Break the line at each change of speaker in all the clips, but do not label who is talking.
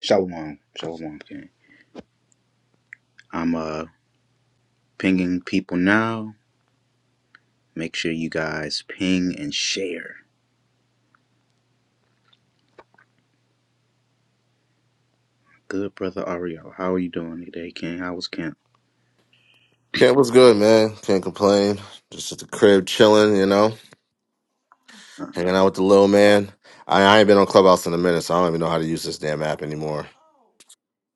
Shalom. Shalom. King. I'm uh pinging people now. Make sure you guys ping and share. Good brother Ariel. How are you doing today, King? How was camp?
Kent was good, man. Can't complain. Just at the crib chilling, you know,
Uh-huh.
hanging out with the little man. I, I ain't been on Clubhouse in a minute, so I don't even know how to use this damn app anymore.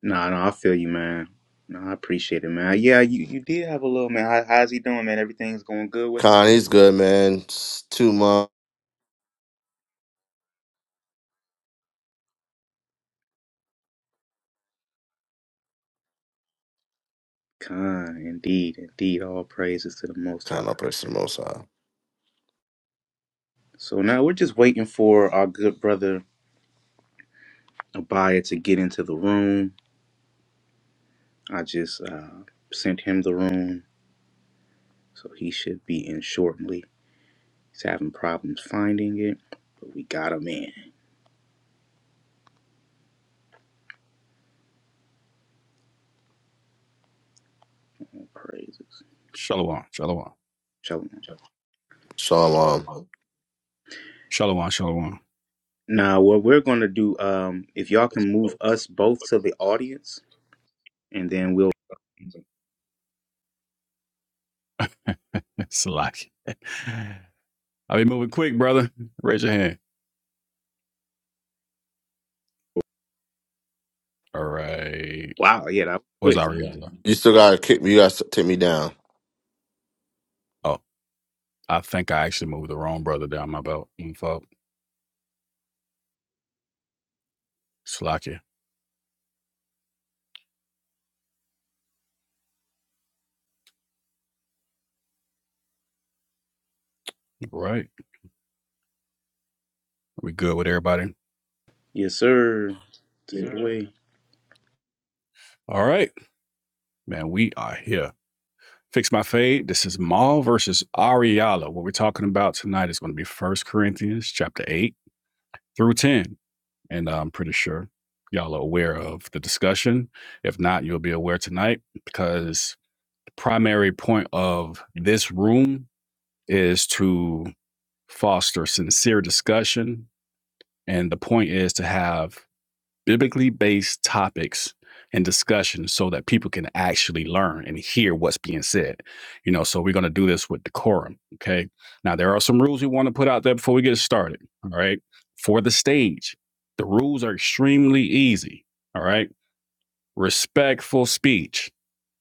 Nah, no, I feel you, man. No, I appreciate it, man. Yeah, you, you did have a little man. How, how's he doing, man? Everything's going good with him?
Khan, he's good, man. It's two months.
Kind, indeed, indeed. All praises to the Most High.
Khan, I'll press most high.
So now we're just waiting for our good brother Abaya to get into the room. I just uh, sent him the room, so he should be in shortly. He's having problems finding it, but we got him in. All praises.
Shalom, shalom,
Show him.
Shalom. um,
shalom, shalom.
Now, what we're going to do, um, if y'all can move us both to the audience, and then we'll.
It's like I'll be moving quick, brother. Raise your hand. All right.
Wow, yeah, that
Where's
was quick.
Ariella?
You still gotta kick me. You gotta take me down.
Oh, I think I actually moved the wrong brother down my belt. Mm, fuck. Slacky. All right. We good with everybody?
Yes, sir. Take it
Yeah.
away.
All right, man. We are here. Fix my fade. This is Maul versus Ariella. What we're talking about tonight is going to be First Corinthians chapter eight through ten. and I'm pretty sure y'all are aware of the discussion. If not, you'll be aware tonight because the primary point of this room is to foster sincere discussion, and the point is to have biblically based topics and discussion so that people can actually learn and hear what's being said. You know, so we're going to do this with decorum. Okay. Now, there are some rules we want to put out there before we get started. All right. For the stage, the rules are extremely easy. All right. Respectful speech.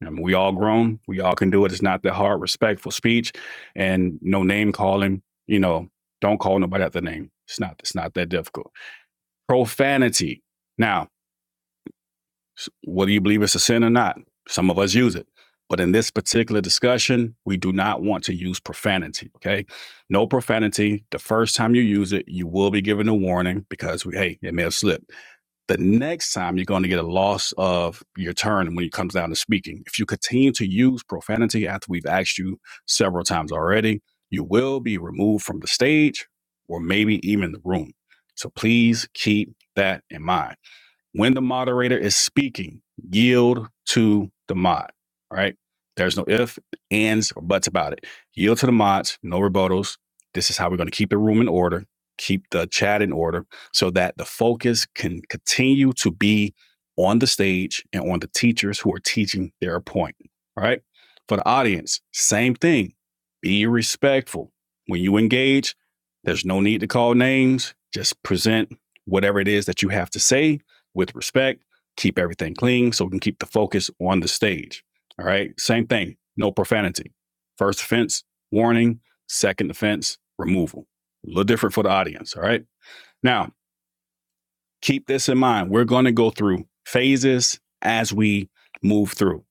I mean, we all grown. We all can do it. It's not that hard. Respectful speech and no name calling. You know, don't call nobody out the name. It's not, it's not that difficult. Profanity. Now, S- Whether you believe it's a sin or not, some of us use it. But in this particular discussion, we do not want to use profanity. Okay. No profanity. The first time you use it, you will be given a warning because, we, hey, it may have slipped. The next time, you're going to get a loss of your turn when it comes down to speaking. If you continue to use profanity after we've asked you several times already, you will be removed from the stage or maybe even the room. So please keep that in mind. When the moderator is speaking, yield to the mod. All right. There's no if, ands, or buts about it. Yield to the mods, no rebuttals. This is how we're going to keep the room in order, keep the chat in order so that the focus can continue to be on the stage and on the teachers who are teaching their point. All right. For the audience, same thing. Be respectful. When you engage, there's no need to call names. Just present whatever it is that you have to say with respect, keep everything clean so we can keep the focus on the stage. All right. Same thing, no profanity. First offense, warning. Second offense, removal. A little different for the audience. All right. Now, keep this in mind. We're going to go through phases as we move through.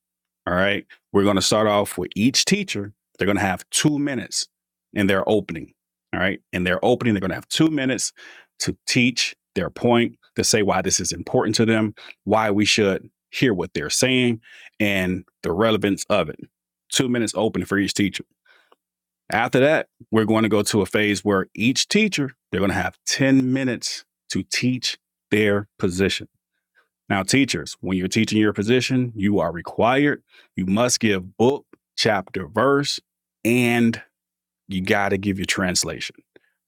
All right. We're going to start off with each teacher. They're going to have two minutes in their opening. All right. In their opening, they're going to have two minutes to teach their point, to say why this is important to them, why we should hear what they're saying, and the relevance of it. Two minutes open for each teacher. After that, we're going to go to a phase where each teacher, they're going to have 10 minutes to teach their position. Now, teachers, when you're teaching your position, you are required, you must give book, chapter, verse, and you got to give your translation.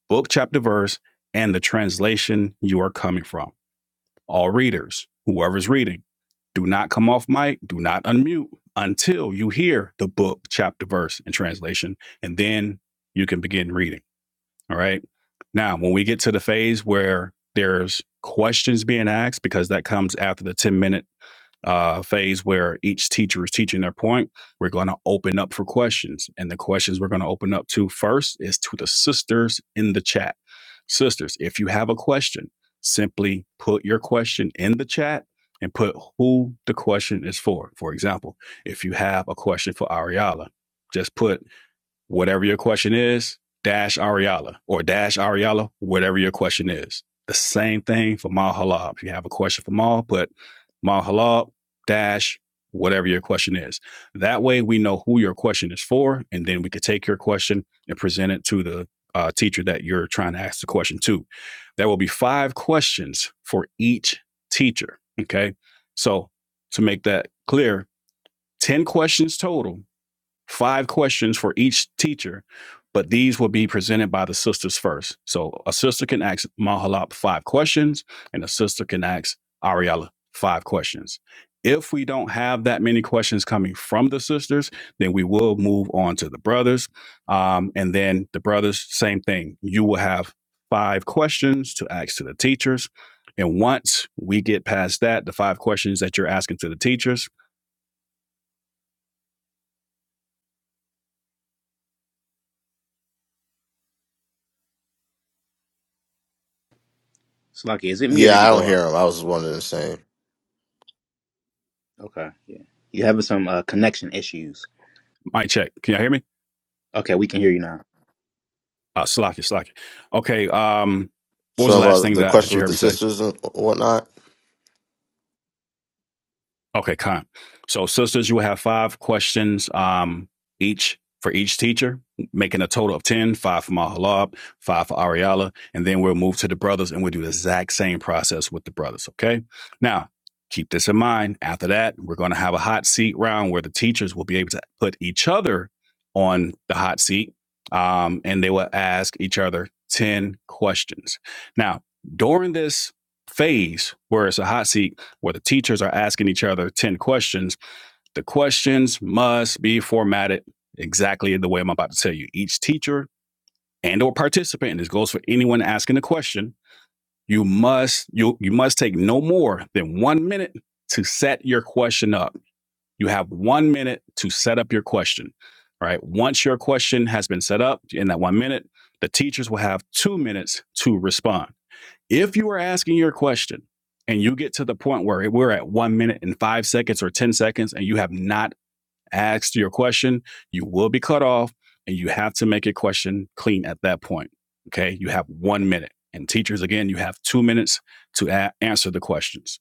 Book, chapter, verse, and the translation you are coming from. All readers, whoever's reading, do not come off mic, do not unmute until you hear the book, chapter, verse, and translation, and then you can begin reading. All right. Now, when we get to the phase where there's questions being asked, because that comes after the 10 minute uh, phase where each teacher is teaching their point, we're going to open up for questions. And the questions we're going to open up to first is to the sisters in the chat. Sisters, if you have a question, simply put your question in the chat and put who the question is for. For example, if you have a question for Ariala, just put whatever your question is, dash Ariala or dash Ariala, whatever your question is. The same thing for Mal Halab. If you have a question for Mal, put Mal Halab dash whatever your question is. That way we know who your question is for, and then we could take your question and present it to the uh, teacher that you're trying to ask the question to. There will be five questions for each teacher. Okay. So to make that clear, 10 questions total five questions for each teacher, but these will be presented by the sisters first. So a sister can ask Mahalap five questions, and a sister can ask Ariella five questions. If we don't have that many questions coming from the sisters, then we will move on to the brothers. Um, and then the brothers, same thing. You will have five questions to ask to the teachers. And once we get past that, the five questions that you're asking to the teachers,
Slocky, is it me or
Yeah,
did
I
he
don't
go out?
hear him. I was wondering the same.
Okay, yeah. You having some uh, connection issues.
mic check. Can y'all hear me?
Okay, we can hear you now.
Uh, slack it, slack it. Okay. Um, what was the
Some
last
about
thing
the
that, that
questions
you
with
heard
the
me say?
sisters and whatnot.
Okay, con. So, sisters, you will have five questions um, each for each teacher, making a total of 10, five for Mahalab, five for Ariala, and then we'll move to the brothers and we'll do the exact same process with the brothers, okay? Now, keep this in mind. After that, we're going to have a hot seat round where the teachers will be able to put each other on the hot seat um, and they will ask each other 10 questions. Now, during this phase where it's a hot seat, where the teachers are asking each other 10 questions. The questions must be formatted exactly the way I'm about to tell you. Each teacher and or participant, and this goes for anyone asking a question, you must you you must take no more than 1 minute to set your question up. You have 1 minute to set up your question. Right. Once your question has been set up in that 1 minute, the teachers will have 2 minutes to respond. If you are asking your question and you get to the point where we're at one minute and five seconds or 10 seconds and you have not asked your question, you will be cut off and you have to make a question clean at that point. Okay. You have one minute. And teachers, again, you have two minutes to a- answer the questions.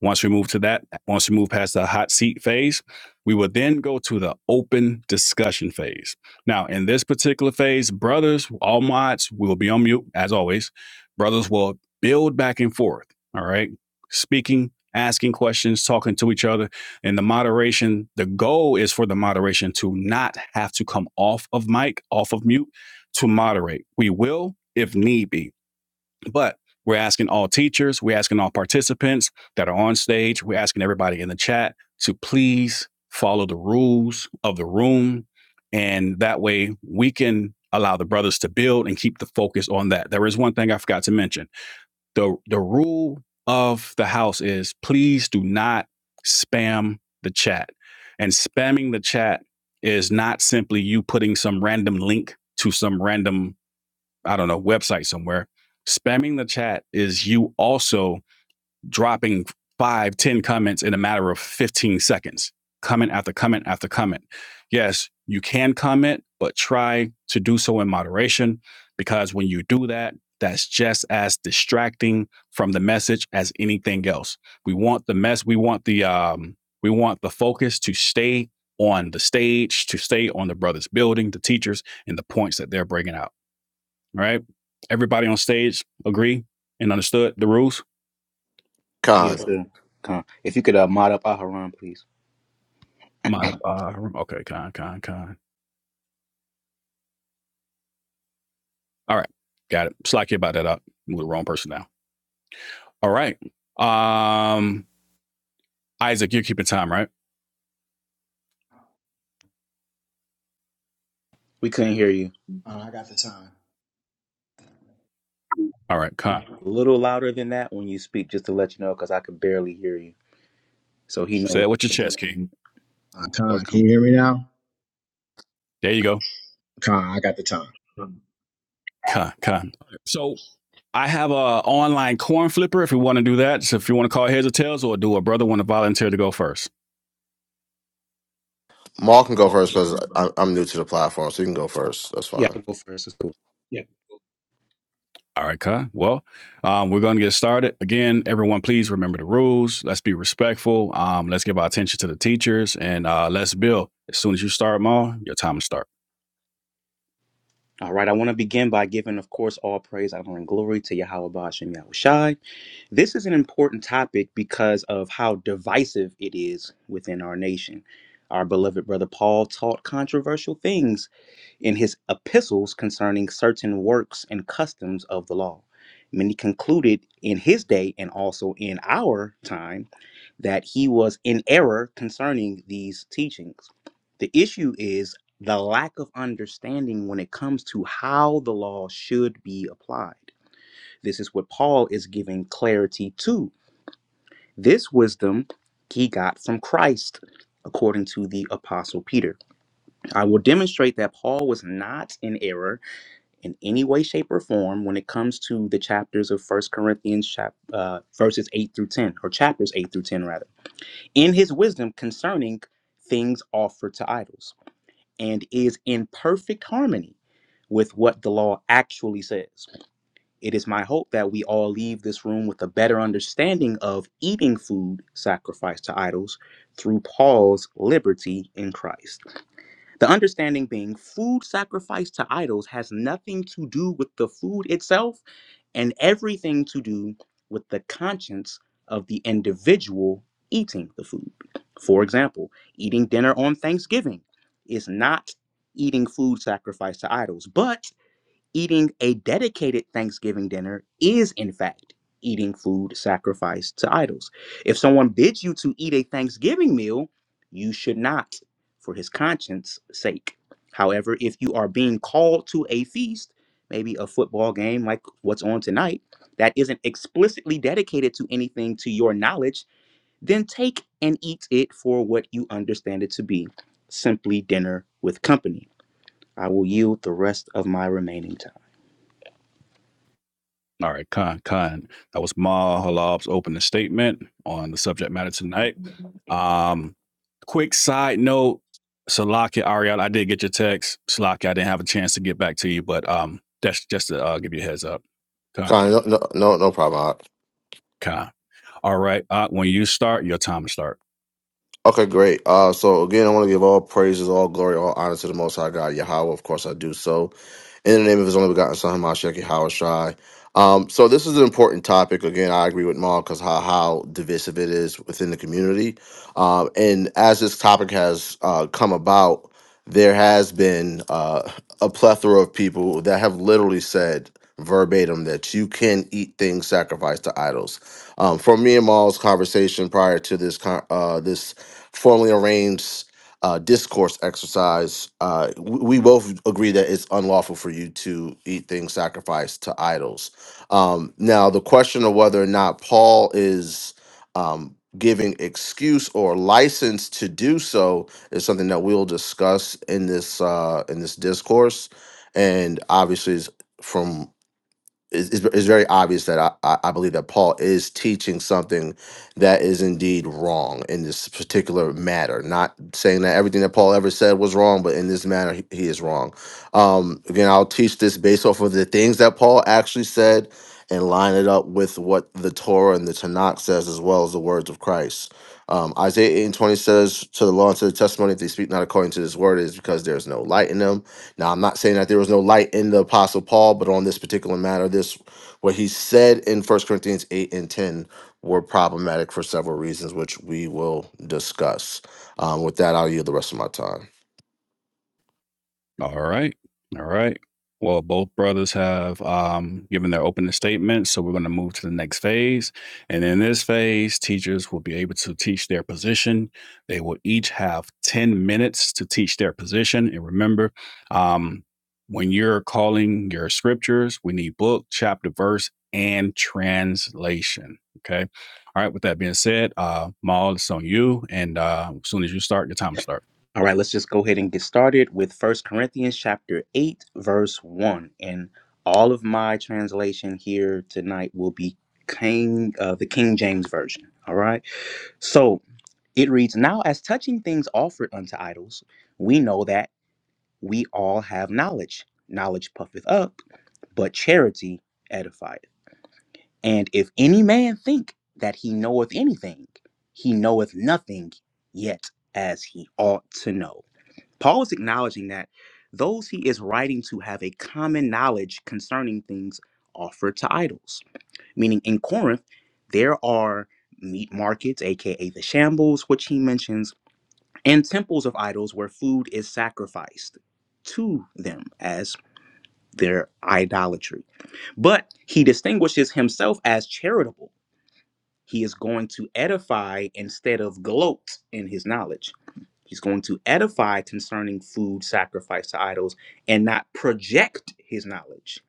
Once we move to that, once we move past the hot seat phase, we will then go to the open discussion phase. Now, in this particular phase, brothers, all mods, we will be on mute as always. Brothers will build back and forth. All right. Speaking, asking questions, talking to each other and the moderation, the goal is for the moderation to not have to come off of mic, off of mute to moderate. We will if need be, but we're asking all teachers, we're asking all participants that are on stage, we're asking everybody in the chat to please follow the rules of the room. And that way we can allow the brothers to build and keep the focus on that. There is one thing I forgot to mention the the rule of the house is please do not spam the chat. And spamming the chat is not simply you putting some random link to some random I don't know website somewhere. Spamming the chat is you also dropping five, ten comments in a matter of 15 seconds, comment after comment after comment. Yes, you can comment, but try to do so in moderation because when you do that, that's just as distracting from the message as anything else. We want the mess, we want the um we want the focus to stay on the stage, to stay on the brothers building, the teachers and the points that they're bringing out. All right? Everybody on stage agree and understood the rules?
Khan.
Yes, sir. Come. on. If you could uh, mod up Aharon, please.
Modify. Okay, con, con, con. All right, got it. Slack you about that up. I'm the wrong person now. All right. Um, Isaac, you're keeping time, right?
We couldn't hear you.
Uh, I got the time.
All right, con.
A little louder than that when you speak, just to let you know, because I could barely hear you. So he
Say
knows.
it with your chest, King.
Uh,
Or
Khan,
come.
can you hear me now?
There you go.
Khan, I got the time.
Con, con. So I have a online corn flipper if you want to do that. So if you want to call heads or tails, or do a brother want to volunteer to go first?
Maul can go
Well, I'll
first
go
because
first, brother.
I'm new to the platform, so you can go first. That's
Yeah,
fine.
I'll go first. It's cool.
Yeah. All right, Kai. Well, um, we're going to get started. Again, everyone, please remember the rules. Let's be respectful. Um, let's give our attention to the teachers and uh, let's build. As soon as you start, Ma, your time to start.
All right. I want to begin by giving, of course, all praise, honor, and glory to Yahweh Bashem Yahushai. This is an important topic because of how divisive it is within our nation. Our beloved brother Paul taught controversial things in his epistles concerning certain works and customs of the law. Many concluded in his day and also in our time that he was in error concerning these teachings. The issue is the lack of understanding when it comes to how the law should be applied. This is what Paul is giving clarity to. This wisdom he got from Christ, according to the Apostle Peter. I will demonstrate that Paul was not in error in any way, shape, or form when it comes to the chapters of First Corinthians, chap- uh, verses 8 through 10, or chapters 8 through 10, rather, in his wisdom concerning things offered to idols, and is in perfect harmony with what the law actually says. It is my hope that we all leave this room with a better understanding of eating food sacrificed to idols through Paul's liberty in Christ. The understanding being food sacrificed to idols has nothing to do with the food itself and everything to do with the conscience of the individual eating the food. For example, eating dinner on Thanksgiving is not eating food sacrificed to idols, but Eating a dedicated Thanksgiving dinner is, in fact, eating food sacrificed to idols. If someone bids you to eat a Thanksgiving meal, you should not, for his conscience sake. However, if you are being called to a feast, maybe a football game like what's on tonight, that isn't explicitly dedicated to anything to your knowledge, then take and eat it for what you understand it to be simply dinner with company. I will yield the rest of my remaining time.
All right, Khan, Khan. That was Ma Halab's opening statement on the subject matter tonight. Um, quick side note Salakia Ariel, I did get your text. Salakia. I didn't have a chance to get back to you, but um, that's just to uh, give you a heads up. Khan,
Con, no, no, no no problem.
Khan. All right, uh, when you start, your time to start.
Okay, great. Uh, so again, I want to give all praises, all glory, all honor to the Most High God, Yahweh. Of course, I do so in the name of His only begotten Son, Hamashiach Yahweh Shai. Um, so this is an important topic. Again, I agree with Ma because how how divisive it is within the community. Um, and as this topic has uh, come about, there has been. Uh, a plethora of people that have literally said verbatim that you can eat things sacrificed to idols. Um, from me and Maul's conversation prior to this con- uh, this formally arranged uh, discourse exercise, uh, we, we both agree that it's unlawful for you to eat things sacrificed to idols. Um, now, the question of whether or not Paul is um, giving excuse or license to do so is something that we'll discuss in this uh, in this discourse, and obviously, it's from it's, it's it's very obvious that I, I I believe that Paul is teaching something that is indeed wrong in this particular matter. Not saying that everything that Paul ever said was wrong, but in this matter, he, he is wrong. Um, again, I'll teach this based off of the things that Paul actually said and line it up with what the Torah and the Tanakh says, as well as the words of Christ. Um, Isaiah 8 and 20 says, To the law and to the testimony, if they speak not according to this word, it is because there is no light in them now, I'm not saying that there was no light in the Apostle Paul, but on this particular matter, this what he said in First Corinthians 8 and 10 were problematic for several reasons, which we will discuss. Um, with that, I'll yield the rest of my time.
All right. All right. Well, both brothers have um, given their opening statements, so we're going to move to the next phase. And in this phase, teachers will be able to teach their position. They will each have 10 minutes to teach their position. And remember, um, when you're calling your scriptures, we need book, chapter, verse, and translation. Okay. All right. With that being said, uh, Maul, it's on you. And uh, as soon as you start, your time will start.
All right, let's just go ahead and get started with First Corinthians chapter 8 verse 1. And all of my translation here tonight will be King uh, the King James version. All right? So, it reads, "Now as touching things offered unto idols, we know that we all have knowledge. Knowledge puffeth up, but charity edifieth. And if any man think that he knoweth anything, he knoweth nothing yet as he ought to know." Paul is acknowledging that those he is writing to have a common knowledge concerning things offered to idols. Meaning in Corinth, there are meat markets, aka the shambles, which he mentions, and temples of idols where food is sacrificed to them as their idolatry. But he distinguishes himself as charitable he is going to edify instead of gloat in his knowledge. He's going to edify concerning food sacrificed to idols and not project his knowledge.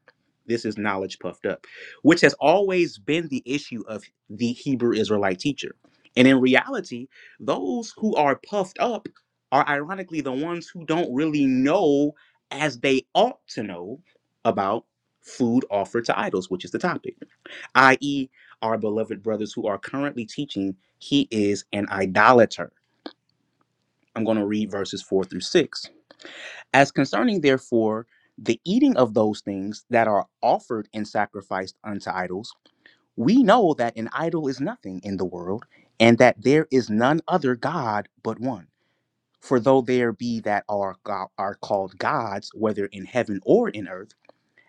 This is knowledge puffed up, which has always been the issue of the Hebrew Israelite teacher. And in reality, those who are puffed up are ironically the ones who don't really know as they ought to know about food offered to idols, which is the topic i.e., our beloved brothers who are currently teaching he is an idolater. I'm going to read verses four through six. As concerning, therefore, the eating of those things that are offered and sacrificed unto idols, we know that an idol is nothing in the world, and that there is none other God but one. For though there be that are, go- are called gods, whether in heaven or in earth,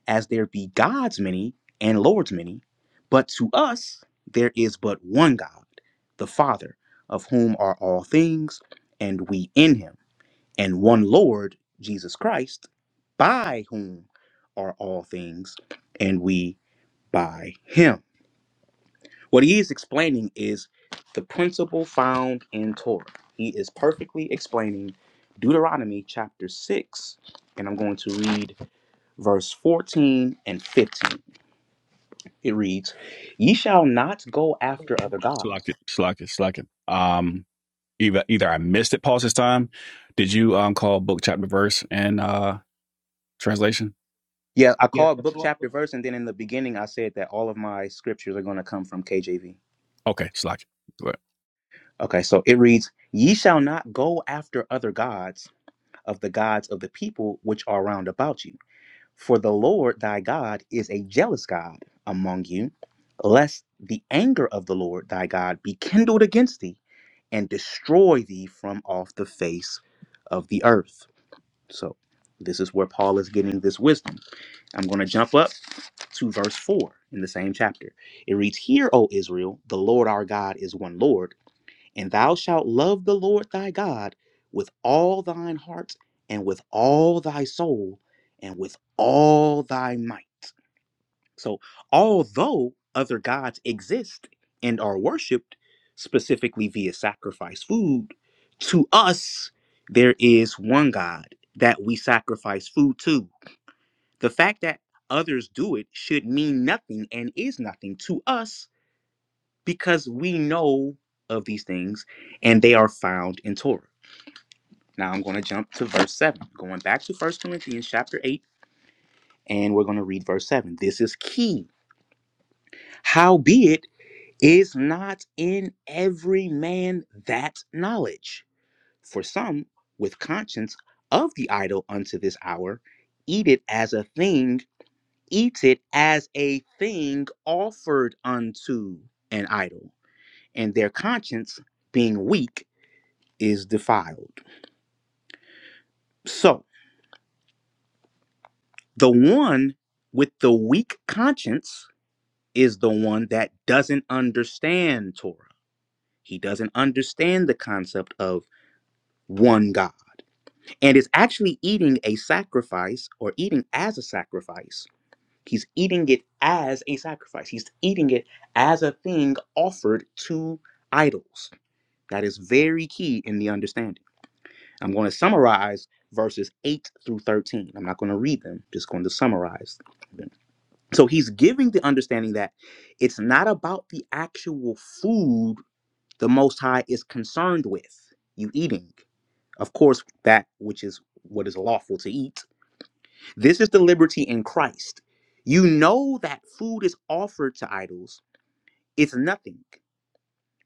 as there be gods many and lords many, but to us there is but one God, the Father, of whom are all things, and we in him, and one Lord, Jesus Christ, by whom are all things, and we by him. What he is explaining is the principle found in Torah. He is perfectly explaining Deuteronomy chapter 6, and I'm going to read verse 14 and 15. It reads, Ye shall not go after other gods.
Slack it, slack it, slack it. Um. either either I missed it, pause this time. Did you um call book chapter verse and uh translation?
Yeah, I called book, chapter, verse, and then in the beginning I said that all of my scriptures are going to come from KJV.
Okay, slack. But
Okay, so it reads, Ye shall not go after other gods of the gods of the people which are round about you. For the Lord thy God is a jealous God among you, lest the anger of the Lord thy God be kindled against thee and destroy thee from off the face of the earth. So this is where Paul is getting this wisdom. I'm going to jump up to verse 4 in the same chapter. It reads, Hear, O Israel, the Lord our God is one Lord, and thou shalt love the Lord thy God with all thine heart, and with all thy soul, and with all thy might. So, although other gods exist and are worshipped specifically via sacrifice food, to us, there is one God that we sacrifice food to. The fact that others do it should mean nothing and is nothing to us because we know of these things and they are found in Torah. Now I'm going to jump to verse 7. Going back to First Corinthians chapter 8 and we're going to read verse 7. This is key. Howbeit Is not in every man that knowledge? For some, with conscience of the idol unto this hour, eat it as a thing, eat it as a thing offered unto an idol, and their conscience, being weak, is defiled. So, the one with the weak conscience is the one that doesn't understand Torah. He doesn't understand the concept of one God and is actually eating a sacrifice or eating as a sacrifice. He's eating it as a sacrifice. He's eating it as a thing offered to idols. That is very key in the understanding. I'm going to summarize verses 8 through 13. I'm not going to read them, just going to summarize them. So he's giving the understanding that it's not about the actual food the Most High is concerned with, you eating. Of course, that which is what is lawful to eat this is the liberty in Christ. You know that food is offered to idols. It's nothing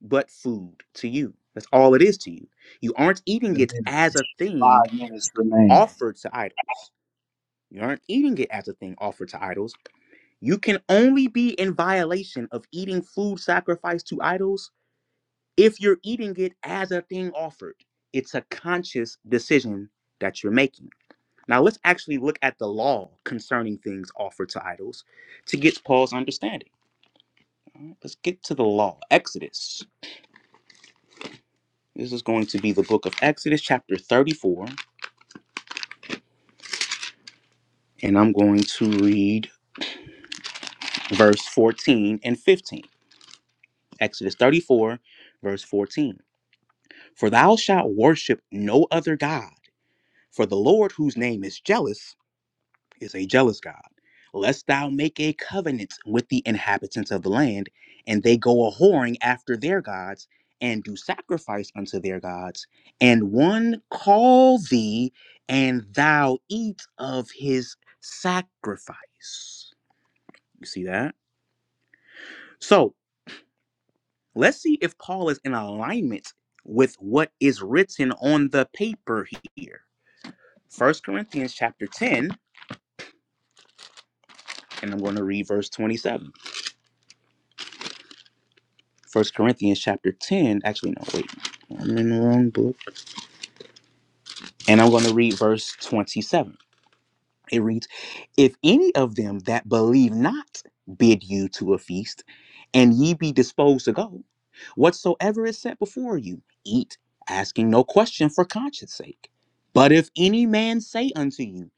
but food to you. That's all it is to you. You aren't eating it
Five
as a thing
minutes remaining.
offered to idols. You aren't eating it as a thing offered to idols. You can only be in violation of eating food sacrificed to idols if you're eating it as a thing offered. It's a conscious decision that you're making. Now let's actually look at the law concerning things offered to idols to get Paul's understanding. All right, let's get to the law. Exodus. This is going to be the book of Exodus, chapter 34, and I'm going to read verse 14 and 15. Exodus 34, verse 14. For thou shalt worship no other God, for the Lord whose name is jealous is a jealous God. Lest thou make a covenant with the inhabitants of the land, and they go a whoring after their gods, and do sacrifice unto their gods, and one call thee, and thou eat of his sacrifice. You see that? So let's see if Paul is in alignment with what is written on the paper here. First Corinthians chapter 10, and I'm going to read verse 27. First Corinthians chapter 10. Actually, no, wait. I'm in the wrong book. And I'm going to read verse 27. It reads, If any of them that believe not bid you to a feast, and ye be disposed to go, whatsoever is set before you, eat, asking no question for conscience sake. But if any man say unto you,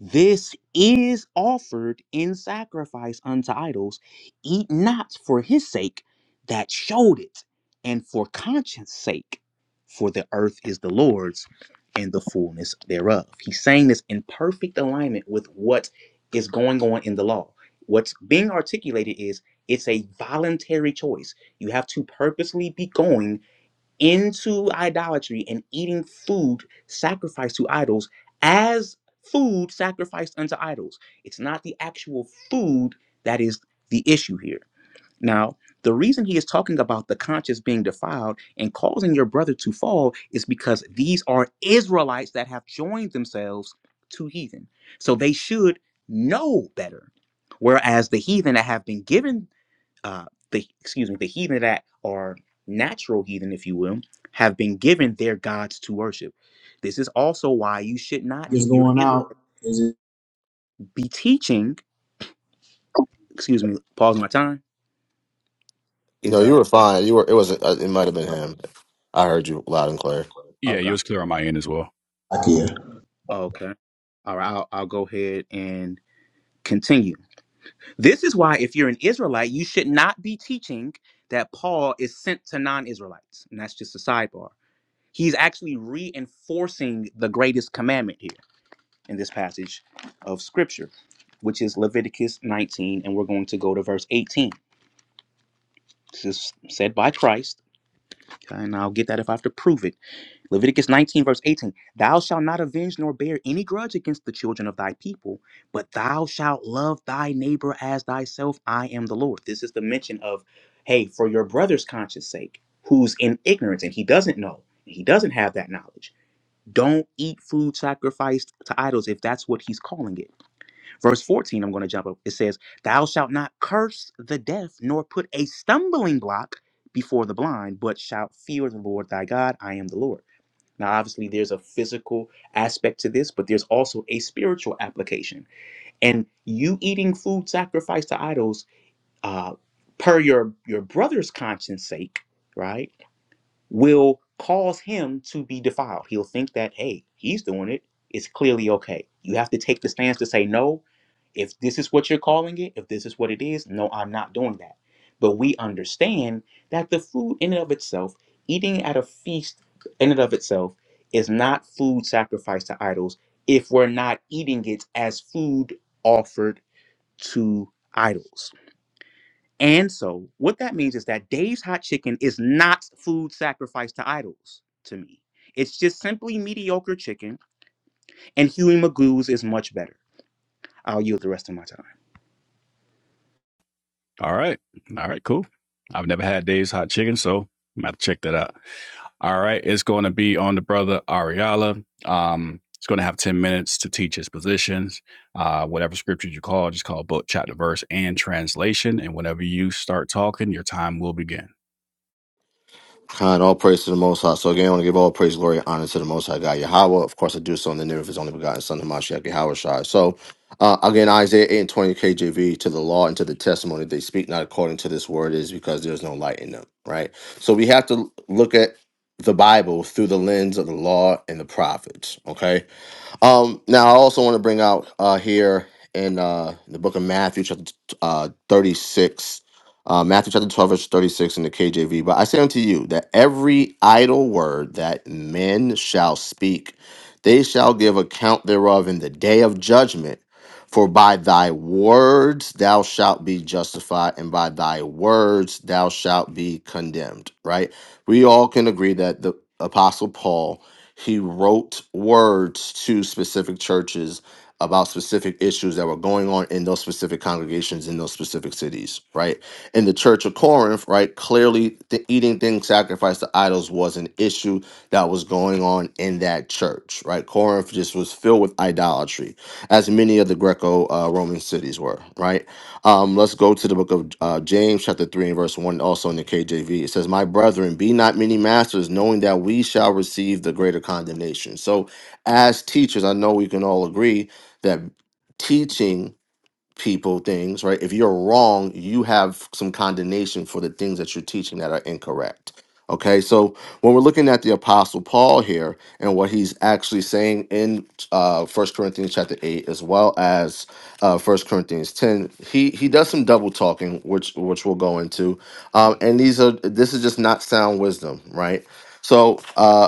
This is offered in sacrifice unto idols, eat not for his sake that showed it, and for conscience sake, for the earth is the Lord's and the fullness thereof. He's saying this in perfect alignment with what is going on in the law. What's being articulated is it's a voluntary choice. You have to purposely be going into idolatry and eating food sacrificed to idols as food sacrificed unto idols. It's not the actual food that is the issue here. Now, the reason he is talking about the conscience being defiled and causing your brother to fall is because these are Israelites that have joined themselves to heathen. So they should know better. Whereas the heathen that have been given, uh, the excuse me, the heathen that are natural heathen, if you will, have been given their gods to worship. This is also why you should not,
It's
if you're an
going
Israelite,
out. Is it
be teaching. Excuse me, pause my time.
You know,
Is
you
uh
were fine. You were. It was. It might have been him. I heard you loud and clear.
yeah,
okay.
yours clear on my end as well.
like here?
Oh, Okay. All right. I'll, I'll go ahead and continue. This is why, if you're an Israelite, you should not be teaching that Paul is sent to non Israelites. And that's just a sidebar. He's actually reinforcing the greatest commandment here in this passage of Scripture, which is Leviticus 19. And we're going to go to verse 18. This is said by Christ. Okay, and I'll get that if I have to prove it. Leviticus 19, verse 18 Thou shalt not avenge nor bear any grudge against the children of thy people, but thou shalt love thy neighbor as thyself. I am the Lord. This is the mention of, hey, for your brother's conscience sake, who's in ignorance and he doesn't know, he doesn't have that knowledge. Don't eat food sacrificed to idols if that's what he's calling it. Verse 14, I'm going to jump up. It says, Thou shalt not curse the deaf, nor put a stumbling block before the blind, but shalt fear the Lord thy God. I am the Lord. Now, obviously, there's a physical aspect to this, but there's also a spiritual application. And you eating food sacrificed to idols, uh, per your your brother's conscience sake, right? will cause him to be defiled. He'll think that, hey, he's doing it. It's clearly okay. You have to take the stance to say, no, if this is what you're calling it, if this is what it is, no, I'm not doing that. But we understand that the food in and of itself, eating at a feast in and of itself, is not food sacrificed to idols if we're not eating it as food offered to idols. And so, what that means is that Dave's Hot Chicken is not food sacrificed to idols to me. It's just simply mediocre chicken, and Huey Magoo's is much better. I'll yield the rest of my time.
All right, all right, cool. I've never had Dave's hot chicken, so I'm gonna have to check that out. All right, it's going to be on the brother Ariala. Um, it's going to have 10 minutes to teach his positions. Uh, whatever scriptures you call, just call book, chapter, verse, and translation. And whenever you start talking, your time will begin.
Kind all praise to the Most High. So again, I want to give all praise, glory, and honor to the Most High God Yahweh. Of course, I do so in the name of His only begotten Son, Hamashiach Yahweh Shai. So uh, again, Isaiah 8 and 20 KJV, to the law and to the testimony they speak not according to this word is because there's no light in them, right? So we have to look at the Bible through the lens of the law and the prophets, okay? Um, now I also want to bring out uh, here in uh, the book of Matthew, chapter uh, thirty-six, uh, Matthew chapter twelve, verse thirty-six in the KJV. But I say unto you that every idle word that men shall speak, they shall give account thereof in the day of judgment. For by thy words thou shalt be justified, and by thy words thou shalt be condemned. Right? We all can agree that the Apostle Paul he wrote words to specific churches about specific issues that were going on in those specific congregations in those specific cities. Right? In the Church of Corinth, right? Clearly, the eating things sacrificed to idols was an issue that was going on in that church. Right? Corinth just was filled with idolatry as many of the Greco-Roman cities were. Right. Um, let's go to the book of uh, James, chapter three and verse one, also in the KJV. It says, "My brethren, be not many masters, knowing that we shall receive the greater condemnation." So, as teachers, I know we can all agree that teaching people things, right? If you're wrong, you have some condemnation for the things that you're teaching that are incorrect. Okay, so when we're looking at the Apostle Paul here and what he's actually saying in uh, 1 Corinthians chapter 8 as well as uh, 1 Corinthians 10, he, he does some double talking, which which we'll go into. Um, and these are this is just not sound wisdom, right? So uh,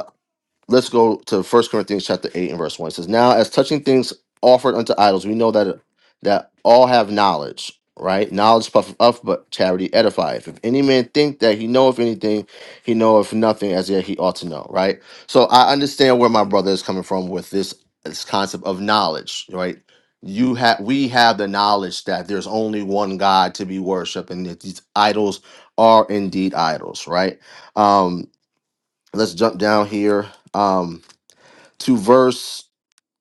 let's go to First Corinthians chapter 8 and verse 1. It says, Now as touching things offered unto idols, we know that that all have knowledge, right? Knowledge puffeth up, but charity edifieth. If any man think that he knoweth anything, he knoweth nothing as yet he ought to know, right? So I understand where my brother is coming from with this this concept of knowledge, right? You have we have the knowledge that there's only one God to be worshipped, and that these idols are indeed idols, right? Um, let's jump down here. Um, to verse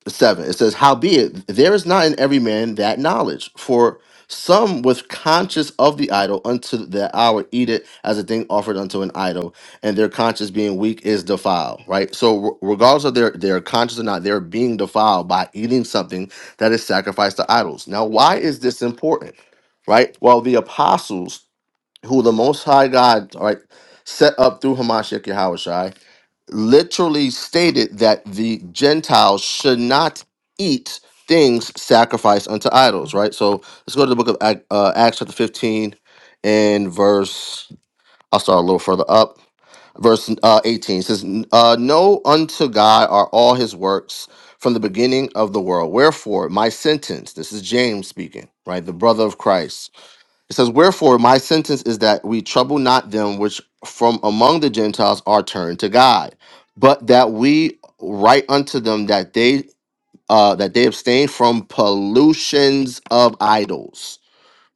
7. It says, Howbeit, there is not in every man that knowledge, for some with conscience of the idol unto that hour eat it as a thing offered unto an idol, and their conscience being weak is defiled, right? So, re- regardless of their, their conscience or not, they're being defiled by eating something that is sacrificed to idols. Now, why is this important, right? Well, the apostles, who the Most High God, all right, set up through Hamashiach Yahweh literally stated that the Gentiles should not eat things sacrificed unto idols, right? So let's go to the book of Ac- uh, Acts, chapter 15, and verse, I'll start a little further up. Verse uh, 18 says, uh, Know unto God are all his works from the beginning of the world. Wherefore, my sentence, this is James speaking, right? The brother of Christ it says, Wherefore my sentence is that we trouble not them which from among the Gentiles are turned to God, but that we write unto them that they uh, that they abstain from pollutions of idols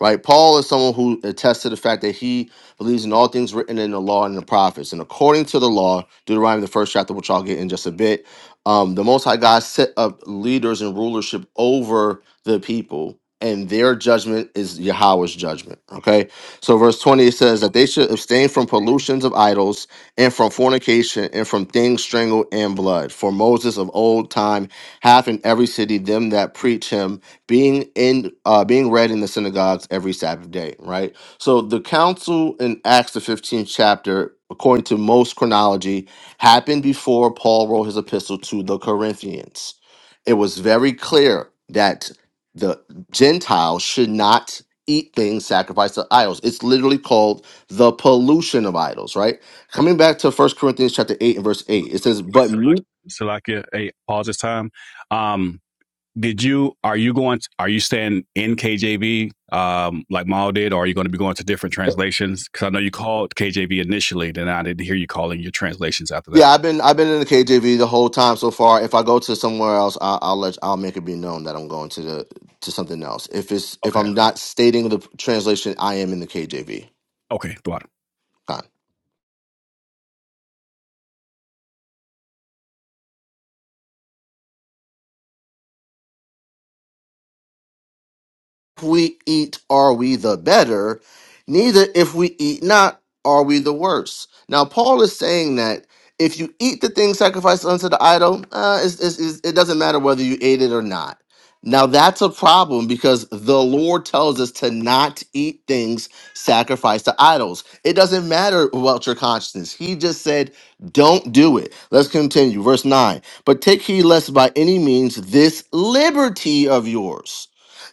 right? Paul is someone who attests to the fact that he believes in all things written in the law and the prophets. And according to the law, Deuteronomy, the first chapter, which I'll get in just a bit, um, the Most High God set up leaders and rulership over the people. And their judgment is Yahweh's judgment. Okay. So, verse 20 it says that they should abstain from pollutions of idols and from fornication and from things strangled and blood. For Moses of old time hath in every city them that preach him being in uh, being read in the synagogues every Sabbath day, right? So the council in Acts the 15th chapter, according to most chronology, happened before Paul wrote his epistle to the Corinthians. It was very clear that the Gentiles should not eat things sacrificed to idols. It's literally called the pollution of idols, right? Coming back to First Corinthians chapter 8 and verse 8, it
Wait,
says, But
Salakia, hey, pause this time. Um, did you are you going to, are you staying in KJV um like Maul did or are you going to be going to different translations cuz I know you called KJV initially then I didn't hear you calling your translations after that
Yeah, I've been I've been in the KJV the whole time so far. If I go to somewhere else, I, I'll let I'll make it be known that I'm going to the to something else. If it's if
okay
I'm not stating the translation, I am in the KJV.
okay thought
if we eat are we the better, neither if we eat not are we the worse. Now, Paul is saying that if you eat the thing sacrificed unto the idol, uh, it's, it's, it's- it doesn't matter whether you ate it or not. Now, that's a problem because the Lord tells us to not eat things sacrificed to idols. It doesn't matter about your conscience. He just said, don't do it. Let's continue. Verse 9. But take heed lest by any means this liberty of yours.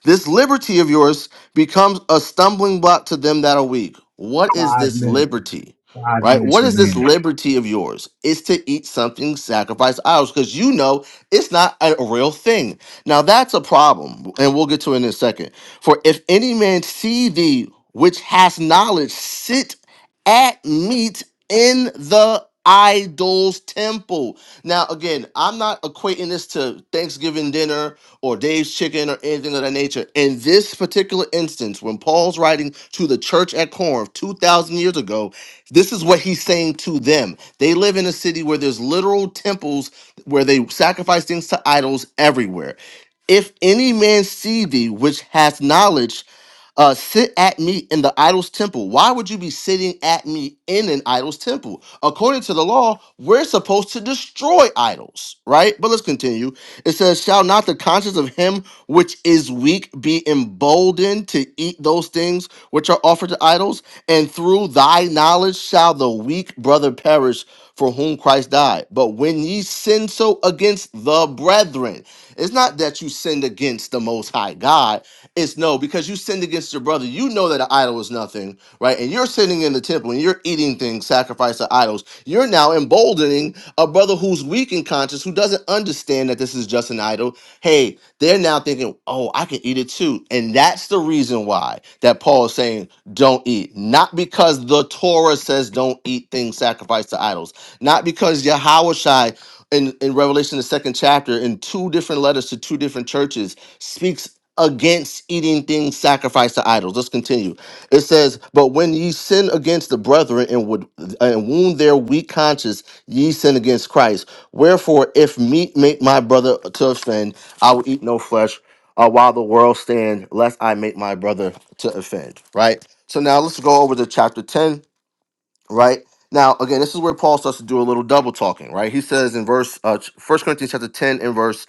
This liberty of yours becomes a stumbling block to them that are weak. What is
Five
this
minutes.
liberty?
Five
Right?
minutes
What is this
remaining.
liberty of yours? It's to eat something sacrificed to idols because you know it's not a real thing. Now that's a problem, and we'll get to it in a second. For if any man see thee which has knowledge sit at meat in the idol's temple. Now, again, I'm not equating this to Thanksgiving dinner or Dave's Chicken or anything of that nature. In this particular instance, when Paul's writing to the church at Corinth 2,000 years ago, this is what he's saying to them. They live in a city where there's literal temples where they sacrifice things to idols everywhere. If any man see thee which hath knowledge, uh, sit at me in the idol's temple. Why would you be sitting at me in an idol's temple? According to the law, we're supposed to destroy idols, right? But let's continue. It says, Shall not the conscience of him which is weak be emboldened to eat those things which are offered to idols? And through thy knowledge shall the weak brother perish for whom Christ died. But when ye sin so against the brethren, it's not that you sinned against the Most High God it's no, because you sinned against your brother. You know that an idol is nothing, right? And you're sitting in the temple and you're eating things sacrificed to idols. You're now emboldening a brother who's weak in conscience, who doesn't understand that this is just an idol. Hey, they're now thinking, oh, I can eat it too. And that's the reason why that Paul is saying, don't eat. Not because the Torah says don't eat things sacrificed to idols. Not because Yahweh in, in Revelation, the second chapter, in two different letters to two different churches, speaks against eating things sacrificed to idols. Let's continue. It says, But when ye sin against the brethren and would and wound their weak conscience, ye sin against Christ. Wherefore, if meat make my brother to offend, I will eat no flesh uh, while the world stand, lest I make my brother to offend. Right? So now let's go over to chapter 10 right? Now, again, this is where Paul starts to do a little double talking, right? He says in verse uh, ch- Corinthians chapter 10 and verse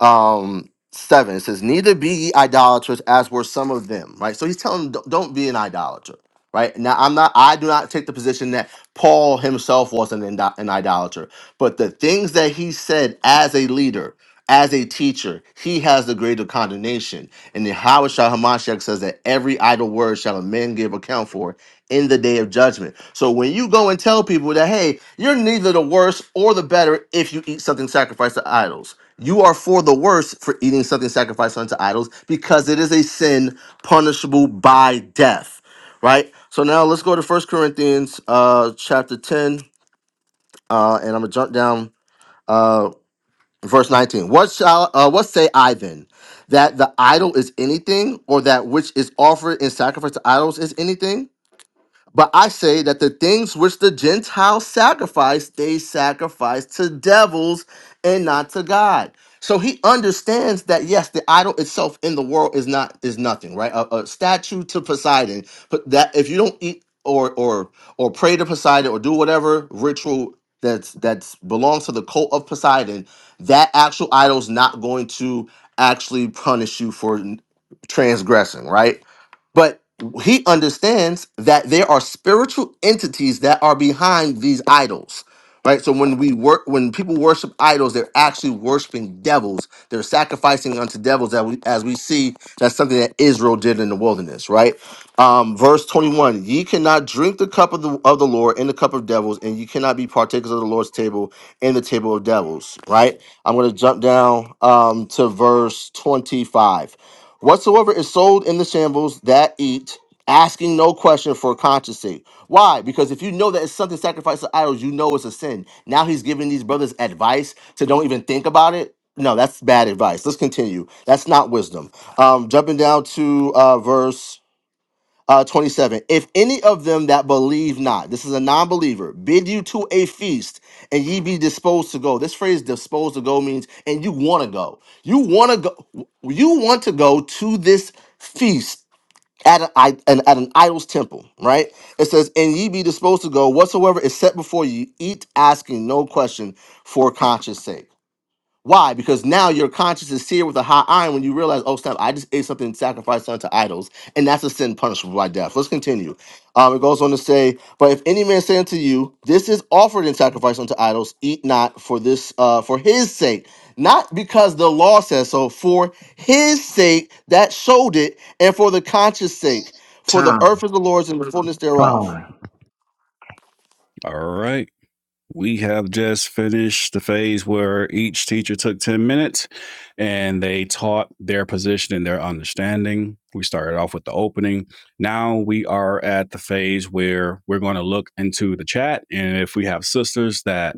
um, 7, it says, Neither be ye idolaters as were some of them, right? So he's telling them, don't don't be an idolater, right? Now, I'm not, I do not take the position that Paul himself was an, indo- an idolater, but the things that he said as a leader, as a teacher, he has the greater condemnation. And the Howard Shah Hamashiach says that every idle word shall a man give account for, in the day of judgment. So when you go and tell people that, hey, you're neither the worse or the better if you eat something sacrificed to idols, you are for the worse for eating something sacrificed unto idols because it is a sin punishable by death, right? So now let's go to First Corinthians uh, chapter 10, uh, and I'm going to jump down uh, verse 19. What, shall, uh, what say I then? That the idol is anything, or that which is offered in sacrifice to idols is anything? But I say that the things which the Gentiles sacrifice, they sacrifice to devils and not to God. So he understands that yes, the idol itself in the world is not is nothing, right? A, a statue to Poseidon, but that if you don't eat or or or pray to Poseidon or do whatever ritual that's that's belongs to the cult of Poseidon, that actual idol's not going to actually punish you for transgressing, right? But he understands that there are spiritual entities that are behind these idols. Right? So when we work when people worship idols, they're actually worshiping devils. They're sacrificing unto devils that we as we see that's something that Israel did in the wilderness, right? Um, verse 21, ye cannot drink the cup of the of the Lord and the cup of devils, and you cannot be partakers of the Lord's table and the table of devils, right? I'm gonna jump down um to verse 25. Whatsoever is sold in the shambles that eat, asking no question for conscience sake. Why? Because if you know that it's something sacrificed to idols, you know it's a sin. Now he's giving these brothers advice to don't even think about it. No, that's bad advice. Let's continue. That's not wisdom. Um, jumping down to uh, verse uh, 27. If any of them that believe not, this is a non believer, bid you to a feast and ye be disposed to go. This phrase disposed to go means, and you want to go. You want to go. You want to go to this feast at, a, i- an, at an idol's temple, right? It says, and ye be disposed to go whatsoever is set before you, eat asking no question for conscience sake. Why? Because now your conscience is seared with a hot iron when you realize, oh snap, I just ate something sacrificed unto idols, and that's a sin punishable by death. Let's continue. Um, it goes on to say, but if any man say unto you, this is offered in sacrifice unto idols, eat not for this, uh, for his sake, not because the law says so, for his sake that showed it, and for the conscience sake, for the
Time.
earth is the Lord's and the fullness thereof.
Time.
all right We have just finished the phase where each teacher took 10 minutes and they taught their position and their understanding. We started off with the opening. Now we are at the phase where we're going to look into the chat. And if we have sisters that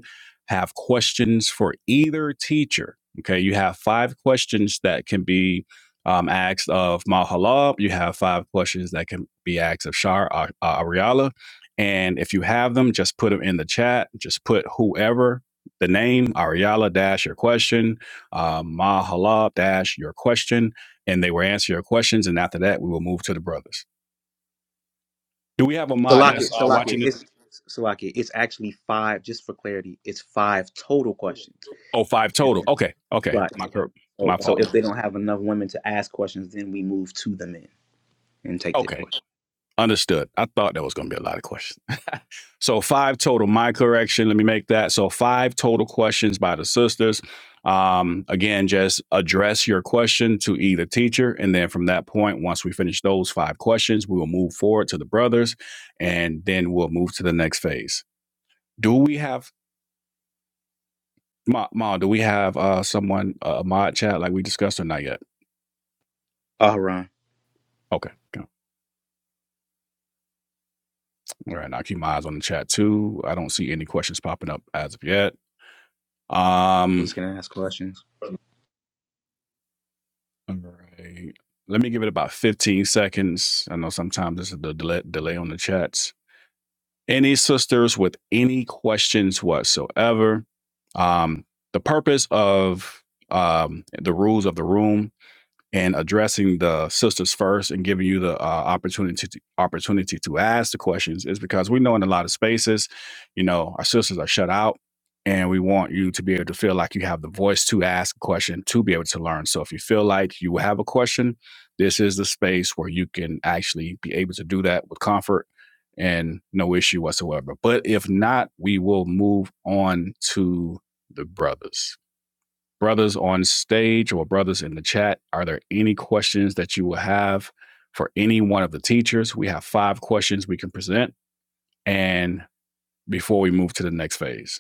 have questions for either teacher, okay, you have five questions that can be um, asked of Mahalab. You have five questions that can be asked of Shar Ariala and if you have them, just put them in the chat. Just put whoever the name Ariala dash your question, uh, Mahala dash your question, and they will answer your questions. And after that, we will move to the brothers. Do we have a mod
Salaki,
that's uh,
Salaki,
watching it?
it's Salaki. It's actually five. Just for clarity, it's five total questions.
Oh, five total. Okay, okay.
Right.
My
Oh,
my
so
fault.
if they don't have enough women to ask questions, then we move to the men and take their
Okay,
questions.
understood. I thought there was going to be a lot of questions. So five total. My correction. Let me make that. So five total questions by the sisters. Um, again, just address your question to either teacher, and then from that point, once we finish those five questions, we will move forward to the brothers, and then we'll move to the next phase. Do we have Ma? Ma do we have uh someone uh, a uh, mod chat like we discussed or not yet?
Oh, Ron,
Okay. All right. Now keep my eyes on the chat too. I don't see any questions popping up as of yet. Um.
who's gonna ask questions?
All right. Let me give it about 15 seconds. I know sometimes this is the delay, delay on the chats. Any sisters with any questions whatsoever? Um, the purpose of um, the rules of the room and addressing the sisters first and giving you the uh, opportunity to, opportunity to ask the questions is because we know in a lot of spaces, you know, our sisters are shut out, and we want you to be able to feel like you have the voice to ask a question to be able to learn. So if you feel like you have a question, this is the space where you can actually be able to do that with comfort and no issue whatsoever. But if not, we will move on to the brothers brothers on stage or brothers in the chat, are there any questions that you will have for any one of the teachers? We have five questions we can present. And before we move to the next phase,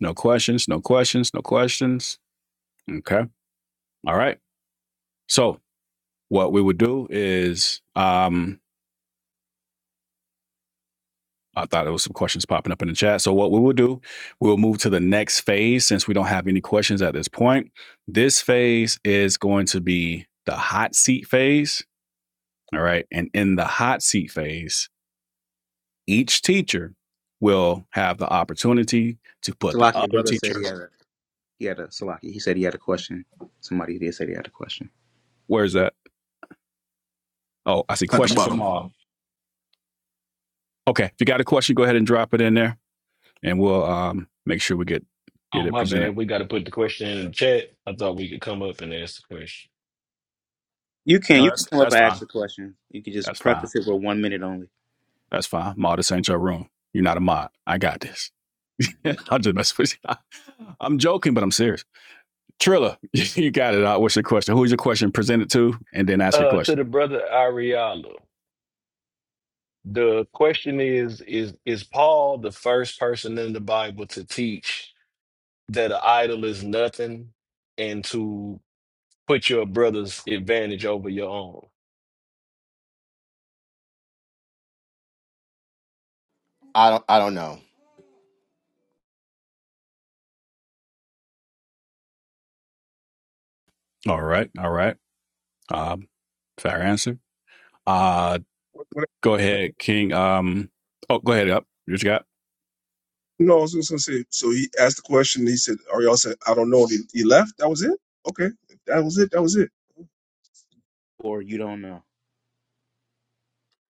no questions, no questions, no questions. Okay. All right. So, what we would do is, um, I thought there was some questions popping up in the chat. So, what we will do, we'll move to the next phase since we don't have any questions at this point. This phase is going to be the hot seat phase. All right. And in the hot seat phase, each teacher will have the opportunity to put the
Salaki, your
other
brother said he
teacher.
had a he had a Salaki. He said he had a question. Somebody did say they had a question.
Where's that? Oh, I see
at the
question from
bottom.
all. Okay. If you got a question, go ahead and drop it in there and we'll um, make sure we get
Oh,
get it
my
presented.
bad. We got to put the question in the chat. I thought we could come up and ask the question.
You can
No,
you can
that's
come up
that's
and
fine.
ask a question. You can just
That's fine.
preface it with one minute only,
That's fine. Ma, this ain't your room. You're not a mod. I got this. i will just mess with you. I'm joking, but I'm serious. Trilla, you got it. Uh, What's your question? Who's your question presented to? And then ask your
Uh, to
question.
the brother Ariala, the question is: Is is Paul the first person in the Bible to teach that an idol is nothing, and to put your brother's advantage over your own?
I don't, I don't know.
All right. All right. Uh, fair answer. Uh,
What, what,
go ahead, King. Um, oh, go ahead. Up. What you got?
no, I was just gonna say. So he asked the question. He said, "Ariel said, I don't know." And he, he left. That was it. Okay, If that was it. That was it.
or you don't know.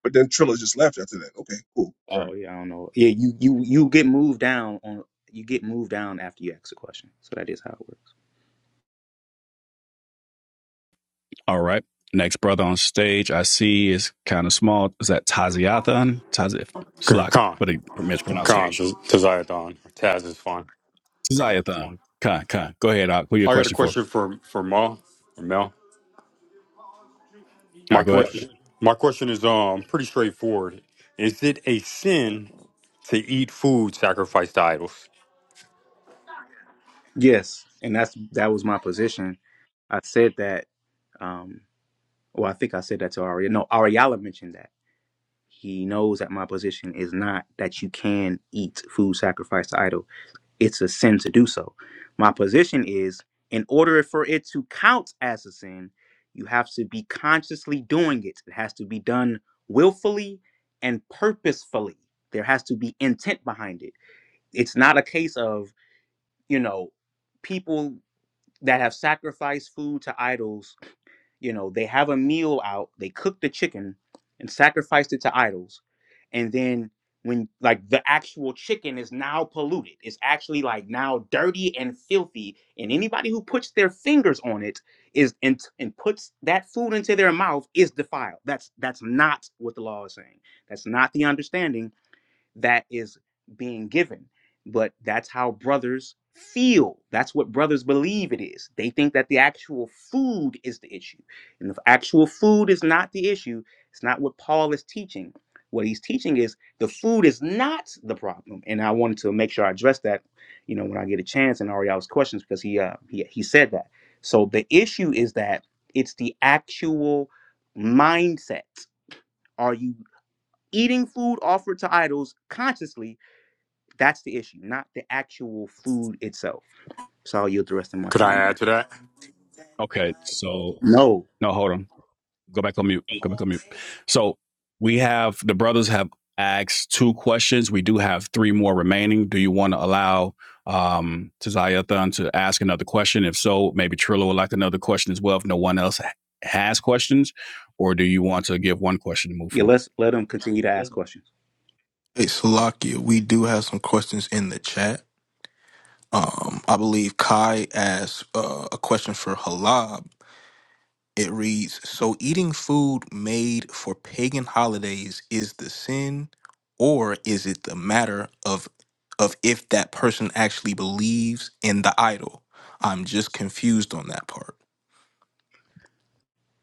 But then Trilla just left after that. Okay, cool. All right.
Oh yeah, I don't know. Yeah, you you you get moved down on you get moved down after you ask a question. So that is how it works.
All right. Next brother on stage, I see is kind of small. Is that Taziathan? Tazif.
Con,
Slack.
con,
What a
con Des-
mispronunciation.
Desire Dawn. Taz is fine. Con.
Taziathan. Khan, Khan. Go ahead, Ak. Who your
I got a
question for?
question for for Ma, Or Mel.
All
My
right, go ahead.
question, my question is um pretty straightforward. Is it a sin to eat food sacrificed to idols?
Yes, and that's that was my position. I said that. Um, well, I think I said that to Ari. No, Ariala mentioned that he knows that my position is not that you can eat food sacrificed to idols. it's a sin to do so. My position is in order for it to count as a sin, you have to be consciously doing it. It has to be done willfully and purposefully. There has to be intent behind it. It's not a case of, you know, people that have sacrificed food to idols you know, they have a meal out, they cook the chicken and sacrificed it to idols. And then when like the actual chicken is now polluted, it's actually like now dirty and filthy. And anybody who puts their fingers on it is and, and puts that food into their mouth is defiled. That's that's not what the law is saying. That's not the understanding that is being given. But that's how brothers feel. That's what brothers believe it is. They think that the actual food is the issue. And if actual food is not the issue, it's not what Paul is teaching. What he's teaching is the food is not the problem. And I wanted to make sure I address that, you know, when I get a chance in Ariel's questions because he uh he, he said that. So the issue is that it's the actual mindset. Are you eating food offered to idols consciously that's the issue, not the actual food itself. So I'll yield the rest of my
Could I
time
add
there.
to that?
Okay, so
No.
No, hold on. Go back on mute. Go back on mute. So we have the brothers have asked two questions. We do have three more remaining. Do you want to allow um Tazayathan to ask another question? If so, maybe Trillo would like another question as well if no one else ha- has questions, or do you want to give one question to move
Yeah,
forward?
let's let them continue to ask questions.
Hey, Salakia, we do have some questions in the chat. Um, I believe Kai asked uh, a question for Halab. It reads, "So eating food made for pagan holidays is the sin, or is it the matter of of if that person actually believes in the idol?" I'm just confused on that part.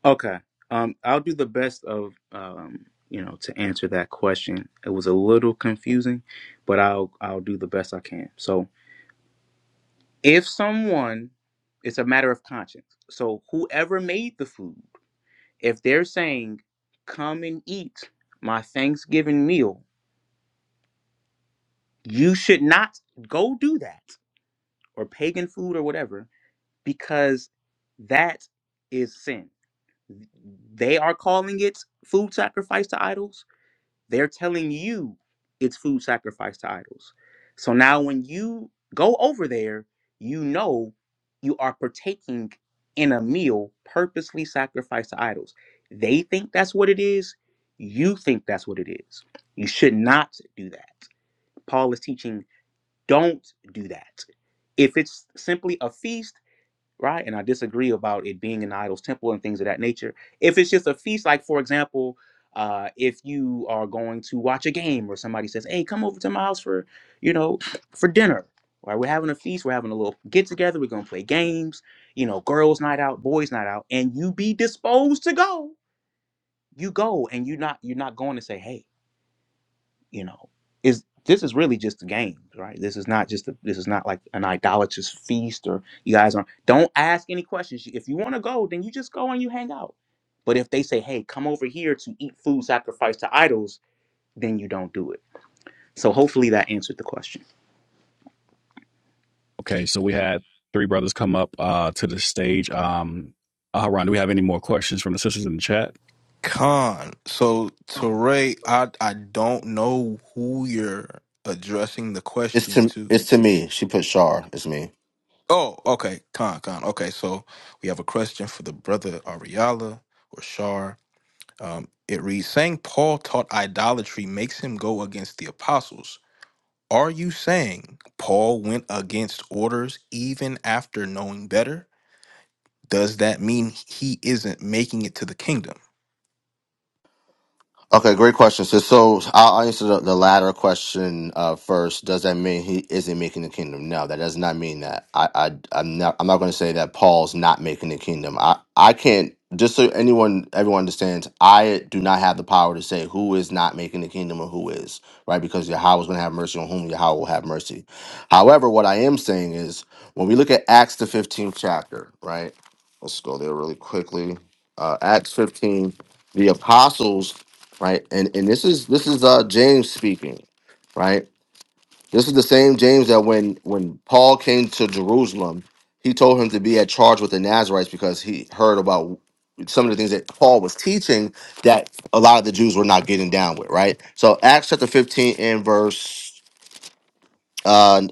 Okay. Um, I'll do the best of um, you know, to answer that question. It was a little confusing, but I'll I'll do the best I can. So if someone it's a matter of conscience. So whoever made the food, if they're saying, Come and eat my Thanksgiving meal, you should not go do that or pagan food or whatever because that is sin. They are calling it food sacrifice to idols. They're telling you it's food sacrifice to idols. So now when you go over there, you know you are partaking in a meal purposely sacrificed to idols. They think that's what it is. You think that's what it is. You should not do that. Paul is teaching don't do that. If it's simply a feast, right? And I disagree about it being an idol's temple and things of that nature. If it's just a feast, like for example, uh, if you are going to watch a game or somebody says, "Hey, come over to my house for you know for dinner," right? We're having a feast, we're having a little get together, we're gonna play games, you know, girls' night out, boys' night out, and you be disposed to go, you go, and you're not you're not going to say, "Hey." you know is this is really just a game right this is not just a, this is not like an idolatrous feast or you guys aren't don't ask any questions if you want to go then you just go and you hang out but if they say hey come over here to eat food sacrificed to idols then you don't do it so hopefully that answered the question
Okay, so we had three brothers come up uh to the stage. Um Haran, do we have any more questions from the sisters in the chat?
Khan. So Teray, I I don't know who you're addressing the
It's
question
to,
to.
it's to me. She put Shar. It's me.
Oh, okay. Con, con. Okay, so we have a question for the brother Ariala or Shar. Um, it reads Saying Paul taught idolatry makes him go against the apostles. Are you saying Paul went against orders even after knowing better? Does that mean he isn't making it to the kingdom?
Okay, great question. So, so I'll I'll answer the, the latter question uh, first. Does that mean he isn't making the kingdom? No, that does not mean that. I, I I'm not I'm not going to say that Paul's not making the kingdom. I I can't. Just so anyone everyone understands, I do not have the power to say who is not making the kingdom or who is right because Yahweh is going to have mercy on whom Yahweh will have mercy. However, what I am saying is when we look at Acts the 15th chapter, right? Let's go there really quickly. Uh, Acts 15 the apostles right? And and this is this is uh James speaking, right? This is the same James that when when Paul came to Jerusalem, he told him to be at charge with the Nazarites because he heard about some of the things that Paul was teaching that a lot of the Jews were not getting down with, right? So Acts chapter 15 and verse uh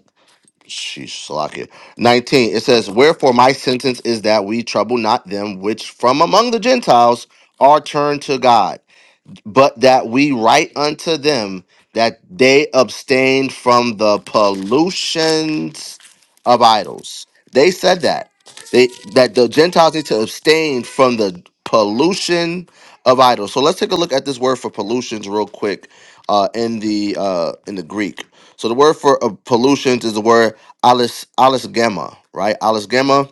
sheesh, Salakia, 19, it says, Wherefore my sentence is that we trouble not them which from among the Gentiles are turned to God but that we write unto them that they abstain from the pollutions of idols. They said that. They that the Gentiles need to abstain from the pollution of idols. So let's take a look at this word for pollutions real quick uh, in the uh, in the Greek. So the word for uh, pollutions is the word alis alisgema, right? Alisgema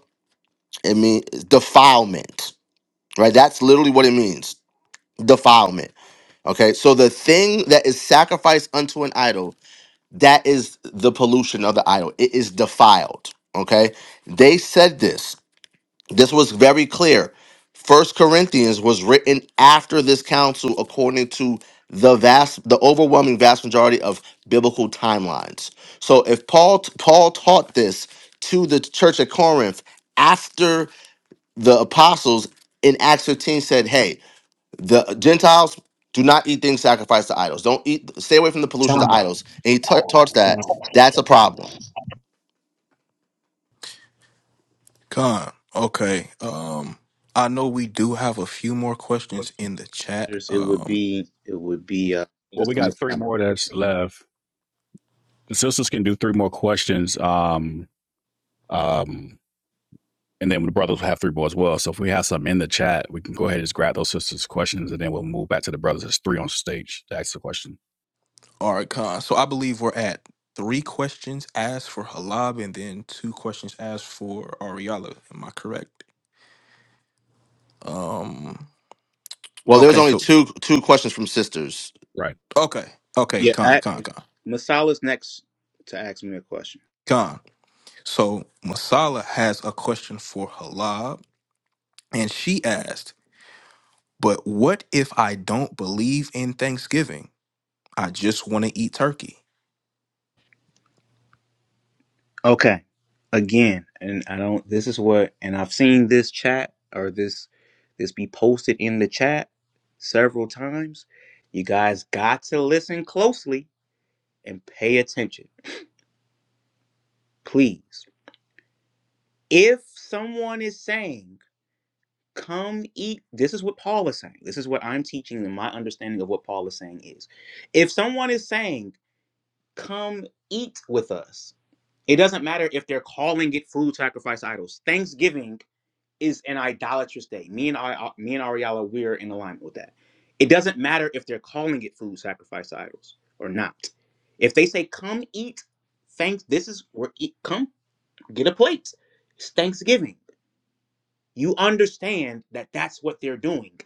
it means defilement, right? That's literally what it means, defilement Okay, so the thing that is sacrificed unto an idol, that is the pollution of the idol. It is defiled. Okay, they said this. This was very clear. First Corinthians was written after this council, according to the vast, the overwhelming vast majority of biblical timelines. So if Paul Paul taught this to the church at Corinth after the apostles in Acts 15 said, "Hey, the Gentiles do not eat things sacrificed to idols. Don't eat. Stay away from the pollution to
Time.
idols. And he ta- taught
Time.
that. That's a problem.
Con, okay. Um, I know we do have a few more questions in
Questions?
the chat.
There's- it would
Um,
be it would be uh
Well, we
Sister
got three
Masala.
more that's left. The sisters can do three more questions. Um, um, and then the brothers will have three more as well. So if we have some in the chat, we can go ahead and just grab those sisters' questions and then we'll move back to the brothers. There's three on stage to ask the question.
All right, Khan. So I believe we're at three questions asked for Halab and then two questions asked for Ariala. Am I correct? Um.
Well, there was
Okay.
only
So
two two questions from sisters.
Right.
okay. Okay.
yeah
Khan.
I,
Khan. Khan.
masala's next to ask me a question
Khan. So Masala has a question for Halab, and she asked, "But what if I don't believe in Thanksgiving? I just want to eat turkey."
Okay. Again, and I don't this is what and I've seen this chat or this this be posted in the chat several times. You guys got to listen closely and pay attention, please. If someone is saying, "Come eat," this is what Paul is saying. This is what I'm teaching and my understanding of what Paul is saying is. If someone is saying, "Come eat with us," it doesn't matter if they're calling it food sacrifice idols. Thanksgiving is an idolatrous day. Me and I, uh, me and Ariella, we're in alignment with that. It doesn't matter if they're calling it food sacrifice idols or not. If they say, "Come eat," thanks. This is we're eat. Come get a plate. It's Thanksgiving. You understand that that's what they're doing.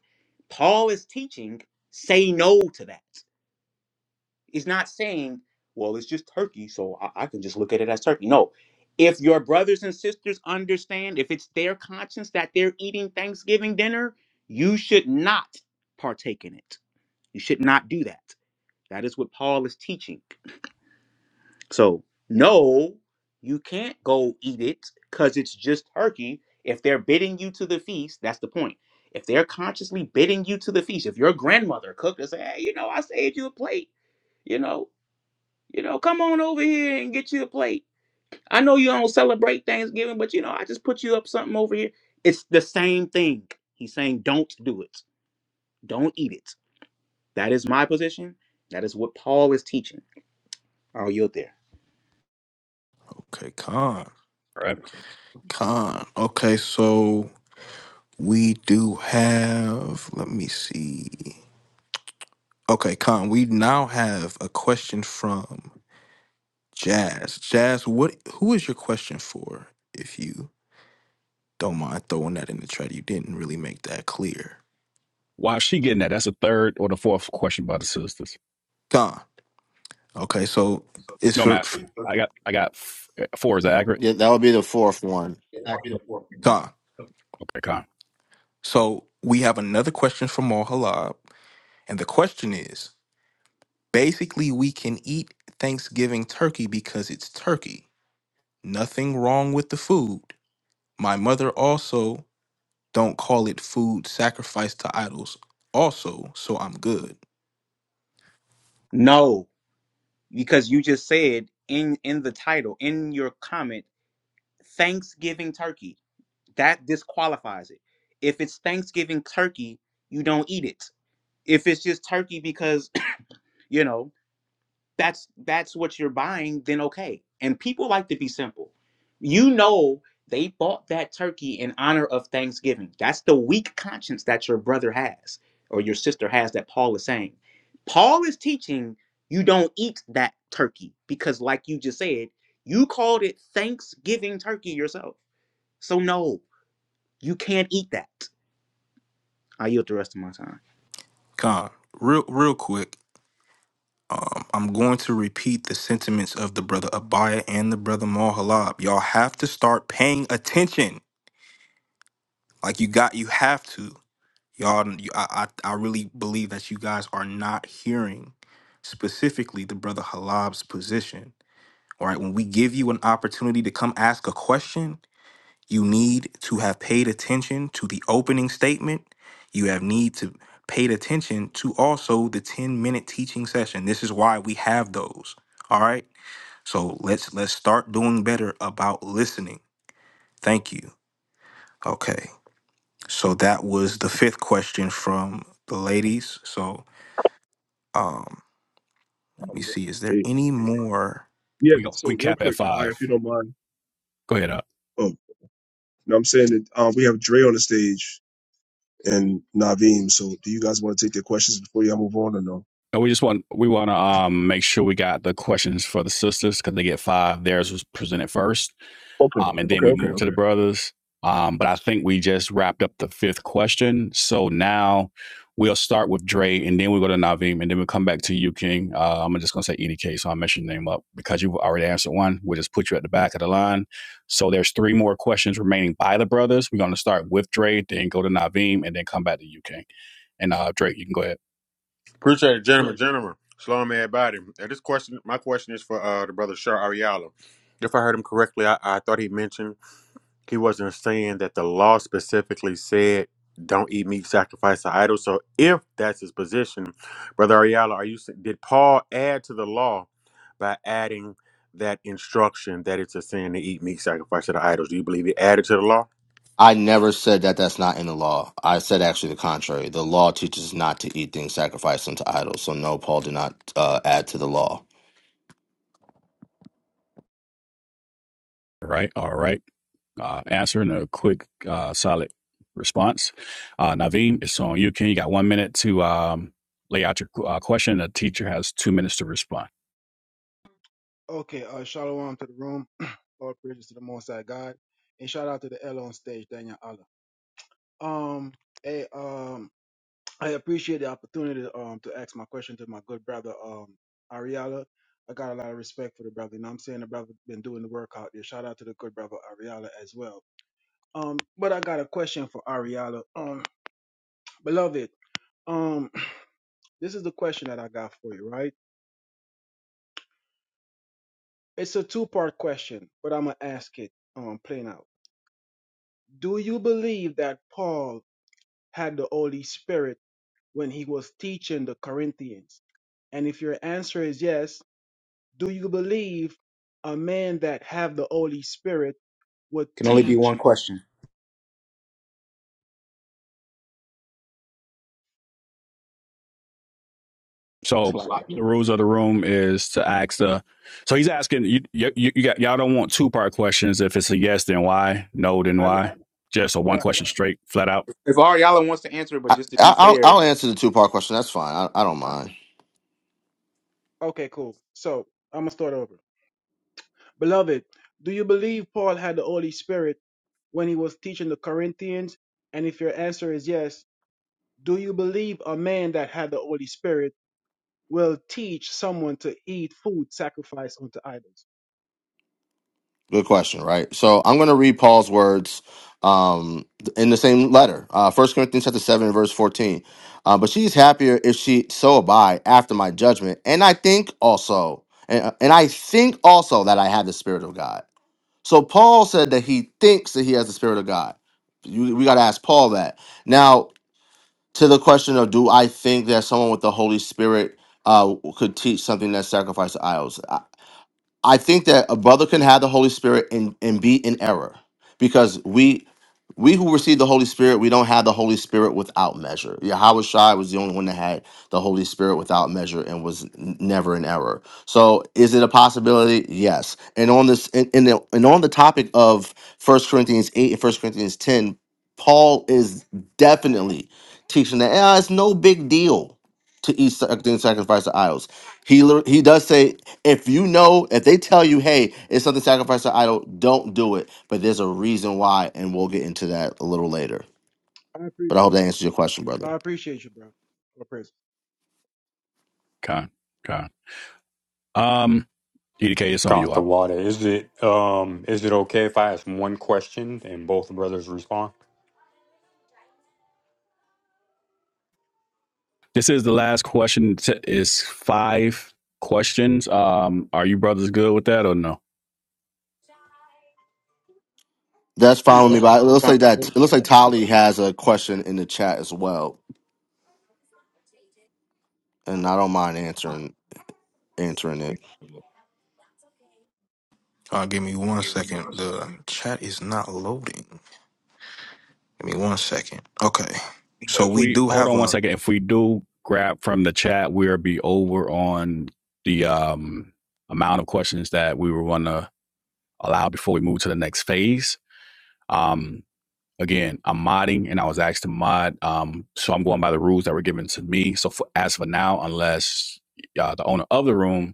Paul is teaching. Say no to that. He's not saying, well, it's just Turkey, so I, I can just look at it as Turkey. No. If your brothers and sisters understand, if it's their conscience that they're eating Thanksgiving dinner, you should not partake in it. You should not do that. That is what Paul is teaching. So, no, you can't go eat it because it's just turkey. If they're bidding you to the feast, that's the point. If they're consciously bidding you to the feast, if your grandmother cooked and say, hey, you know, I saved you a plate, you know, you know, come on over here and get you a plate. I know you don't celebrate Thanksgiving, but you know, I just put you up something over here. It's the same thing. He's saying, don't do it. Don't eat it. That is my position. That is what Paul is teaching. Are you there?
Okay. Khan.
Right.
Khan. Okay. So we do have. Let me see. Okay, Con, we now have a question from Jazz. Jazz, what who is your question for, if you don't mind throwing that in the chat? You didn't really make that clear.
Why is she getting that? That's the third or the fourth question by the sisters.
Con. Okay, so it's
No, I'm
for f-
asking. I got I got f- four. Is that accurate?
Yeah, that would be the fourth one.
Back.
Con.
Okay, Con.
So we have another question from Mar Halab, and the question is basically we can eat Thanksgiving turkey because it's turkey. Nothing wrong with the food. My mother also Don't call it food sacrificed to idols. Also, so I'm good.
No, because you just said in in the title, in your comment, Thanksgiving turkey. That disqualifies it. If it's Thanksgiving turkey, you don't eat it. If it's just turkey because, you know, that's that's what you're buying, then okay. And people like to be simple. You know they bought that turkey in honor of Thanksgiving. That's the weak conscience that your brother has or your sister has that Paul is saying. Paul is teaching you don't eat that turkey because like you just said, you called it Thanksgiving turkey yourself. So no, you can't eat that. I yield the rest of my time.
Con, real real quick, um, I'm going to repeat the sentiments of the brother Abaya and the brother Mahalab. Y'all have to start paying attention. Like you got, you have to. Y'all, you, I, I I really believe that you guys are not hearing specifically the brother Halab's position. All right, when we give you an opportunity to come ask a question, You need to have paid attention to the opening statement. You have need to paid attention to also the 10 minute teaching session. This is why we have those. All right. So let's let's start doing better about listening. Thank you. Okay. So that was the fifth question from the ladies. So um let me
Um,
see. Is there
hey,
any more?
yeah.
We go,
So
we
real
cap at
quick, Abaya,
five.
if you don't mind.
Go ahead up.
Oh, you know what I'm saying that um, we have Dre on the stage and Naveem. So do you guys want to take their questions before y'all move on or no?
And we just want we want to um make sure we got the questions for the sisters because they get five. Theirs was presented first,
Okay.
um, and then
Okay.
we
Okay.
move to
Okay.
the brothers. Um, but I think we just wrapped up the fifth question. So now we'll start with Dre, and then we go to Naveem, and then we'll come back to you, King. Uh, I'm just gonna say EDK, so I mess your name up because you've already answered one. We'll just put you at the back of the line. So there's three more questions remaining by the brothers. We're gonna start with Dre, then go to Naveem, and then come back to you, King. And uh, Drake, you can go ahead.
Appreciate it, gentlemen, gentlemen. Shalom, everybody. Uh, this question, my question is for uh, the brother Shar Ariala. If I heard him correctly, I, I thought he mentioned he wasn't saying that the law specifically said don't eat meat sacrificed to idols. So if that's his position, brother Ariala, are you s- did Paul add to the law by adding that instruction that it's a sin to eat meat sacrificed to the idols? Do you believe he added to the law?
I never said that that's not in the law. I said actually the contrary. The law teaches not to eat things sacrificed unto idols. So no, Paul did not uh, add to the law.
All right, all right. Uh, answer and a quick, uh, solid response. Uh, Naveen, it's on you. Can you got one minute to um, lay out your uh, question? The teacher has two minutes to respond.
Okay, uh, shalom to the room. Lord praises to the Most High God, and shout out to the L on stage, Daniel Allah. Um, hey, um, I appreciate the opportunity to, um to ask my question to my good brother um Ariala. I got a lot of respect for the brother. You know what I'm saying the brother been doing the work out there. Shout out to the good brother Ariala as well. Um, but I got a question for Ariala. Um, beloved, um, this is the question that I got for you, right? It's a two part question, but I'm gonna ask it um plain out. Do you believe that Paul had the Holy Spirit when he was teaching the Corinthians? And if your answer is yes, do you believe a man that have the Holy Spirit would
Can only be
teach?
one question.
So the rules of the room is to ask the. So he's asking you. You, you got y'all don't want two part questions. If it's a yes, then why? No, then
I,
why? Just a one
right.
question straight, flat out.
If Ariala wants to answer, it, but
I,
just to
I,
be
I'll
fair,
I'll answer the two part question. That's fine. I, I don't
uh,
mind.
Okay, cool. So I'm gonna start over. Beloved, do you believe Paul had the Holy Spirit when he was teaching the Corinthians? And if your answer is yes, do you believe a man that had the Holy Spirit will teach someone to eat food sacrificed unto idols?
Good question, right? So I'm going to read Paul's words um, in the same letter, uh, 1 Corinthians chapter 7, verse 14. Uh, but she's happier if she so abide after my judgment. And I think also, and, uh, and I think also that I have the Spirit of God. So Paul said that he thinks that he has the Spirit of God. You, we got to ask Paul that. Now, to the question of do I think that someone with the Holy Spirit uh, could teach something that sacrificed to idols? I think that a brother can have the Holy Spirit and, and be in error because we we who receive the Holy Spirit, we don't have the Holy Spirit without measure. Yahweh Shai was the only one that had the Holy Spirit without measure and was n- never in error. So is it a possibility? Yes. And on this and, and, the, and on the topic of First Corinthians 8 and First Corinthians 10, Paul is definitely teaching that "Ah, it's no big deal to eat sac- and sacrifice to idols. He lit- he does say if you know if they tell you hey it's something sacrifice to idol don't do it but there's a reason why and we'll get into that a little later
I, appre
but i hope that answers your question brother
I appreciate you, bro. I appreciate
Con, con. Um, EDK, it's on
Con
you.
the
Up.
water. Is it um is it okay if I ask one question and both brothers respond?
This is the last question. T- is five questions. Um, are you brothers good with that or no?
that's fine with me but it looks like that it looks like tali has a question in the chat as well and i don't mind answering answering it
Uh give me one second. The chat is not loading. Give me one second. Okay. So
If
we
we
do
hold
have
on one
a
second, if we do grab from the chat, we'll be over on the um amount of questions that we were going to allow before we move to the next phase. Um, again, I'm modding and I was asked to mod, um, so I'm going by the rules that were given to me. So for, as for now, unless uh, the owner of the room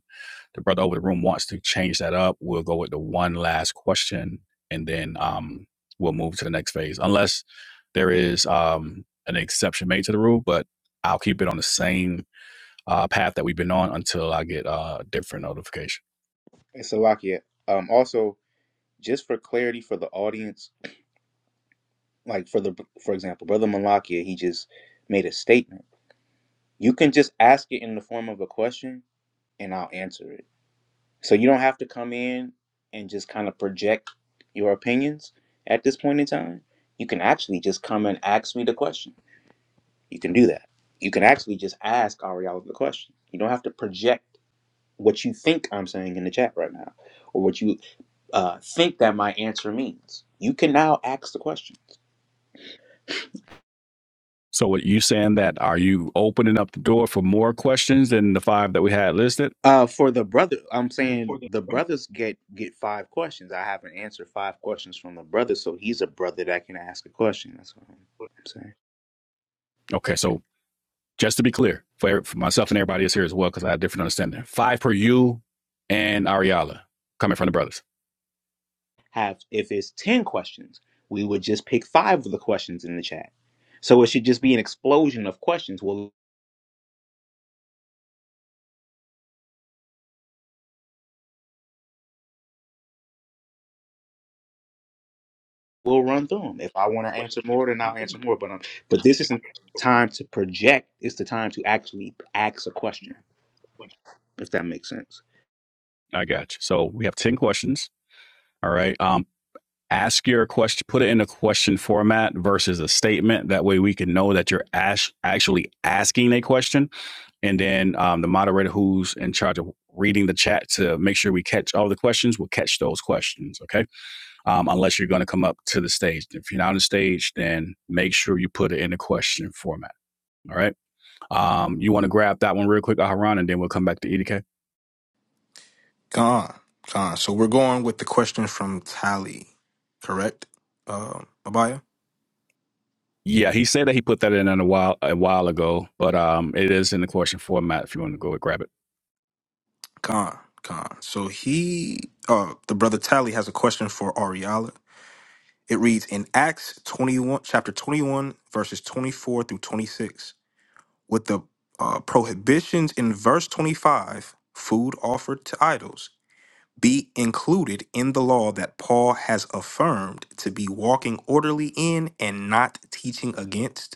the brother over the room wants to change that up, we'll go with the one last question and then um, we'll move to the next phase, unless there is um, an exception made to the rule. But I'll keep it on the same uh, path that we've been on until I get uh, a different notification.
Hey, Salakia. Um, also, just for clarity for the audience, like for the for example, Brother Malakia, he just made a statement. You can just ask it in the form of a question, and I'll answer it. So you don't have to come in and just kind of project your opinions at this point in time. You can actually just come and ask me the question. You can do that. You can actually just ask Ariel the question. You don't have to project what you think I'm saying in the chat right now, or what you uh, think that my answer means. You can now ask the question.
So, what you saying that are you opening up the door for more questions than the five that we had listed?
Uh, for the brother, I'm saying the brothers get get five questions. I haven't answered five questions from the brother, so he's a brother that can ask a question. That's what I'm, I'm saying.
Okay, so just to be clear, for, e-, for myself and everybody else here as well, because I have different understanding. Five per you and Ariala coming from the brothers.
Have if it's ten questions, we would just pick five of the questions in the chat. So it should just be an explosion of questions. We'll we'll run through them. If I want to answer more, then I'll answer more. But um, but this isn't time to project. It's the time to actually ask a question. If that makes sense.
I got you. So we have 10 questions. All right. Um, ask your question, put it in a question format versus a statement. That way we can know that you're ash- actually asking a question. And then um, the moderator who's in charge of reading the chat to make sure we catch all the questions will catch those questions. Okay. um, unless you're going to come up to the stage. If you're not on the stage, then make sure you put it in the question format. All right. Um, you want to grab that one real quick, Aharon, and then we'll come back to EDK.
Gone. Gone. So we're going with the question from Tally, correct? Um, Abaya?
Yeah, he said that he put that in a while a while ago, but um, it is in the question format. If you want to go and grab it,
Gone. Gone. So he, uh, the brother Tally has a question for Ariala. It reads in Acts 21, chapter 21, verses 24 through 26, with the uh, prohibitions in verse 25, food offered to idols, be included in the law that Paul has affirmed to be walking orderly in and not teaching against?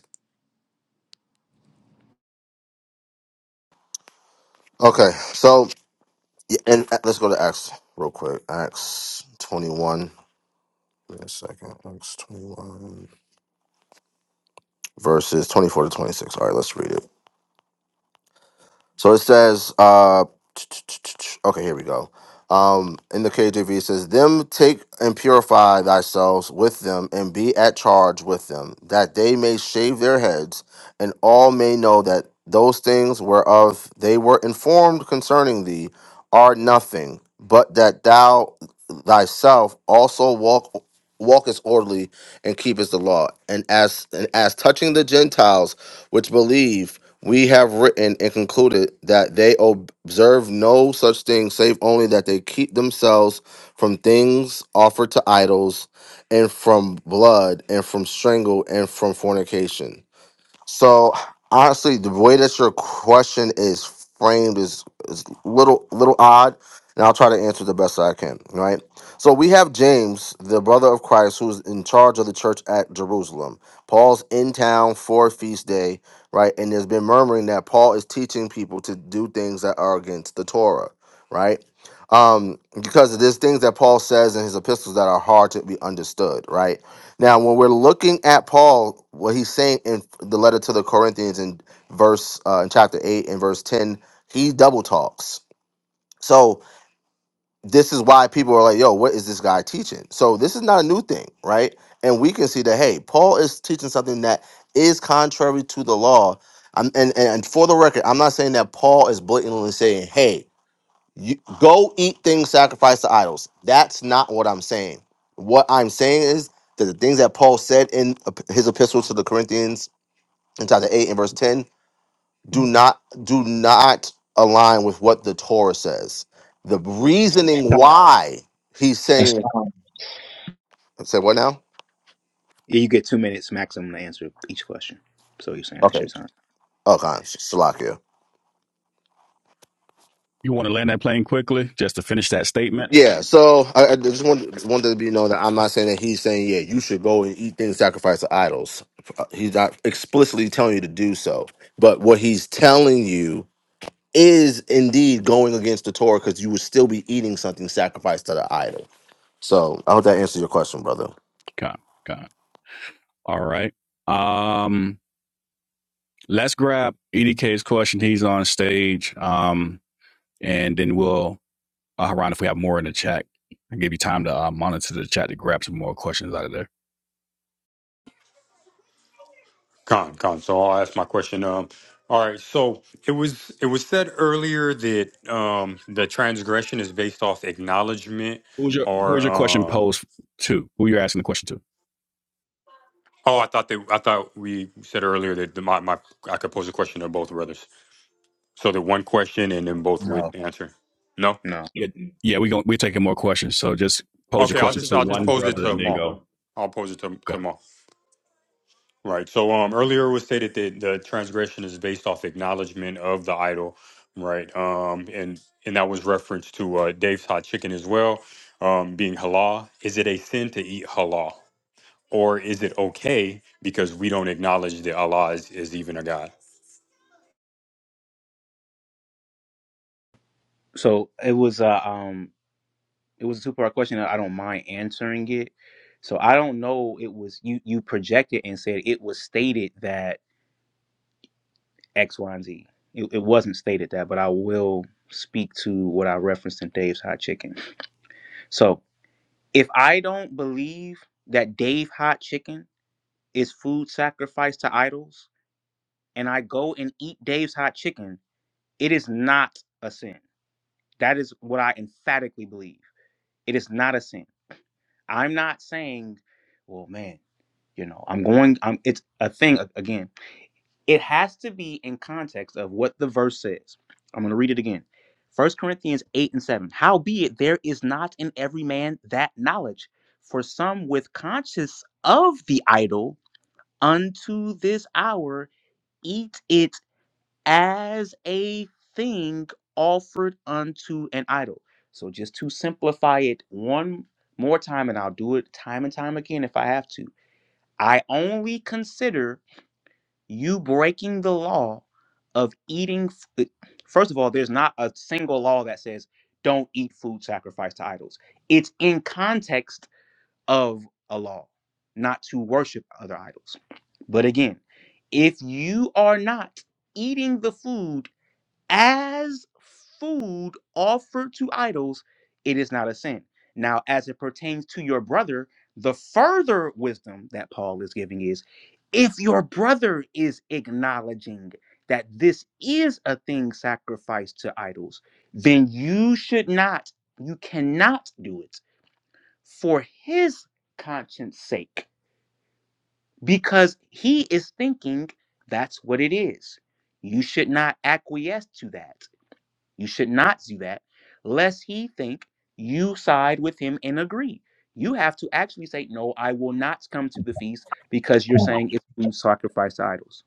okay so yeah, and uh, let's go to acts real quick acts 21 wait a second acts tw- verses 24 to 26 all right let's read it So it says, uh, okay, here we go. Um, in the KJV, it says, Them take and purify thyself with them, and be at charge with them, that they may shave their heads, and all may know that those things whereof they were informed concerning thee are nothing, but that thou thyself also walk walkest orderly and keepest the law. And as and as touching the Gentiles which believe, we have written and concluded that they observe no such thing, save only that they keep themselves from things offered to idols, and from blood, and from strangle, and from fornication. So honestly, the way that your question is framed is is little little odd, and I'll try to answer the best I can. Right. So we have James, the brother of Christ, who's in charge of the church at Jerusalem. Paul's in town for feast day, right? And there's been murmuring that Paul is teaching people to do things that are against the Torah, right? Um, because there's things that Paul says in his epistles that are hard to be understood, right? Now, when we're looking at Paul, what he's saying in the letter to the Corinthians in verse uh, in chapter eight and verse ten, he double talks. So this is why people are like, "Yo, what is this guy teaching?" So this is not a new thing, right? And we can see that hey, Paul is teaching something that is contrary to the law. i and and and for the record, I'm not saying that Paul is blatantly saying, "Hey, you, go eat things sacrificed to idols. That's not what I'm saying. What I'm saying is that the things that Paul said in ep- his epistle to the Corinthians in chapter 8 and verse 10 do not do not align with what the Torah says. The reasoning
Time.
why he's
That's
saying
time.
said what now?
Yeah, you get two minutes maximum to answer each question. So you're saying that's
Okay.
your time?
Okay. Salakia.
you want to land that plane quickly just to finish that statement.
Yeah, so I, I just want wanted to be known that I'm not saying that he's saying yeah you should go and eat things sacrificed to idols. Uh, He's not explicitly telling you to do so, but what he's telling you is indeed going against the Torah because you would still be eating something sacrificed to the idol. So I hope that answers your question, brother.
Come, come. All right. Um, let's grab EDK's question. He's on stage. Um, and then we'll Uh, Haran, if we have more in the chat, I give you time to uh, monitor the chat to grab some more questions out of there.
Con, con. So I'll ask my question. Um, all right. So it was it was said earlier that um the transgression is based off acknowledgement
Who's your
or
Who's your question
um.
posed to? Who you're asking the question to?
Oh, I thought that I thought we said earlier that the, my my I could pose a question to both brothers, so that one question and then both would
No.
answer. No.
No.
Yeah, yeah, we going we're taking more questions. So just pose your
Okay. I'll
question
just I'll
to
just
one
pose it
brother
to
and then
Maul.
go.
I'll pose it to to Maul. Right. So um earlier it was stated that the transgression is based off acknowledgement of the idol, right? Um and and that was reference to uh Dave's hot chicken as well, um being halal. Is it a sin to eat halal? Or is it okay because we don't acknowledge that Allah is, is even a God?
So it was a um, it was a two part question. I don't mind answering it. So I don't know. It was you you projected and said it was stated that X, Y, and Z. It, it wasn't stated that, but I will speak to what I referenced in Dave's hot chicken. So if I don't believe that Dave hot chicken is food sacrificed to idols, and I go and eat Dave's hot chicken. It is not a sin. That is what I emphatically believe. It is not a sin. I'm not saying, well, man, you know, I'm going, I'm, it's a thing again. It has to be in context of what the verse says. I'm going to read it again. First Corinthians 8 and 7. Howbeit, there is not in every man that knowledge, for some with conscience of the idol unto this hour eat it as a thing offered unto an idol. So just to simplify it one more time, and I'll do it time and time again if I have to. I only consider you breaking the law of eating. f- uh, First of all, there's not a single law that says don't eat food sacrificed to idols. It's in context of a law, not to worship other idols. But again, if you are not eating the food as food offered to idols, it is not a sin. Now, as it pertains to your brother, the further wisdom that Paul is giving is if your brother is acknowledging that this is a thing sacrificed to idols, then you should not, you cannot do it for his conscience sake because he is thinking that's what it is. You should not acquiesce to that you should not do that, lest he think you side with him and agree. You have to actually say, No, I will not come to the feast because you're
Time.
saying it's food sacrifice to idols.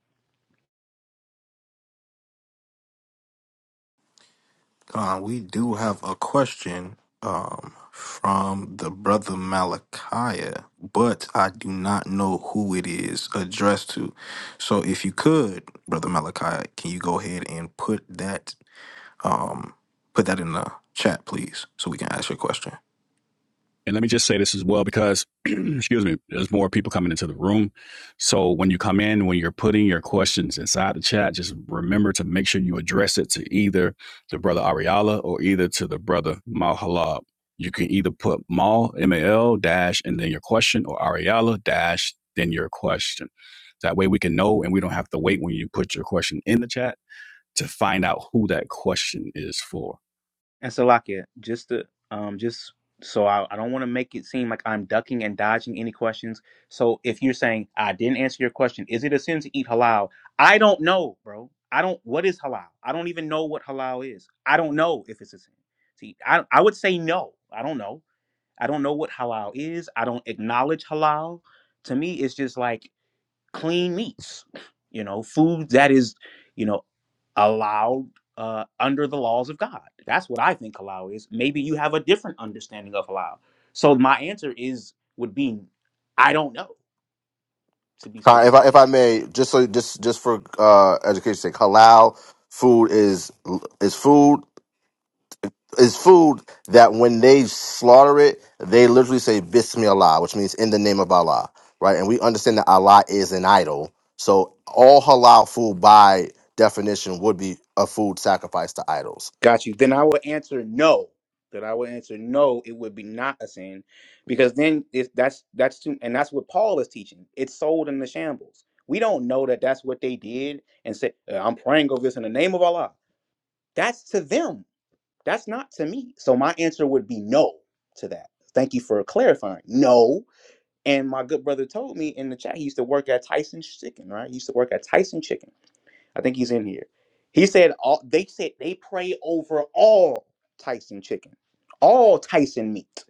Uh, we do have a question um, from the brother Malachi, but I do not know who it is addressed to. So, if you could, brother Malachi, can you go ahead and put that um, put that in the chat, please, so we can ask your question.
And let me just say this as well, because excuse me, there's more people coming into the room. So when you come in, when you're putting your questions inside the chat, just remember to make sure you address it to either the brother Ariala or either to the brother Malhalab. You can either put Mal M A L dash and then your question or Ariala dash then your question. That way we can know and we don't have to wait when you put your question in the chat to find out who that question is for.
And so, Salakia, just to um, just so I, I don't want to make it seem like I'm ducking and dodging any questions. So if you're saying I didn't answer your question, is it a sin to eat halal? I don't know, bro. I don't. What is halal? I don't even know what halal is. I don't know if it's a sin. See, I I would say no. I don't know. I don't know what halal is. I don't acknowledge halal. To me, it's just like clean meats. You know, food that is. you know allowed uh, under the laws of God. That's what I think halal is. Maybe you have a different understanding of halal. So my answer is would be I don't know to be
Kai, If I
specific.
if I may, just so just just for uh, education's sake, halal food is is food It's food that when they slaughter it, they literally say Bismillah, which means in the name of Allah, right? And we understand that Allah is an idol. So all halal food by definition would be a food sacrificed to idols.
Got you. Then I would answer no. That I would answer no. It would be not a sin, because then if that's that's too, and that's what Paul is teaching. It's sold in the shambles. We don't know that that's what they did and said. "Uh, I'm praying over this in the name of Allah. That's to them. That's not to me. So my answer would be no to that. Thank you for clarifying. No. And my good brother told me in the chat he used to work at Tyson's Chicken, right? He used to work at Tyson Chicken. I think he's in here. He said all they said they pray over all Tyson chicken, all Tyson meat.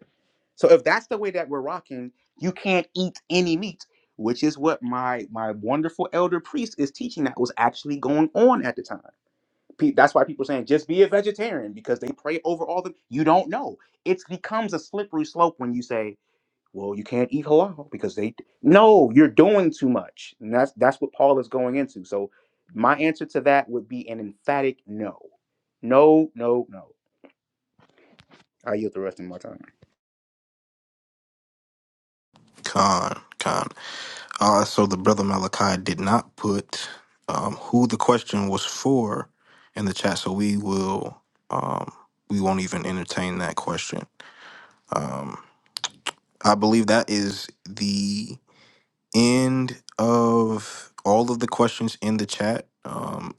So if that's the way that we're rocking, you can't eat any meat, which is what my my wonderful elder priest is teaching that was actually going on at the time. Pe- That's why people saying just be a vegetarian because they pray over all the. You don't know. It becomes a slippery slope when you say, "Well, you can't eat halal because they." No, you're doing too much, and that's that's what Paul is going into. So, my answer to that would be an emphatic no, no, no, no. I yield the rest of my time.
Con, con. Uh, so the brother Malachi did not put um, who the question was for in the chat, so we will um, we won't even entertain that question. Um, I believe that is the end of all of the questions in the chat. Um,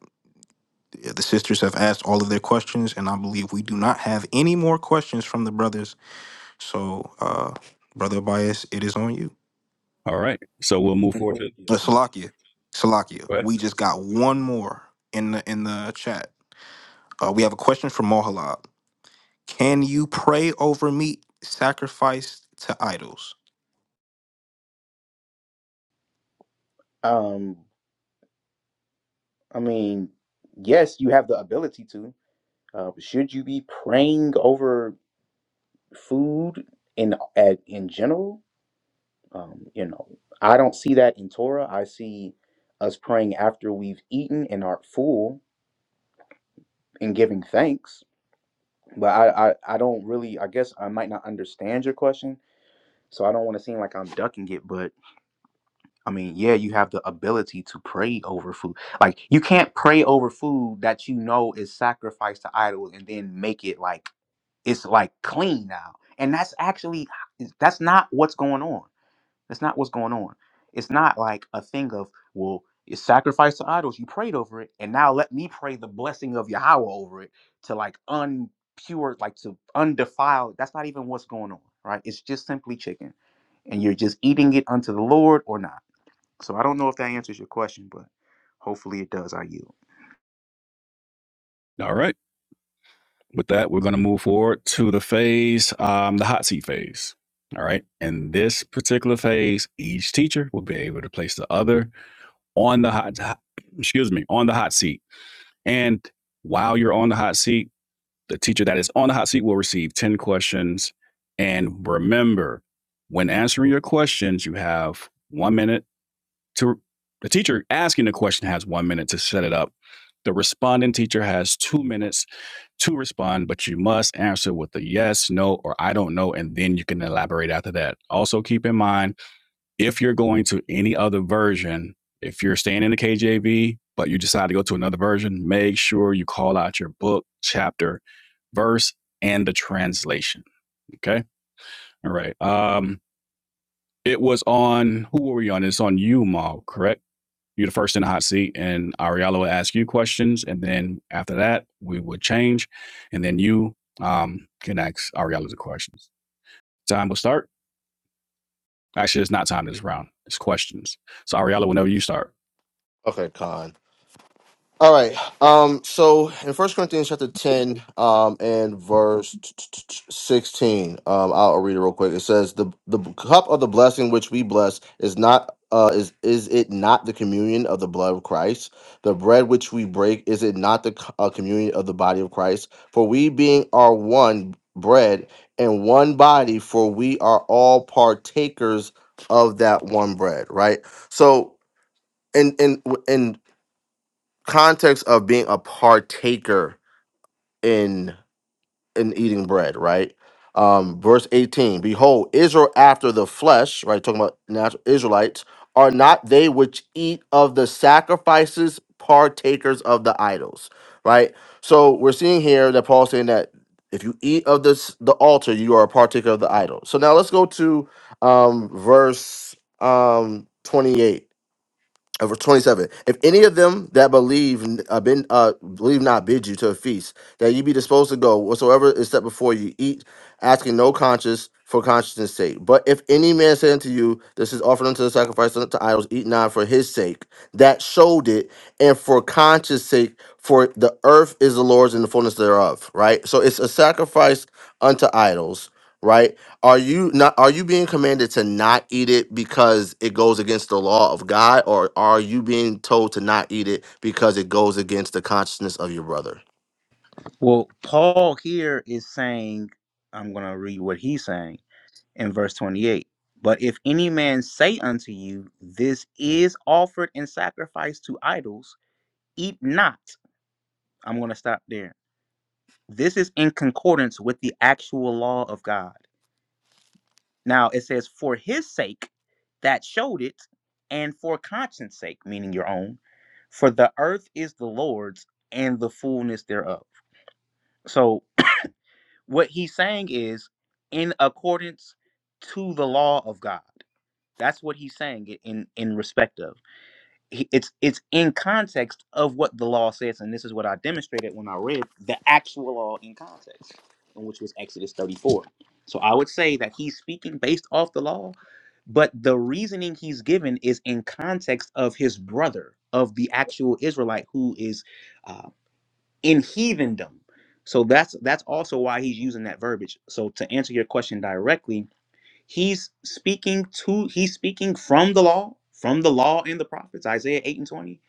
yeah, the sisters have asked all of their questions, and I believe we do not have any more questions from the brothers. So, uh, Brother Bias, it is on you.
All right. So we'll move forward
Uh, Salakia, Salakia, we just got one more in the in the chat. Uh, we have a question from Mohalab. Can you pray over meat sacrificed to idols?
Um, I mean, yes, you have the ability to. Uh, should you be praying over food in at, in general? Um, you know, I don't see that in Torah. I see us praying after we've eaten and are full and giving thanks. But I, I, I don't really, I guess I might not understand your question. So I don't want to seem like I'm ducking it. But I mean, yeah, you have the ability to pray over food. Like, you can't pray over food that you know is sacrificed to idols and then make it like it's like clean now. And that's actually, that's not what's going on That's not what's going on. It's not like a thing of, well, it's sacrifice to idols. You prayed over it, and now let me pray the blessing of Yahweh over it to like unpure, like to undefile. That's not even what's going on, right? It's just simply chicken, and you're just eating it unto the Lord or not. So I don't know if that answers your question, but hopefully it does. I yield.
all right. with that, we're going to move forward to the phase, um, the hot seat phase. All right. In this particular phase, each teacher will be able to place the other on the hot, excuse me, on the hot seat. And while you're on the hot seat, the teacher that is on the hot seat will receive 10 questions. And remember, when answering your questions, you have one minute to the teacher asking the question has one minute to set it up. The responding teacher has two minutes to respond, but you must answer with a yes, no, or I don't know, and then you can elaborate after that. Also, keep in mind if you're going to any other version, if you're staying in the KJV, but you decide to go to another version, make sure you call out your book, chapter, verse, and the translation. Okay. All right. Um, it was on who were we on? It's on you, Mal, correct? you're the first in the hot seat, and Ariella will ask you questions, and then after that, we would change, and then you um, can ask Ariella the questions. Time will start. Actually, it's not time this round. It's questions. So Ariella, whenever you start,
Okay, Khan. All right. Um, so in First Corinthians chapter ten, um, and verse sixteen, um, I'll read it real quick. It says, "the The cup of the blessing which we bless is not uh is is it not the communion of the blood of Christ? The bread which we break is it not the co- uh, communion of the body of Christ? For we being are one bread and one body, for we are all partakers of that one bread." Right. So and and and context of being a partaker in in eating bread, right? Um, verse 18, behold, Israel after the flesh, right? Talking about natural Israelites, are not they which eat of the sacrifices partakers of the idols, right? So we're seeing here that Paul's saying that if you eat of this the altar, you are a partaker of the idol. So now let's go to um verse um 28. Uh, verse 27 if any of them that believe uh, been uh believe not bid you to a feast that you be disposed to go whatsoever is set before you eat asking no conscience for conscience sake but if any man say unto you this is offered unto the sacrifice unto idols eat not for his sake that showed it and for conscience sake for the earth is the lord's and the fullness thereof right so it's a sacrifice unto idols right are you not are you being commanded to not eat it because it goes against the law of God or are you being told to not eat it because it goes against the consciousness of your brother?
Well, Paul here is saying, I'm going to read what he's saying in verse 28. But if any man say unto you, This is offered in sacrifice to idols, eat not. I'm going to stop there. This is in concordance with the actual law of God. Now it says, For his sake that showed it, and for conscience sake, meaning your own, for the earth is the Lord's and the fullness thereof. So what he's saying is in accordance to the law of God. That's what he's saying in in respect of. He- It's it's in context of what the law says, and this is what I demonstrated when I read the actual law in context, and which was Exodus 34. So I would say that he's speaking based off the law, but the reasoning he's given is in context of his brother, of the actual Israelite who is uh, in heathendom. So that's that's also why he's using that verbiage. So to answer your question directly, He's speaking to he's speaking from the law, from the law and the prophets, Isaiah 8 and 20,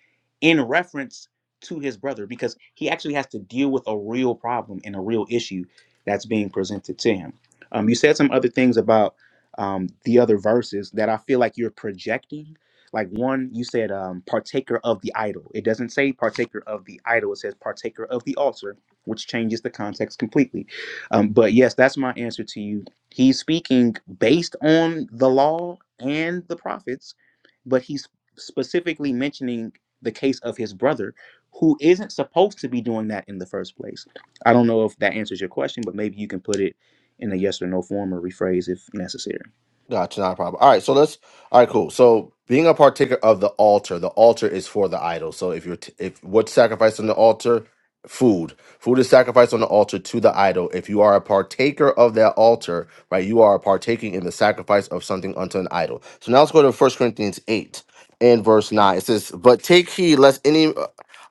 in reference to his brother, because he actually has to deal with a real problem and a real issue that's being presented to him. Um, you said some other things about um, the other verses that I feel like you're projecting. Like one, you said um, partaker of the idol. It doesn't say partaker of the idol. It says partaker of the altar, which changes the context completely. Um, but yes, that's my answer to you He's speaking based on the law and the prophets, but he's specifically mentioning the case of his brother who isn't supposed to be doing that in the first place. I don't know if that answers your question, but maybe you can put it in a yes or no form or rephrase if necessary.
Gotcha, not a problem. All right, so let's. All right, cool. So being a partaker of the altar, the altar is for the idol. So if you're, t- if what's sacrificed on the altar, food, food is sacrificed on the altar to the idol. If you are a partaker of that altar, right, you are partaking in the sacrifice of something unto an idol. So now let's go to First Corinthians eight and verse nine. It says, "But take heed lest any."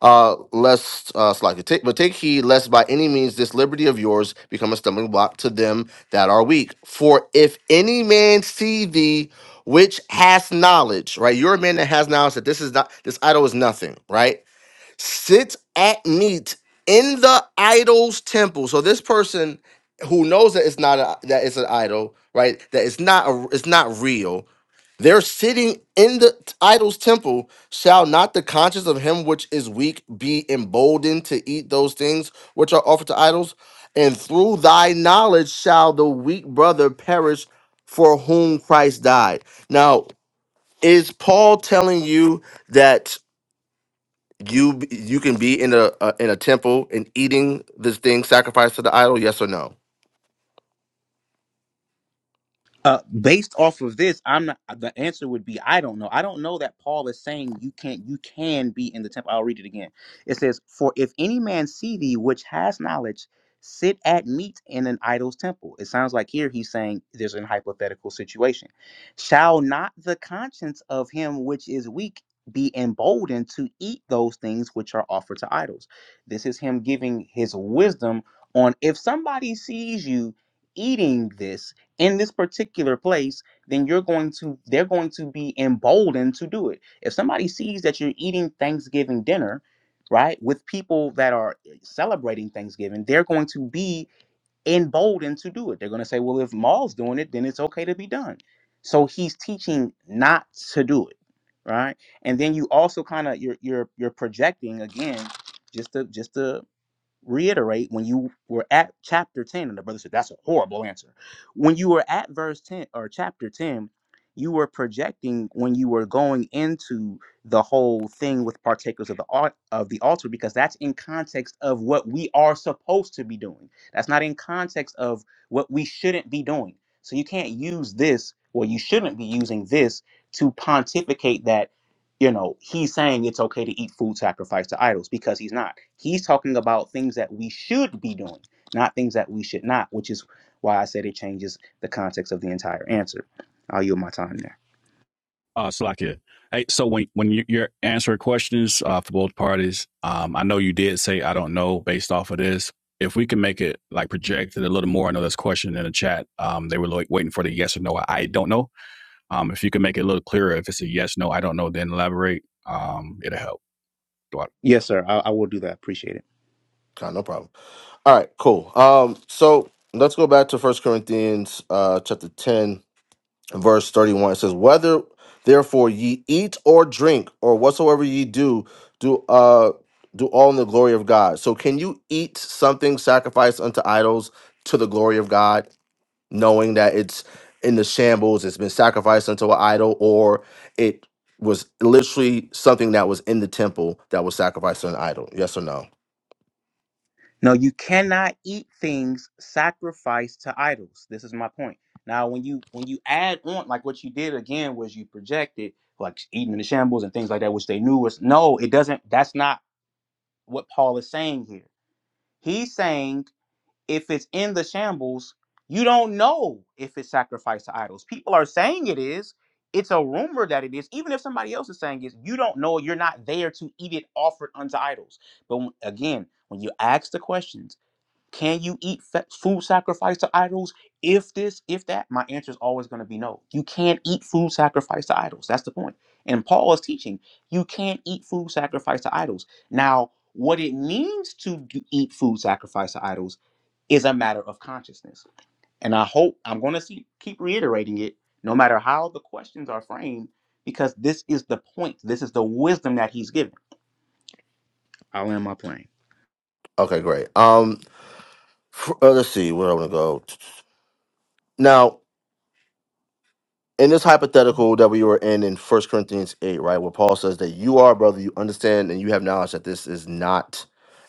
Uh, lest uh, slack take, but take heed lest by any means this liberty of yours become a stumbling block to them that are weak. For if any man see thee, which has knowledge, right? You're a man that has knowledge that this is not this idol is nothing, right? Sit at meat in the idol's temple. So this person who knows that it's not a, that it's an idol, right? That it's not a, it's not real their sitting in the t- idol's temple shall not the conscience of him which is weak be emboldened to eat those things which are offered to idols? And through thy knowledge shall the weak brother perish for whom Christ died. Now, is Paul telling you that you b- you can be in a, a in a temple and eating this thing sacrificed to the idol? Yes or no?
Uh, based off of this, I'm not. The answer would be I don't know. I don't know that Paul is saying you can't. You can be in the temple. I'll read it again. It says, "For if any man see thee, which has knowledge, sit at meat in an idol's temple." It sounds like here he's saying there's an hypothetical situation. Shall not the conscience of him which is weak be emboldened to eat those things which are offered to idols? This is him giving his wisdom on if somebody sees you eating this in this particular place, then you're going to they're going to be emboldened to do it. If somebody sees that you're eating Thanksgiving dinner, right, with people that are eh, celebrating Thanksgiving, they're going to be emboldened to do it. They're going to say, "Well, if Maul's doing it, then it's okay to be done." So he's teaching not to do it, right? And then you also kind of you're you're you're projecting again, just to just to reiterate when you were at chapter 10 and the brother said that's a horrible answer when you were at verse 10 or chapter 10 you were projecting when you were going into the whole thing with partakers of the al- of the altar because that's in context of what we are supposed to be doing that's not in context of what we shouldn't be doing so you can't use this or you shouldn't be using this to pontificate that you know, he's saying it's okay to eat food sacrificed to idols because he's not. He's talking about things that we should be doing, not things that we should not, which is why I said it changes the context of the entire answer. I'll yield my time there.
uh, Salakia. Hey, so when when you, you're answering questions uh, for both parties, um, I know you did say I don't know based off of this. If we can make it like projected a little more, I know this question in the chat. Um, they were like waiting for the yes or no. I don't know Um, if you can make it a little clearer, if it's a yes, no, I don't know, then elaborate. Um, it'll help. Do I-
Yes, sir. I, I will do that. Appreciate it.
Okay, no problem. All right, cool. Um, so let's go back to First Corinthians uh chapter 10 verse 31 it says whether therefore ye eat or drink or whatsoever ye do do uh do all in the glory of god so can you eat something sacrificed unto idols to the glory of god knowing that it's in the shambles it's been sacrificed unto an idol or it was literally something that was in the temple that was sacrificed to an idol yes or no
No, you cannot eat things sacrificed to idols. This is my point. Now, when you when you add on, like what you did again was you projected like eating in the shambles and things like that, which they knew was no, it doesn't. That's not what Paul is saying here. He's saying if it's in the shambles, you don't know if it's sacrificed to idols. People are saying it is. It's a rumor that it is. Even if somebody else is saying it, you don't know. You're not there to eat it offered unto idols. But when- again, when you ask the questions, can you eat fa- food sacrificed to idols? If this, if that, my answer is always going to be no. You can't eat food sacrificed to idols. That's the point. And Paul is teaching you can't eat food sacrificed to idols. Now, what it means to do, eat food sacrificed to idols is a matter of consciousness. And I hope I'm going to see, keep reiterating it, no matter how the questions are framed, because this is the point. This is the wisdom that he's given. I'll end my plane.
Okay, great. Um, f- uh, let's see where I want to go now. in this hypothetical that we were in in First Corinthians 8, right, where Paul says that you are a brother, you understand and you have knowledge that this is not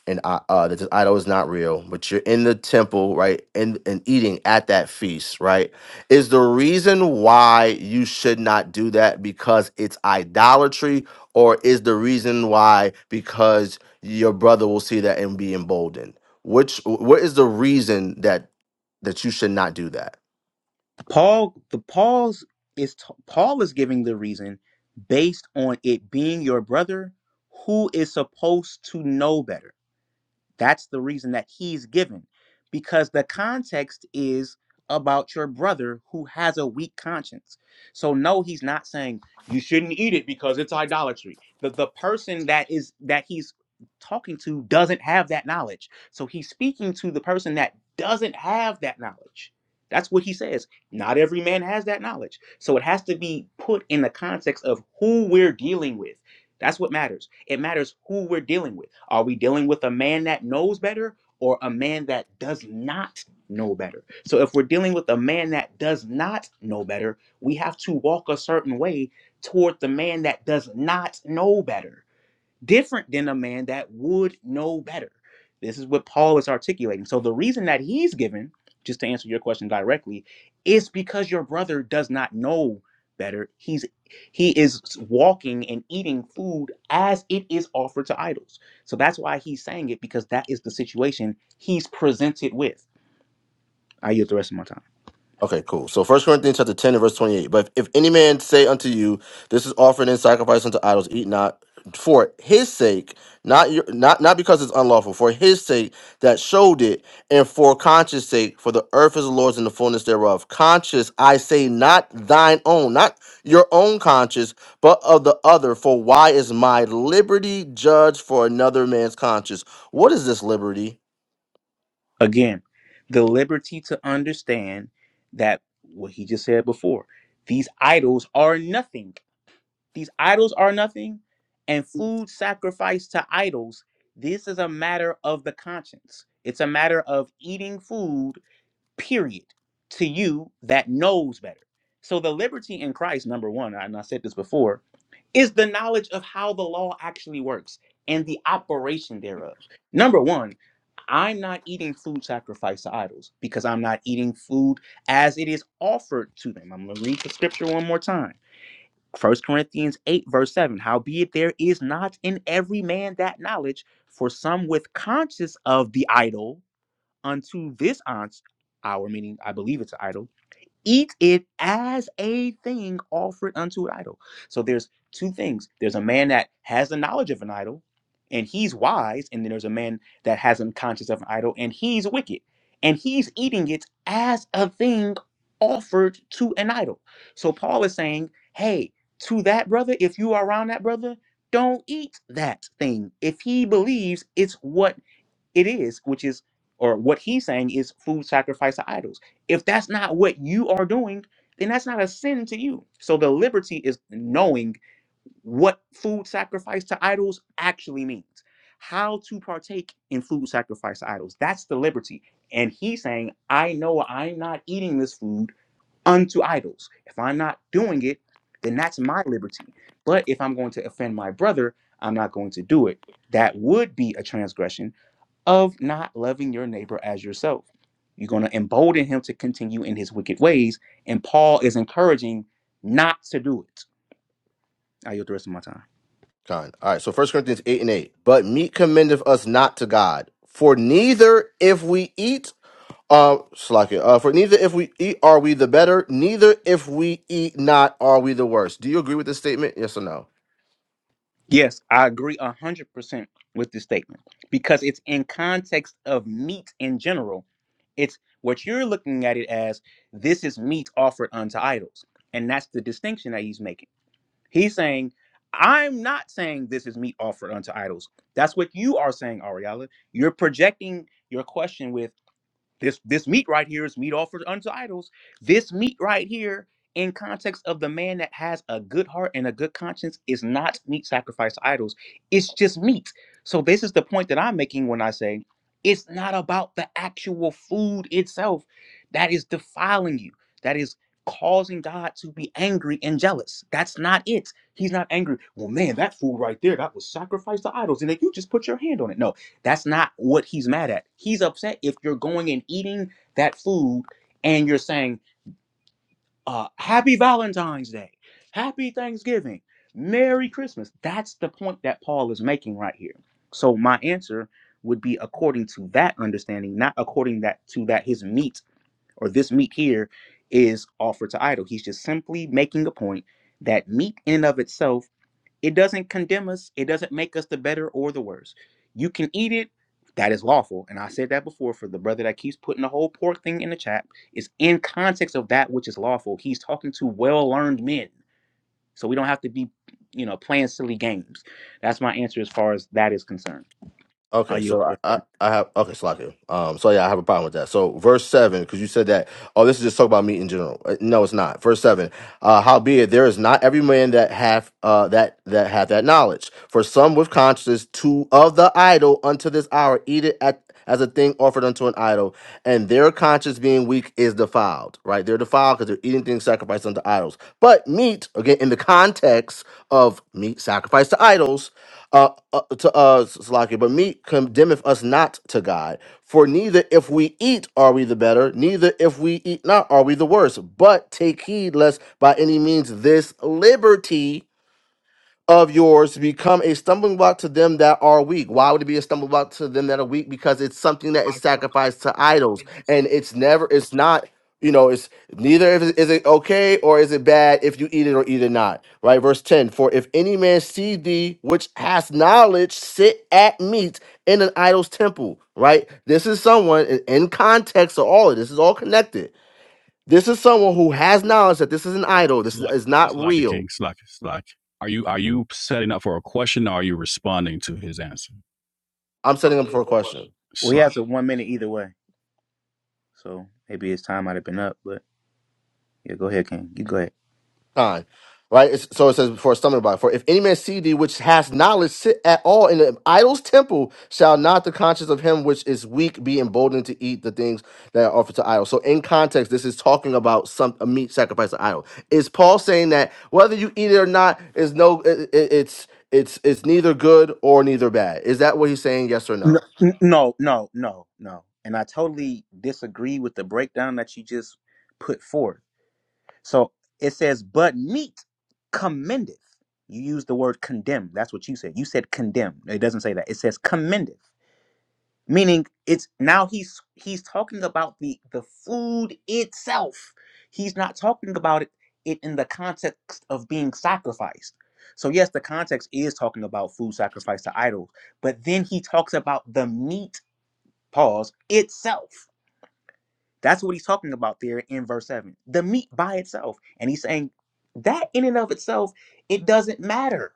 an i- uh that this idol is not real, but you're in the temple, right, and and eating at that feast, right? Is the reason why you should not do that because it's idolatry, or is the reason why because your brother will see that and be emboldened? Which what is the reason that that you should not do that?
Paul, the Paul's is Paul is giving the reason based on it being your brother who is supposed to know better. That's the reason that he's given because the context is about your brother who has a weak conscience. So no, he's not saying you shouldn't eat it because it's idolatry. The the person that is that he's talking to doesn't have that knowledge. So he's speaking to the person that doesn't have that knowledge. That's what he says. Not every man has that knowledge. So it has to be put in the context of who we're dealing with. That's what matters. It matters who we're dealing with. Are we dealing with a man that knows better or a man that does not know better? So if we're dealing with a man that does not know better, we have to walk a certain way toward the man that does not know better different than a man that would know better. This is what Paul is articulating. So the reason that he's given, just to answer your question directly, is because your brother does not know better. He's he is walking and eating food as it is offered to idols. So that's why he's saying it because that is the situation he's presented with. I yield the rest of my time.
Okay, cool. So First Corinthians chapter 10 and verse 28. But if, if any man say unto you, This is offered in sacrifice unto idols, eat not for his sake, not your, not not because it's unlawful, for his sake that showed it, and for conscience sake, for the earth is the Lord's and the fullness thereof. Conscience, I say, not thine own, not your own conscience, but of the other. For why is my liberty judged for another man's conscience? What is this liberty?
Again, the liberty to understand that what he just said before these idols are nothing. These idols are nothing, and food sacrificed to idols. This is a matter of the conscience. It's a matter of eating food, period, to you that knows better. So the liberty in Christ, number one, and I said this before, is the knowledge of how the law actually works and the operation thereof. Number one, I'm not eating food sacrificed to idols because I'm not eating food as it is offered to them. I'm going to read the scripture one more time. First Corinthians 8, verse 7 Howbeit there is not in every man that knowledge, for some with conscience of the idol unto this aunt, our meaning, I believe it's an idol, eat it as a thing offered unto an idol. So there's two things. There's a man that has the knowledge of an idol and he's wise, and then there's a man that hasn't conscience of an idol and he's wicked. And he's eating it as a thing offered to an idol. So Paul is saying, hey, to that brother, if you are around that brother, don't eat that thing. If he believes it's what it is, which is, or what he's saying is food sacrifice to idols. If that's not what you are doing, then that's not a sin to you. So the liberty is knowing what food sacrifice to idols actually means, how to partake in food sacrifice to idols. That's the liberty. And he's saying, I know I'm not eating this food unto idols. If I'm not doing it, then that's my liberty. But if I'm going to offend my brother, I'm not going to do it. That would be a transgression of not loving your neighbor as yourself. You're going to embolden him to continue in his wicked ways. And Paul is encouraging not to do it. I yield the rest of my time.
Kind. All right. So First Corinthians eight and eight. But meat commendeth us not to God, for neither if we eat, uh, slack it. Uh, for neither if we eat are we the better, neither if we eat not are we the worse. Do you agree with this statement? Yes or no?
Yes, I agree 100% with this statement because it's in context of meat in general. It's what you're looking at it as this is meat offered unto idols. And that's the distinction that he's making He's saying, I'm not saying this is meat offered unto idols. That's what you are saying, Ariella. You're projecting your question with this this meat right here is meat offered unto idols. This meat right here, in context of the man that has a good heart and a good conscience, is not meat sacrificed to idols. It's just meat. So this is the point that I'm making when I say it's not about the actual food itself that is defiling you. That is causing God to be angry and jealous. That's not it. He's not angry. Well, man, that food right there, that was sacrificed to idols. And then you just put your hand on it. No, that's not what he's mad at. He's upset if you're going and eating that food and you're saying, uh, Happy Valentine's Day, Happy Thanksgiving, Merry Christmas. That's the point that Paul is making right here. So my answer would be according to that understanding, not according that to that his meat or this meat here is offered to idol. He's just simply making a point that meat in and of itself it doesn't condemn us. It doesn't make us the better or the worse. You can eat it. That is lawful. And I said that before for the brother that keeps putting the whole pork thing in the chat. Is in context of that which is lawful. He's talking to well learned men. So we don't have to be, you know, playing silly games. That's my answer as far as that is concerned. Are
Okay,
you?
so I, I I have okay, Slaku. Um, so yeah, I have a problem with that. So verse seven, because you said that, oh, this is just talk about meat in general. Uh, No, it's not. Verse seven. Uh, howbeit there is not every man that hath uh that that hath that knowledge. For some with conscience to of the idol unto this hour eat it at as a thing offered unto an idol, and their conscience being weak is defiled. Right, they're defiled because they're eating things sacrificed unto idols. But meat, again, in the context of meat sacrificed to idols uh, uh, to uh, Slakia, but meat condemneth us not to God. For neither if we eat are we the better, neither if we eat not are we the worse. But take heed lest by any means this liberty of yours to become a stumbling block to them that are weak. Why would it be a stumbling block to them that are weak? Because it's something that is sacrificed to idols, and it's never, it's not, you know, it's neither is it, is it okay or is it bad if you eat it or eat it not, right? Verse ten: For if any man see thee which has knowledge sit at meat in an idol's temple, right? This is someone in in context of all of this is all connected. This is someone who has knowledge that this is an
Wait,
idol. This is,
Slack,
is not
it,
real.
King, Slack, it, Slack. Are you are you setting up for a question, or are you responding to his answer?
I'm setting up for a question.
Well, he
Slack.
has a one minute either way. So maybe his time might have been up. But yeah, go ahead, King. You go ahead.
time. Right? It's, so it says before a stumbling block. For if any man see thee which has knowledge sit at all in the idol's temple, shall not the conscience of him which is weak be emboldened to eat the things that are offered to idols. So in context, this is talking about some a meat sacrifice to idol. Is Paul saying that whether you eat it or not is no it, it- it's it's it's neither good or neither bad. Is that what he's saying? Yes or
No,
no?
n- no, no, no, no. And I totally disagree with the breakdown that you just put forth So it says, but meat commendeth. You use the word condemn. That's what you said. You said condemn. It doesn't say that. It says commendeth, meaning it's now he's he's talking about the the food itself. He's not talking about it, it in the context of being sacrificed. So yes, the context is talking about food sacrificed to idols, but then he talks about the meat pause itself. That's what he's talking about there in verse 7. The meat by itself. And he's saying that in and of itself, it doesn't matter.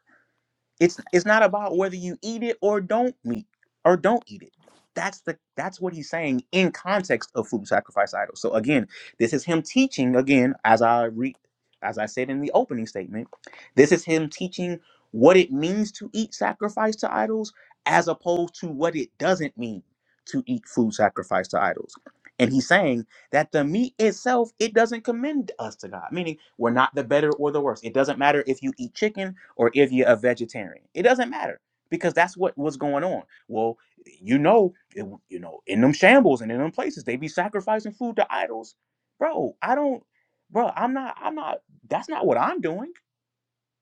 It's it's not about whether you eat it or don't meet or don't eat it. That's the that's what he's saying in context of food sacrifice idols. So again, this is him teaching again as I re as I said in the opening statement, this is him teaching what it means to eat sacrifice to idols as opposed to what it doesn't mean to eat food sacrifice to idols. And he's saying that the meat itself, it doesn't commend us to God, meaning we're not the better or the worse. It doesn't matter if you eat chicken or if you're a vegetarian. It doesn't matter because that's what was going on. Well, you know, it, you know, in them shambles and in them places, they be sacrificing food to idols, bro. I don't, bro. I'm not. I'm not. That's not what I'm doing.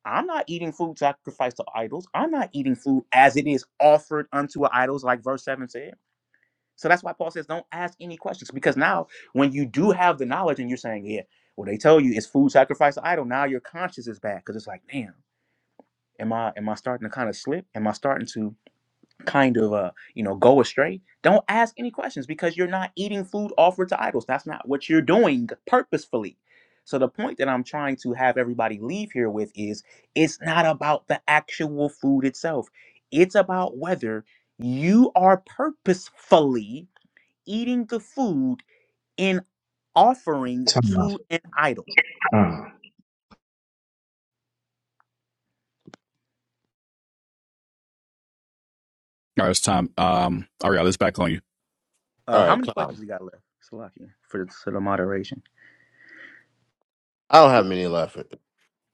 I'm not eating food sacrificed to idols. I'm not eating food as it is offered unto idols, like verse seven said. So that's why Paul says, don't ask any questions because now, when you do have the knowledge and you're saying, yeah, well, they tell you it's food sacrificed to idol. Now your conscience is bad because it's like, damn. Am I am I starting to kind of slip? Am I starting to kind of uh you know go astray? Don't ask any questions because you're not eating food offered to idols. That's not what you're doing purposefully. So the point that I'm trying to have everybody leave here with is it's not about the actual food itself. It's about whether you are purposefully eating the food in offering
Time.
to an idol.
time.
All right, it's time. Um, Ariella, it's back on you.
Uh,
All
how
right,
many questions
Clyde.
you got left, Salakia for for the moderation?
I don't have many left.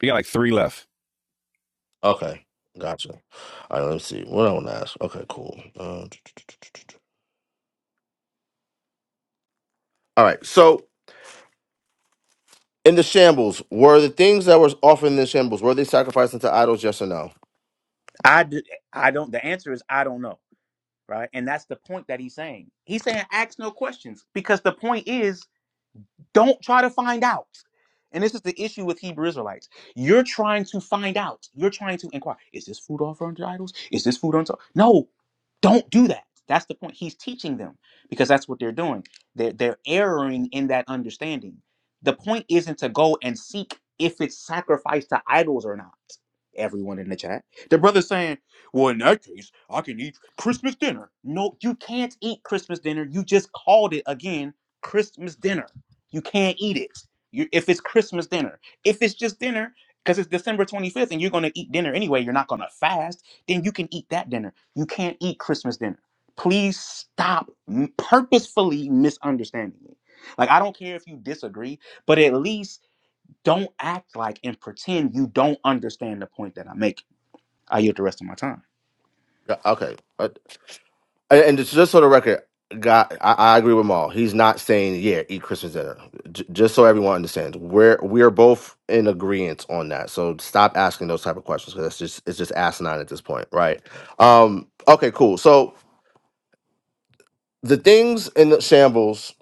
You got like three left.
Okay, gotcha. All right, let me see. What I want to ask? Okay, cool. Uh, all right. So in the shambles, were the things that were offered in the shambles were they sacrificed into idols? Yes or no?
I d- I don't. The answer is I don't know, right? And that's the point that he's saying. He's saying ask no questions because the point is Don't try to find out. And this is the issue with Hebrew Israelites. You're trying to find out. You're trying to inquire. Is this food offered unto idols? Is this food unto No, don't do that. That's the point. He's teaching them because that's what they're doing. They're they're erring in that understanding. The point isn't to go and seek if it's sacrificed to idols or not. Everyone in the chat. The brother's saying, Well, in that case, I can eat Christmas dinner. No, you can't eat Christmas dinner. You just called it again Christmas dinner you can't eat it. You, if it's Christmas dinner, if it's just dinner, because it's December 25th and you're going to eat dinner anyway, you're not going to fast, then you can eat that dinner. You can't eat Christmas dinner. Please stop m- purposefully misunderstanding me. Like, I don't care if you disagree, but at least don't act like and pretend you don't understand the point that I'm making. I yield the rest of my time.
Yeah, Okay. Uh, And and just just for the record, God, I, I agree with Maul. He's not saying, yeah, eat Christmas dinner. J- just so everyone understands, we're we are both in agreement on that. So stop asking those type of questions because it's just it's just asinine at this point, right? Um, okay, cool. So the things in the shambles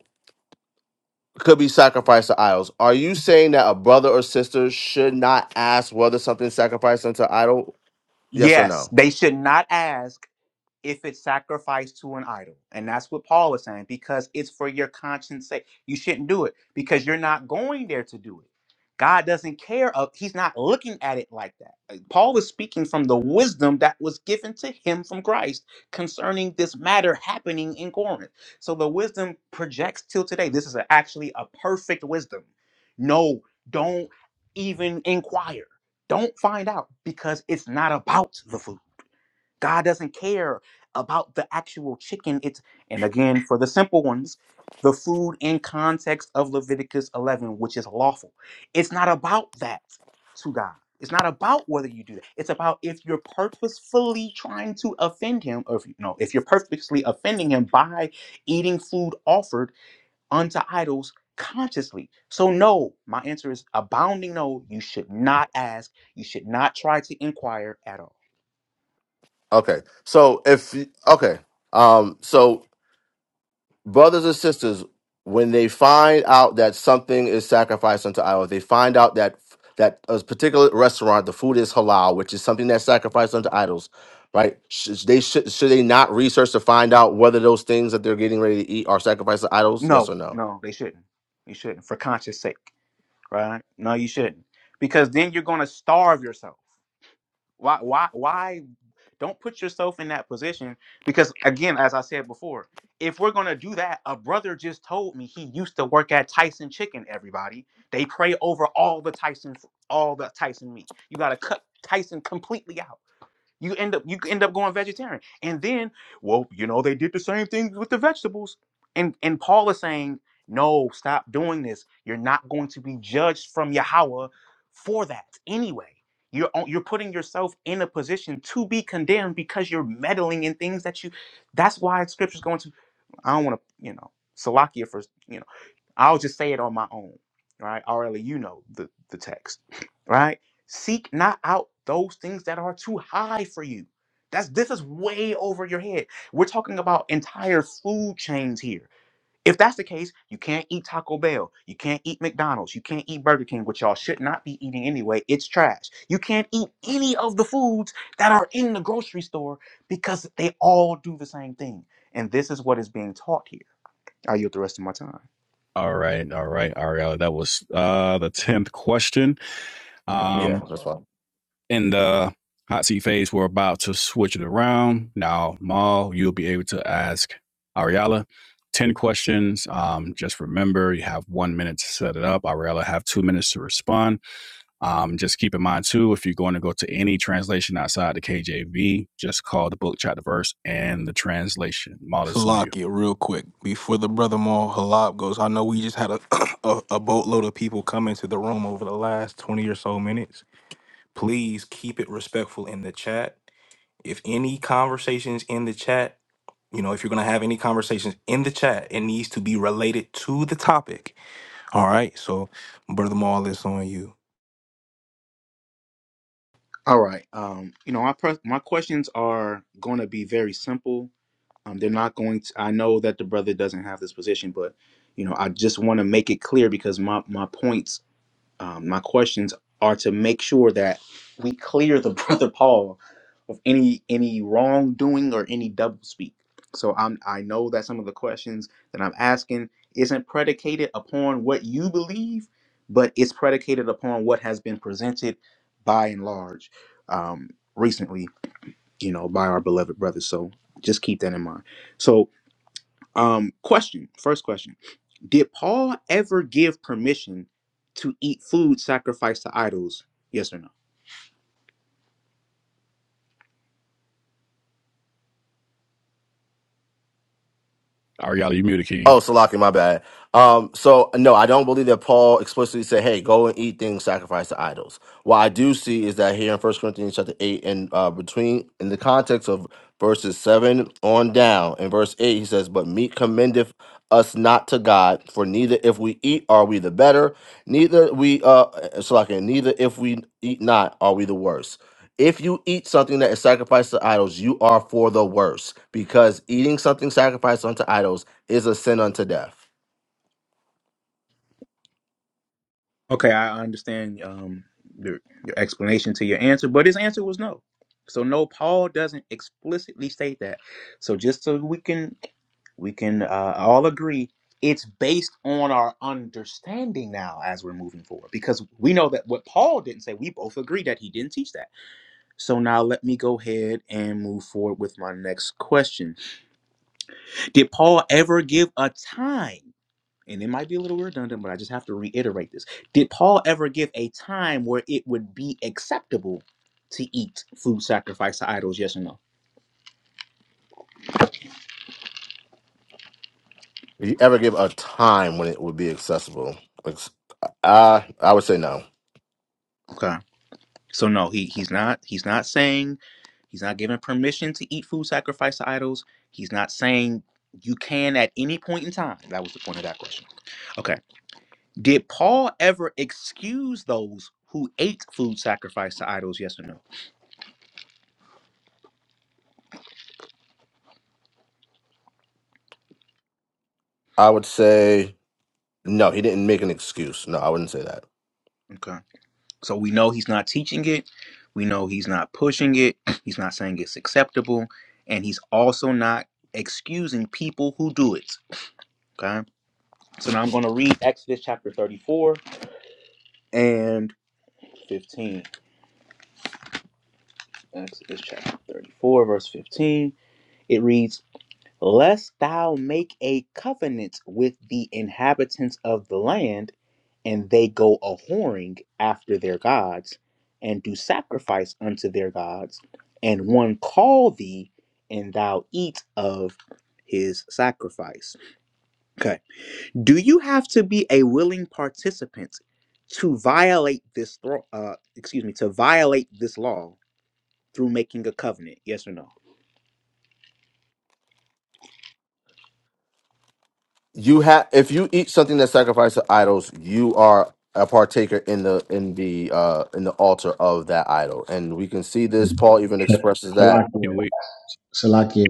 could be sacrificed to idols. Are you saying that a brother or sister should not ask whether something's sacrificed unto idol? Yes or
Yes,
no?
they should not ask if it's sacrificed to an idol. And that's what Paul was saying, because it's for your conscience sake. You shouldn't do it because you're not going there to do it. God doesn't care of he's not looking at it like that. Uh, Paul was speaking from the wisdom that was given to him from Christ concerning this matter happening in Corinth. So the wisdom projects till today. This is a- actually a perfect wisdom. No, don't even inquire. Don't find out because it's not about the food. God doesn't care about the actual chicken. It's and again for the simple ones, the food in context of Leviticus 11, which is lawful. It's not about that to God. It's not about whether you do that. It's about if you're purposefully trying to offend Him, or if you know if you're purposely offending Him by eating food offered unto idols consciously. So no, my answer is abounding no. You should not ask. You should not try to inquire at all.
Okay. So if okay, um, so brothers and sisters, when they find out that something is sacrificed unto idols, they find out that that a particular restaurant, the food is halal, which is something that's sacrificed unto idols, right? Should they should should they not research to find out whether those things that they're getting ready to eat are sacrificed to idols? Yes
No,
or no?
no, they shouldn't. They shouldn't for conscience sake, right? No, you shouldn't. Because then you're going to starve yourself. Why why why don't put yourself in that position because again, as I said before, if we're going to do that, a brother just told me he used to work at Tyson Chicken, everybody. They pray over all the Tyson f- all the Tyson meat. You got to cut Tyson completely out. You end up you end up going vegetarian. And then, well, you know, they did the same thing with the vegetables. And and Paul is saying, no, stop doing this. You're not going to be judged from Yahweh for that anyway. You're on- you're putting yourself in a position to be condemned because you're meddling in things that you that's why scripture's going to I don't want to, you know, Salakia for you know. I'll just say it on my own, right? Already, you know the, the text, right? Seek not out those things that are too high for you. That's this is way over your head. We're talking about entire food chains here. If that's the case, you can't eat Taco Bell, you can't eat McDonald's, you can't eat Burger King, which y'all should not be eating anyway. It's trash. You can't eat any of the foods that are in the grocery store because they all do the same thing. And this is what is being taught here. I yield the rest of my time.
All right, all right, Ariella. That was uh the tenth question.
Yeah,
Um,
that's fine.
in the hot seat phase, we're about to switch it around. Now, Maul, you'll be able to ask Ariella 10 questions. Um, just remember, you have one minute to set it up. Ariella have two minutes to respond. Um, just keep in mind, too, if you're going to go to any translation outside the KJV, just call the book, chapter, verse, and the translation. Maul is on you.
Salakia, real quick, before the brother Maul Halab goes, I know we just had a, a a boatload of people come into the room over the last twenty or so minutes. Please keep it respectful in the chat. If any conversations in the chat, you know, if you're gonna have any conversations in the chat, it needs to be related to the topic. All right, so brother Maul, it's on you.
All right. Um, you know, my pres- my questions are going to be very simple. Um, they're not going to. I know that the brother doesn't have this position, but you know, I just want to make it clear because my my points um, my questions are to make sure that we clear the brother Paul of any any wrongdoing or any doublespeak. So I'm I know that some of the questions that I'm asking isn't predicated upon what you believe, but it's predicated upon what has been presented by and large um, recently, you know, by our beloved brothers. So just keep that in mind. So um, question, first question. Did Paul ever give permission to eat food sacrificed to idols? Yes or no?
Ariella, you muted, King.
Oh, Salaki, my bad. Um, so no, I don't believe that Paul explicitly said, "Hey, go and eat things sacrificed to idols." What I do see is that here in First Corinthians chapter eight, and uh, between in the context of verses seven on down, in verse eight, he says, "But meat commendeth us not to God, for neither if we eat are we the better, neither we uh, uh, Salaki, neither if we eat not are we the worse." If you eat something that is sacrificed to idols, you are for the worse because eating something sacrificed unto idols is a sin unto death.
Okay, I understand um, your, your explanation to your answer, but his answer was no. So no, Paul doesn't explicitly state that. So just so we can we can uh, all agree, it's based on our understanding now as we're moving forward, because we know that what Paul didn't say, we both agree that he didn't teach that. So now let me go ahead and move forward with my next question. Did Paul ever give a time? And it might be a little redundant, but I just have to reiterate this. Did Paul ever give a time where it would be acceptable to eat food sacrificed to idols? Yes or no?
If you ever give a time when it would be accessible, ex- I I would say no.
Okay. So no, he he's not he's not saying he's not giving permission to eat food sacrificed to idols. He's not saying you can at any point in time. That was the point of that question. Okay. Did Paul ever excuse those who ate food sacrificed to idols? Yes or no?
I would say no. He didn't make an excuse. No, I wouldn't say that.
Okay. So we know he's not teaching it. We know he's not pushing it. He's not saying it's acceptable. And he's also not excusing people who do it. Okay. So now I'm going to read Exodus chapter 34 and 15. Exodus chapter 34, verse 15. It reads, lest thou make a covenant with the inhabitants of the land, and they go a whoring after their gods, and do sacrifice unto their gods, and one call thee, and thou eat of his sacrifice. Okay. Do you have to be a willing participant to violate this thro- uh excuse me, to violate this law through making a covenant? Yes or no?
you have if you eat something that sacrifices to idols you are a partaker in the in the uh in the altar of that idol and we can see this paul even expresses that
Salakia.
Can we wait?
Salakia.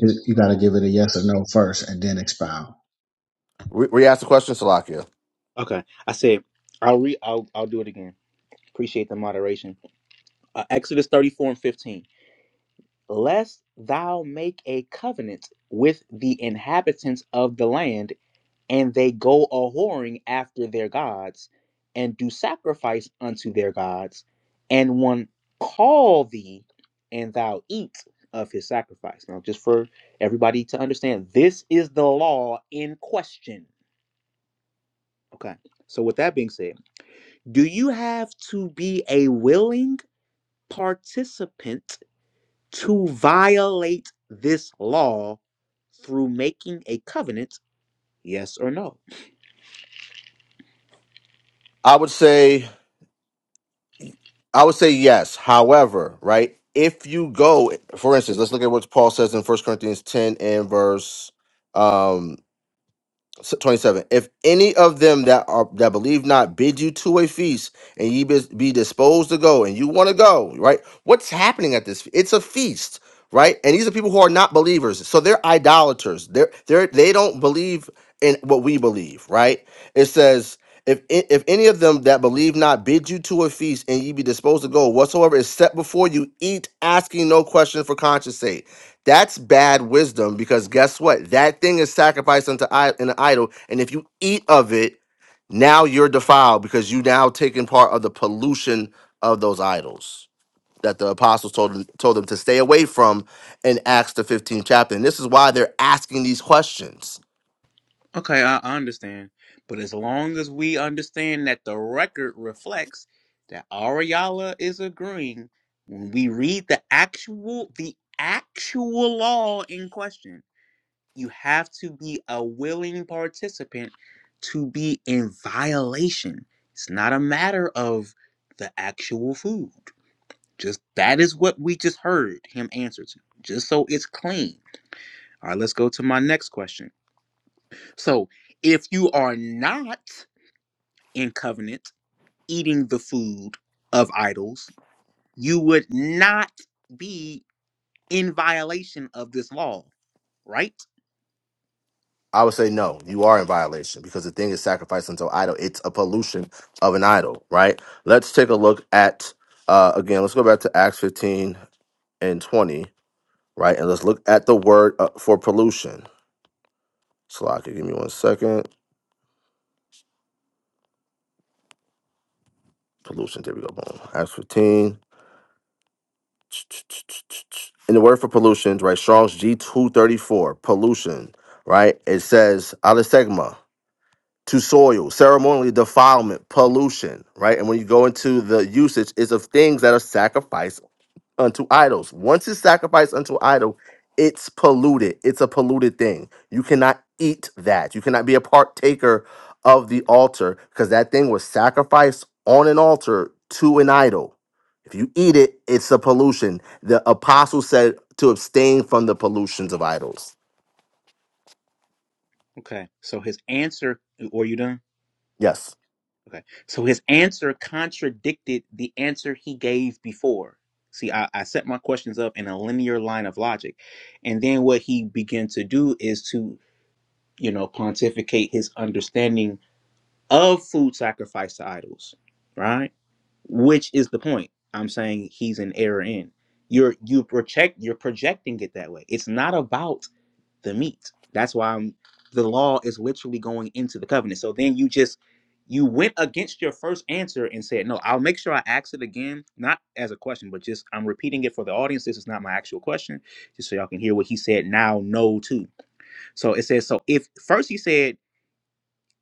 You you gotta give it a yes or no first, and then expound.
re re- ask the question salakia
Okay. I said I'll re I'll I'll do it again. Appreciate the moderation. Uh, Exodus 34 and 15. Lest thou make a covenant with the inhabitants of the land, and they go a whoring after their gods, and do sacrifice unto their gods, and one call thee, and thou eat of his sacrifice. Now, just for everybody to understand, this is the law in question. Okay. So, with that being said, do you have to be a willing participant? to violate this law through making a covenant, yes or no?
i would say i would say yes however right if you go for instance let's look at what paul says in First corinthians 10 and verse um, S- 27 if any of them that are that believe not bid you to a feast and ye bis- be disposed to go and you want to go right what's happening at this fe- it's a feast right and these are people who are not believers so they're idolaters they're they're they don't believe in what we believe right it says if a- if any of them that believe not bid you to a feast and ye be disposed to go whatsoever is set before you eat asking no question for conscience sake that's bad wisdom because guess what? That thing is sacrificed unto I- an idol, and if you eat of it, now you're defiled because you now taking part of the pollution of those idols that the apostles told told them to stay away from in Acts the 15th chapter. And this is why they're asking these questions.
Okay, I, I understand. But as long as we understand that the record reflects that Ariala is agreeing, when we read the actual the actual law in question, you have to be a willing participant to be in violation. It's not a matter of the actual food. Just that is what we just heard him answer to. Just so it's clean. All right, let's go to my next question. So, if you are not in covenant eating the food of idols, you would not be in violation of this law, right?
I would say no, you are in violation because the thing is sacrificed unto idol. It's a pollution of an idol, right? Let's take a look at uh again, let's go back to Acts 15 and 20 right? And let's look at the word uh, for pollution. So I could give me one second. Pollution. There we go. Boom. Acts 15. In the word for pollution, right? Strong's G234, pollution, right? It says alistegma, to soil, ceremonially defilement, pollution, right? And when you go into the usage, it's of things that are sacrificed unto idols. Once it's sacrificed unto idol, it's polluted. It's a polluted thing. You cannot eat that. You cannot be a partaker of the altar because that thing was sacrificed on an altar to an idol. If you eat it, it's a pollution. The apostle said to abstain from the pollutions of idols.
Okay. So his answer, or you done?
Yes.
Okay. So his answer contradicted the answer he gave before. See, I, I set my questions up in a linear line of logic. And then what he began to do is to, you know, pontificate his understanding of food sacrifice to idols, right? Which is the point I'm saying he's in error in. You're you project you're projecting it that way. It's not about the meat. That's why I'm, the law is literally going into the covenant. So then you just you went against your first answer and said, "No, I'll make sure I ask it again, not as a question, but just I'm repeating it for the audience. This is not my actual question, just so y'all can hear what he said. Now, no, too. So it says, so if first he said."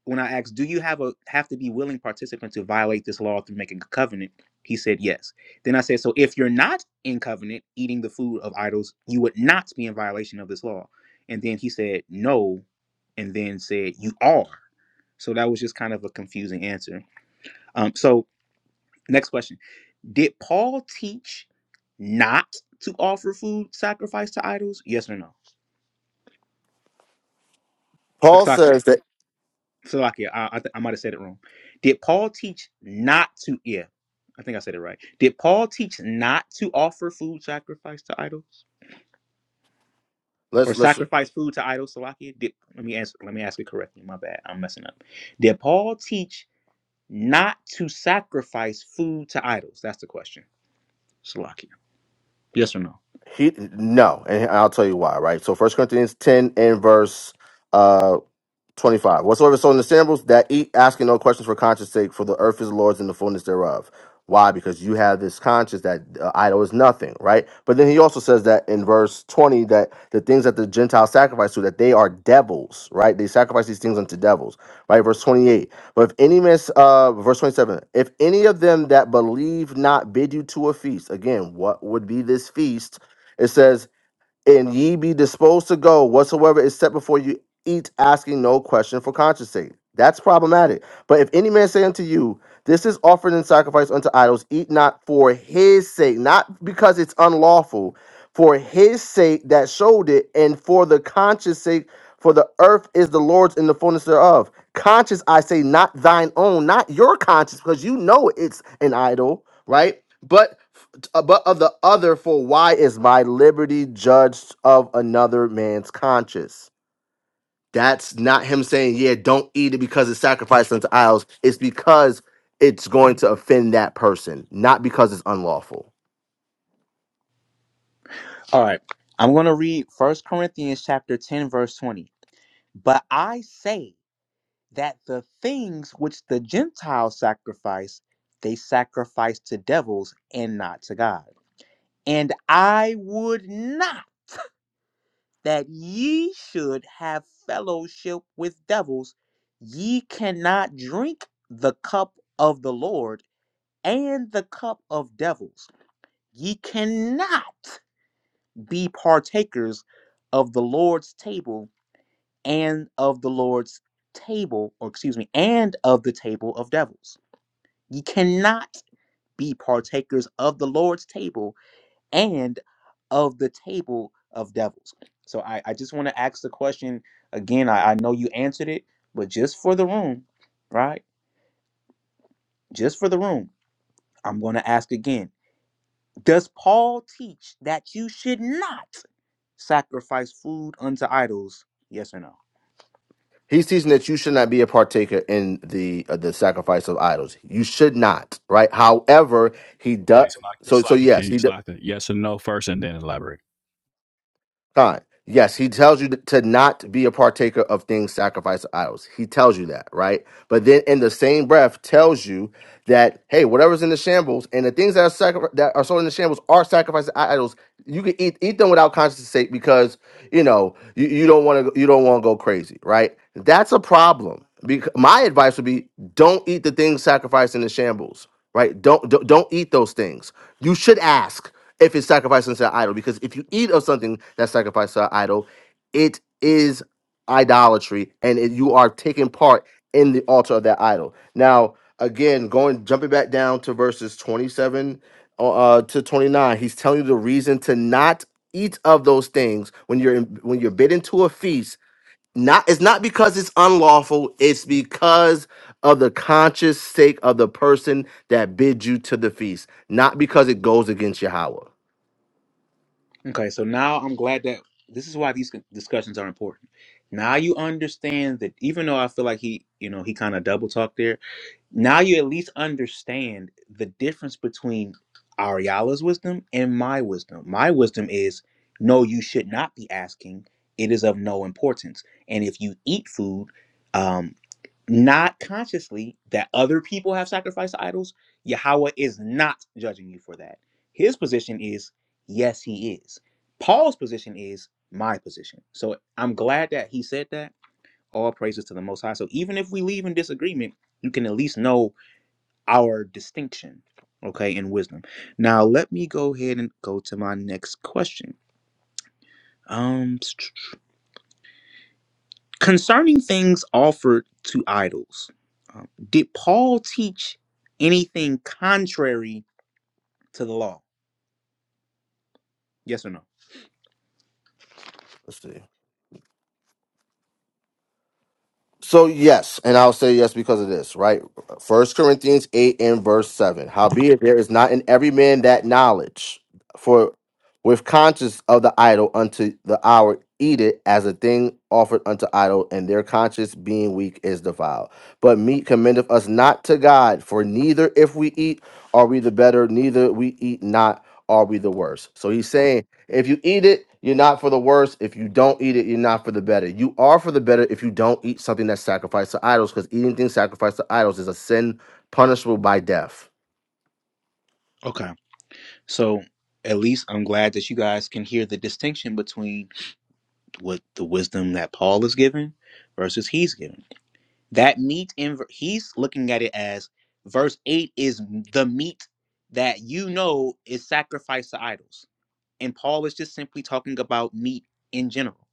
when I asked, "Do you have a have to be willing participant to violate this law through making a covenant?" He said, "Yes." Then I said, "So if you're not in covenant, eating the food of idols, you would not be in violation of this law." And then he said, "No," and then said, "You are." So that was just kind of a confusing answer. Um, so next question: Did Paul teach not to offer food sacrificed to idols? Yes or no?
Paul
Exactly.
says that
Salakia, I, I, th- I might have said it wrong. Did Paul teach not to? Yeah, I think I said it right. Did Paul teach not to offer food sacrifice to idols or
let's let's
sacrifice food to idols? Salakia, did, let me answer. Let me ask it correctly. My bad. I'm messing up. Did Paul teach not to sacrifice food to idols? That's the question. Salakia, yes or no?
he no, and I'll tell you why, right? So first Corinthians 10 and verse uh, 25. Whatsoever is sown in the samples, that eat, asking no questions for conscience sake, for the earth is the Lord's and the fullness thereof. Why? Because you have this conscience that uh, idol is nothing, right? But then he also says that in verse 20 that the things that the Gentiles sacrifice to, that they are devils, right? They sacrifice these things unto devils, right? Verse 28. But if any miss, uh, verse 27, if any of them that believe not bid you to a feast, again, what would be this feast? It says, and ye be disposed to go whatsoever is set before you, eat asking no question for conscience sake. That's problematic. But if any man say unto you, This is offered in sacrifice unto idols, eat not for his sake, not because it's unlawful, for his sake that showed it, and for the conscience sake, for the earth is the Lord's and the fullness thereof. Conscience, I say, not thine own, not your conscience, because you know it's an idol, right? But uh, but of the other, for why is my liberty judged of another man's conscience? That's not him saying, yeah, don't eat it because it's sacrificed unto idols. It's because it's going to offend that person, not because it's unlawful.
All right. I'm gonna read First Corinthians chapter 10, verse 20. But I say. that the things which the Gentiles sacrifice, they sacrifice to devils and not to God. And I would not that ye should have fellowship with devils. Ye cannot drink the cup of the Lord and the cup of devils. Ye cannot be partakers of the Lord's table and of the Lord's table, or excuse me, and of the table of devils. Ye cannot be partakers of the Lord's table and of the table of devils. So I, I just want to ask the question again. I, I know you answered it, but just for the room, right? Just for the room, I'm going to ask again. Does Paul teach that you should not sacrifice food unto idols? Yes or no?
He's teaching that you should not be a partaker in the uh, the sacrifice of idols. You should not, right? However, he does. So, so
Slaka,
yes,
King,
he does.
Slaka. Yes or no first, and then elaborate.
Time. Yes, he tells you to not be a partaker of things sacrificed to idols. He tells you that, right? But then in the same breath tells you that, hey, whatever's in the shambles and the things that are sacri- that are sold in the shambles are sacrificed to idols. You can eat eat them without conscience sake because you know you, you don't want to you don't want to go crazy, right? That's a problem. Because my advice would be don't eat the things sacrificed in the shambles, right? Don't don't, don't eat those things. You should ask if it's sacrificed unto an idol. Because if you eat of something that's sacrificed to an idol, it is idolatry, and it, you are taking part in the altar of that idol. Now, again, going jumping back down to verses twenty-seven uh, uh, to twenty-nine, he's telling you the reason to not eat of those things when you're in, when you're bidden to a feast. Not it's not because it's unlawful. It's because of the conscious sake of the person that bid you to the feast, not because it goes against Yahweh.
Okay, so now I'm glad that this is why these con- discussions are important. Now you understand that even though I feel like he, you know, he kind of double talked there, now you at least understand the difference between Ariala's wisdom and my wisdom. My wisdom is no, you should not be asking. It is of no importance. And if you eat food, um, not consciously, that other people have sacrificed to idols, Yahweh is not judging you for that. His position is, yes, he is. Paul's position is my position. So I'm glad that he said that. All praises to the Most High. So even if we leave in disagreement, you can at least know our distinction, okay, in wisdom. Now, let me go ahead and go to my next question. Um, concerning things offered to idols, um, did Paul teach anything contrary to the law? Yes or no?
Let's see. So yes, and I'll say yes because of this, right? First Corinthians eight and verse seven. Howbeit there is not in every man that knowledge, for with conscience of the idol unto the hour eat it as a thing offered unto idol, and their conscience being weak is defiled. But meat commendeth us not to God, for neither if we eat are we the better, neither we eat not are we the worse. So he's saying If you eat it, you're not for the worse. If you don't eat it, you're not for the better. You are for the better if you don't eat something that's sacrificed to idols, because eating things sacrificed to idols is a sin punishable by death.
Okay, so at least I'm glad that you guys can hear the distinction between what the wisdom that Paul is giving versus he's giving. That meat in ver- he's looking at it as verse 8 is the meat that you know is sacrificed to idols. And Paul is just simply talking about meat in general.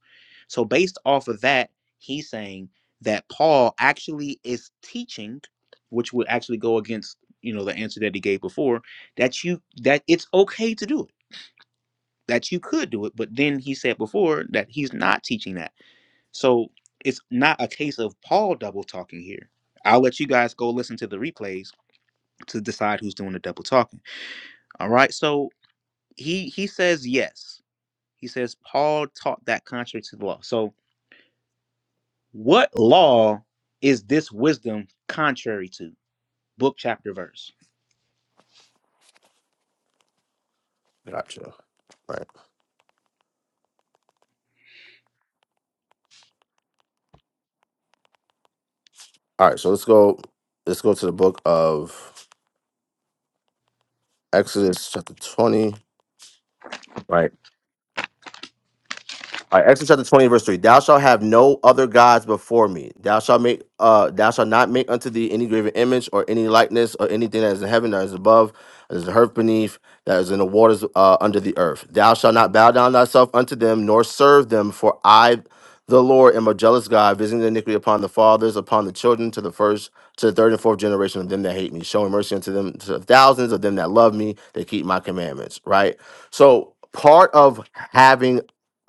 So based off of that, he's saying that Paul actually is teaching, which would actually go against, you know, the answer that he gave before, that you that it's okay to do it, that you could do it, but then he said before that he's not teaching that so it's not a case of Paul double talking here. I'll let you guys go listen to the replays to decide who's doing the double talking. All right. So he he says yes. He says Paul taught that contrary to the law. So what law is this wisdom contrary to? Book chapter verse.
Gotcha. Right. All right. So let's go. Let's go to the book of Exodus, chapter twenty. Right. All right, Exodus chapter 20, verse 3. Thou shalt have no other gods before me. Thou shalt make uh thou shalt not make unto thee any graven image or any likeness or anything that is in heaven, that is above, that is in earth beneath, that is in the waters uh under the earth. Thou shalt not bow down thyself unto them, nor serve them, for I the Lord am a jealous God, visiting the iniquity upon the fathers, upon the children, to the first, to the third and fourth generation of them that hate me, showing mercy unto them to the thousands of them that love me, that keep my commandments. Right? So part of having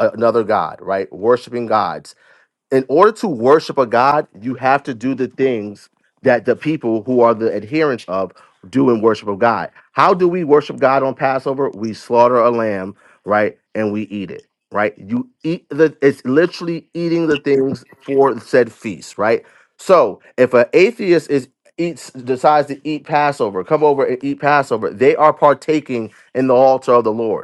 another god, right? Worshiping gods. In order to worship a god, you have to do the things that the people who are the adherents of do in worship of God. How do we worship God on Passover? We slaughter a lamb, right? And we eat it, right? You eat the it's literally eating the things for the said feast, right? So if an atheist is eats decides to eat Passover, come over and eat Passover, they are partaking in the altar of the Lord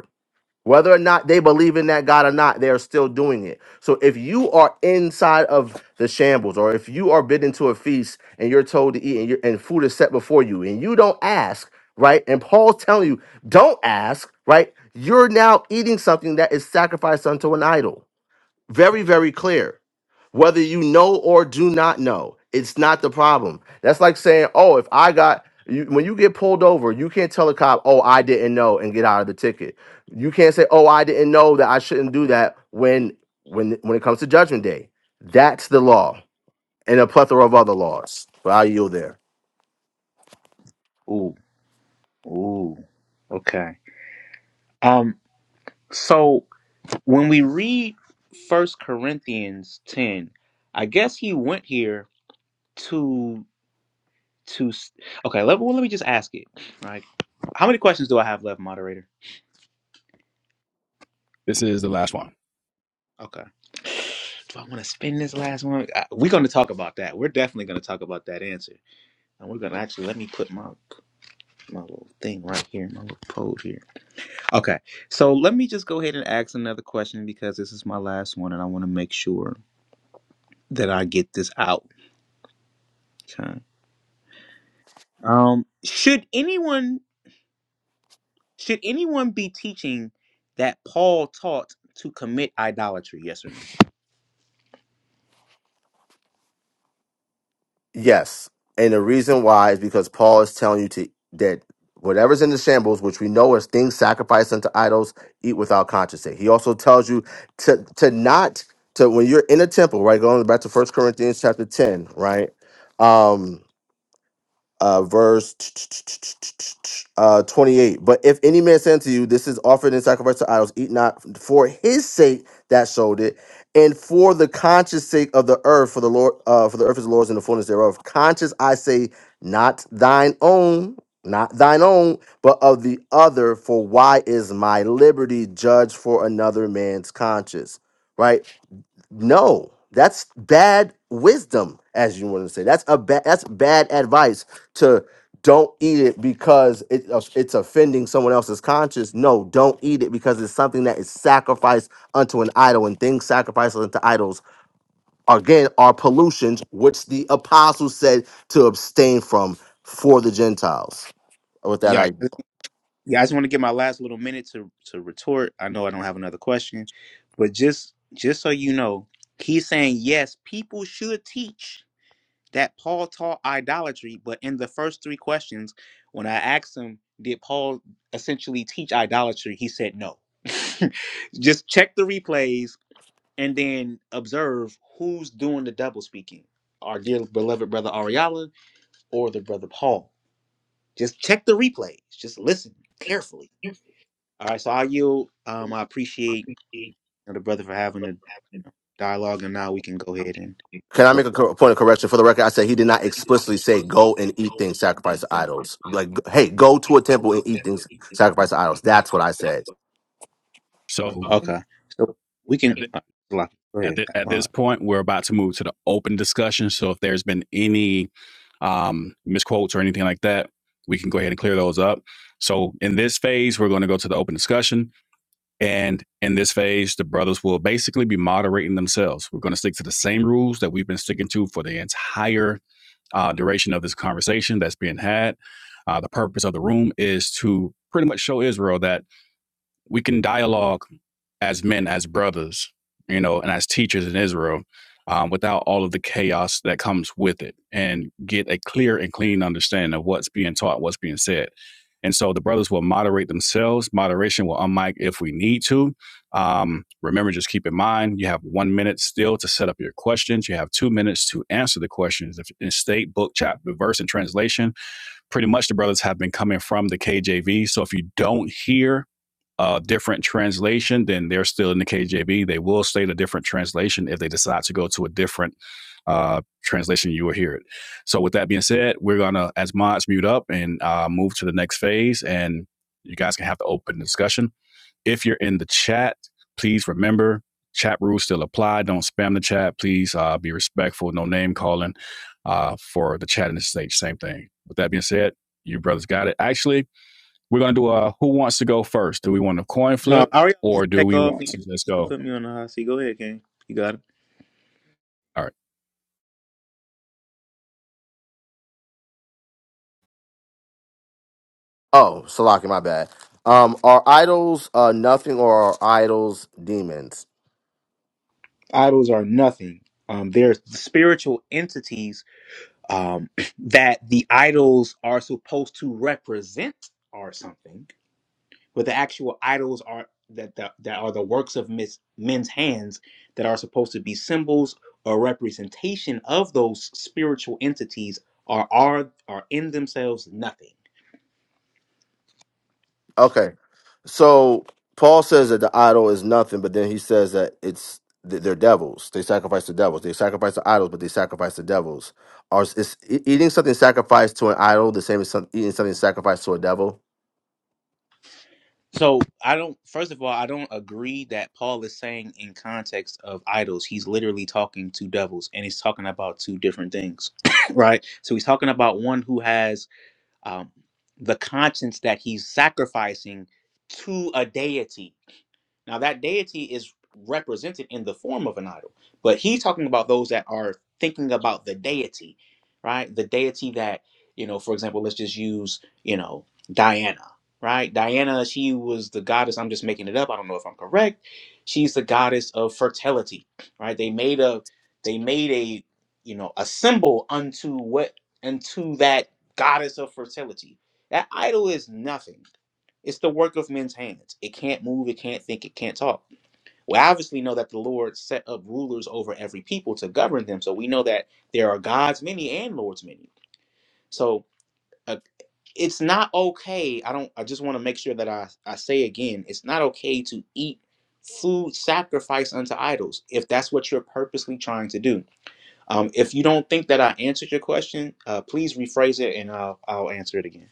whether or not they believe in that God or not, they are still doing it. So if you are inside of the shambles, or if you are bidden to a feast and you're told to eat and, you're, and food is set before you, and you don't ask, right? And Paul's telling you, don't ask, right? You're now eating something that is sacrificed unto an idol very, very clear. Whether you know or do not know, it's not the problem. That's like saying, oh, if I got, you, when you get pulled over, you can't tell a cop, oh, I didn't know and get out of the ticket. You can't say, oh, I didn't know that I shouldn't do that when, when, when it comes to judgment day. That's the law and a plethora of other laws. But I yield there.
Ooh. Ooh. Okay. Um so when we read First Corinthians 10, I guess he went here to Two. s- Okay. Let, well, let me just ask it. Right. How many questions do I have left, moderator?
This is the last one.
Okay. Do I want to spend this last one? I- We're going to talk about that. We're definitely going to talk about that answer. And we're going to actually let me put my my little thing right here, my little pole here. Okay. So let me just go ahead and ask another question because this is my last one, and I want to make sure that I get this out. Okay. Um. Should anyone should anyone be teaching that Paul taught to commit idolatry? Yes or no?
Yes. And the reason why is because Paul is telling you to that whatever's in the shambles, which we know is things sacrificed unto idols, eat without conscience. He also tells you to to not to when you're in a temple, right? Going back to First Corinthians chapter 10, right? Um, uh, verse uh, 28. But if any man say unto you, This is offered in sacrifice to idols, eat not for his sake that showed it, and for the conscious sake of the earth, for the Lord, uh, for the earth is the Lord's and the fullness thereof. Conscious, I say, not thine own, not thine own, but of the other. For why is my liberty judged for another man's conscience? Right? No, that's bad wisdom, as you want to say. That's a bad that's bad advice to don't eat it because it, uh, it's offending someone else's conscience. No, don't eat it because it's something that is sacrificed unto an idol, and things sacrificed unto idols again are pollutions, which the apostles said to abstain from for the Gentiles. With that,
Yeah,
I
I- yeah. I just want to get my last little minute to to retort. I know I don't have another question, but just just so you know, he's saying yes, people should teach that Paul taught idolatry, but in the first three questions, when I asked him, did Paul essentially teach idolatry? He said no. just check the replays and then observe who's doing the double speaking. Our dear beloved brother Ariala or the brother Paul. Just check the replays. Just listen carefully all right, so I yield. Um, I appreciate you know, the brother for having the you know, dialogue, and now we can go ahead and
Can I
go.
make a cor- point of correction? For the record, I said he did not explicitly say go and eat things sacrificed to idols. Like, hey, go to a temple and eat things sacrificed to idols. That's what I said.
So,
Okay, so we can
and
uh, lock. it. Go
at,
ahead.
thi- at
Uh,
this point, we're about to move to the open discussion. So if there's been any um, misquotes or anything like that, we can go ahead and clear those up. So in this phase, we're going to go to the open discussion. And in this phase, the brothers will basically be moderating themselves. We're going to stick to the same rules that we've been sticking to for the entire uh, duration of this conversation that's being had. Uh, the purpose of the room is to pretty much show Israel that we can dialogue as men, as brothers, you know, and as teachers in Israel um, without all of the chaos that comes with it and get a clear and clean understanding of what's being taught, what's being said. And so the brothers will moderate themselves. Moderation will unmic if we need to. Um, remember, just keep in mind you have one minute still to set up your questions. You have two minutes to answer the questions. If in state, book, chapter, verse, and translation, pretty much the brothers have been coming from the KJV. So if you don't hear a different translation, then they're still in the KJV. They will state a different translation if they decide to go to a different uh, translation. You will hear it. So, with that being said, we're gonna, as mods, mute up and uh, move to the next phase, and you guys can have the open discussion. If you're in the chat, please remember chat rules still apply. Don't spam the chat. Please uh, be respectful. No name calling uh, for the chat and the stage. Same thing. With that being said, you brothers got it. Actually, we're gonna do a who wants to go first? Do we want a coin
no,
flip
Ariel can
or do
take
we
off.
want
You
to
can,
just
you can
go?
put me on the hot seat. Go ahead, King. You got it.
All right.
Oh, Salaki, my bad. Um, are idols uh, nothing or are idols demons?
Idols are nothing. Um, they're spiritual entities um, that the idols are supposed to represent or something but the actual idols are that the, that are the works of mis, men's hands that are supposed to be symbols or representation of those spiritual entities are are are in themselves nothing.
Okay, so Paul says that the idol is nothing, but then he says that it's th- they're devils. They sacrifice the devils. They sacrifice the idols, but they sacrifice the devils. Are is e- eating something sacrificed to an idol the same as some, eating something sacrificed to a devil?
So I don't. First of all, I don't agree that Paul is saying in context of idols. He's literally talking to devils, and he's talking about two different things, right? So he's talking about one who has um, the conscience that he's sacrificing to a deity. Now, that deity is represented in the form of an idol, but he's talking about those that are thinking about the deity, right? The deity that, you know, for example, let's just use, you know, Diana, right? Diana, she was the goddess, I'm just making it up, I don't know if I'm correct. She's the goddess of fertility, right? They made a, they made a, you know, a symbol unto what, unto that goddess of fertility. That idol is nothing. It's the work of men's hands. It can't move, it can't think, it can't talk. We obviously know that the Lord set up rulers over every people to govern them. So we know that there are gods many and lords many. So uh, it's not okay. I don't I just want to make sure that I I say again, it's not okay to eat food sacrificed unto idols if that's what you're purposely trying to do. Um, if you don't think that I answered your question, uh, please rephrase it and I'll I'll answer it again.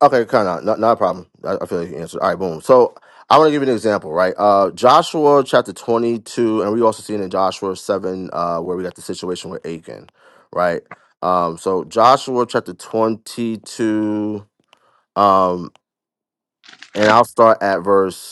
Okay, kind of not, not a problem. I, I feel like you answered. All right, boom. So I want to give you an example, right? Uh, Joshua chapter twenty two, and we also seen in Joshua seven, uh, where we got the situation with Achan, right? Um, so Joshua chapter twenty two, um, and I'll start at verse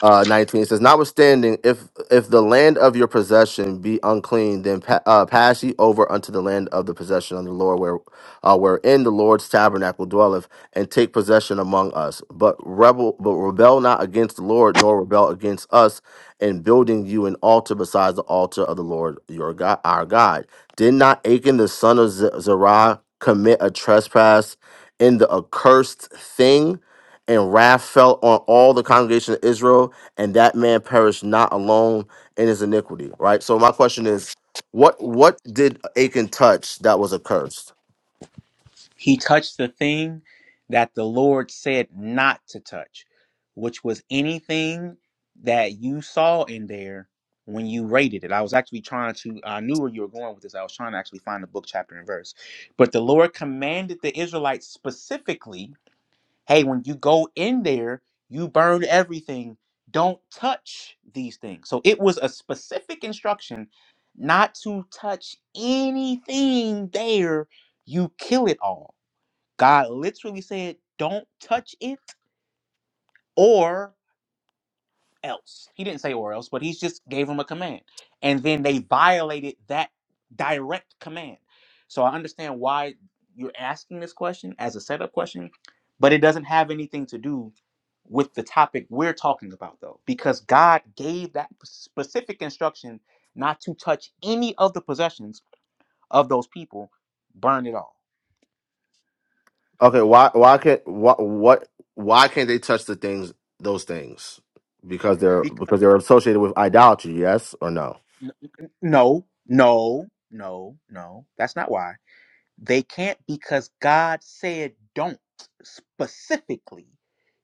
uh, 19 it says notwithstanding if if the land of your possession be unclean then pa- uh, pass ye over unto the land of the possession of the lord where uh, wherein the lord's tabernacle dwelleth and take possession among us but rebel but rebel not against the lord nor rebel against us in building you an altar besides the altar of the lord your god our god did not achan the son of Z- zerah commit a trespass in the accursed thing and wrath fell on all the congregation of Israel and that man perished not alone in his iniquity. Right. So my question is, what what did Achan touch that was accursed?
He touched the thing that the Lord said not to touch, which was anything that you saw in there when you rated it. I was actually trying to, I knew where you were going with this. I was trying to actually find the book, chapter, and verse. But the Lord commanded the Israelites specifically hey, when you go in there, you burn everything. Don't touch these things. So it was a specific instruction not to touch anything there. You kill it all. God literally said, Don't touch it or else. He didn't say or else, but he just gave them a command. And then they violated that direct command. So I understand why you're asking this question as a setup question, but it doesn't have anything to do with the topic we're talking about, though, because God gave that specific instruction not to touch any of the possessions of those people, burn it all
Okay. Why why can't what what why can't they touch the things those things because they're because they're associated with idolatry? Yes or no?
N- n- No, no, no, no. That's not why. They can't because God said don't specifically.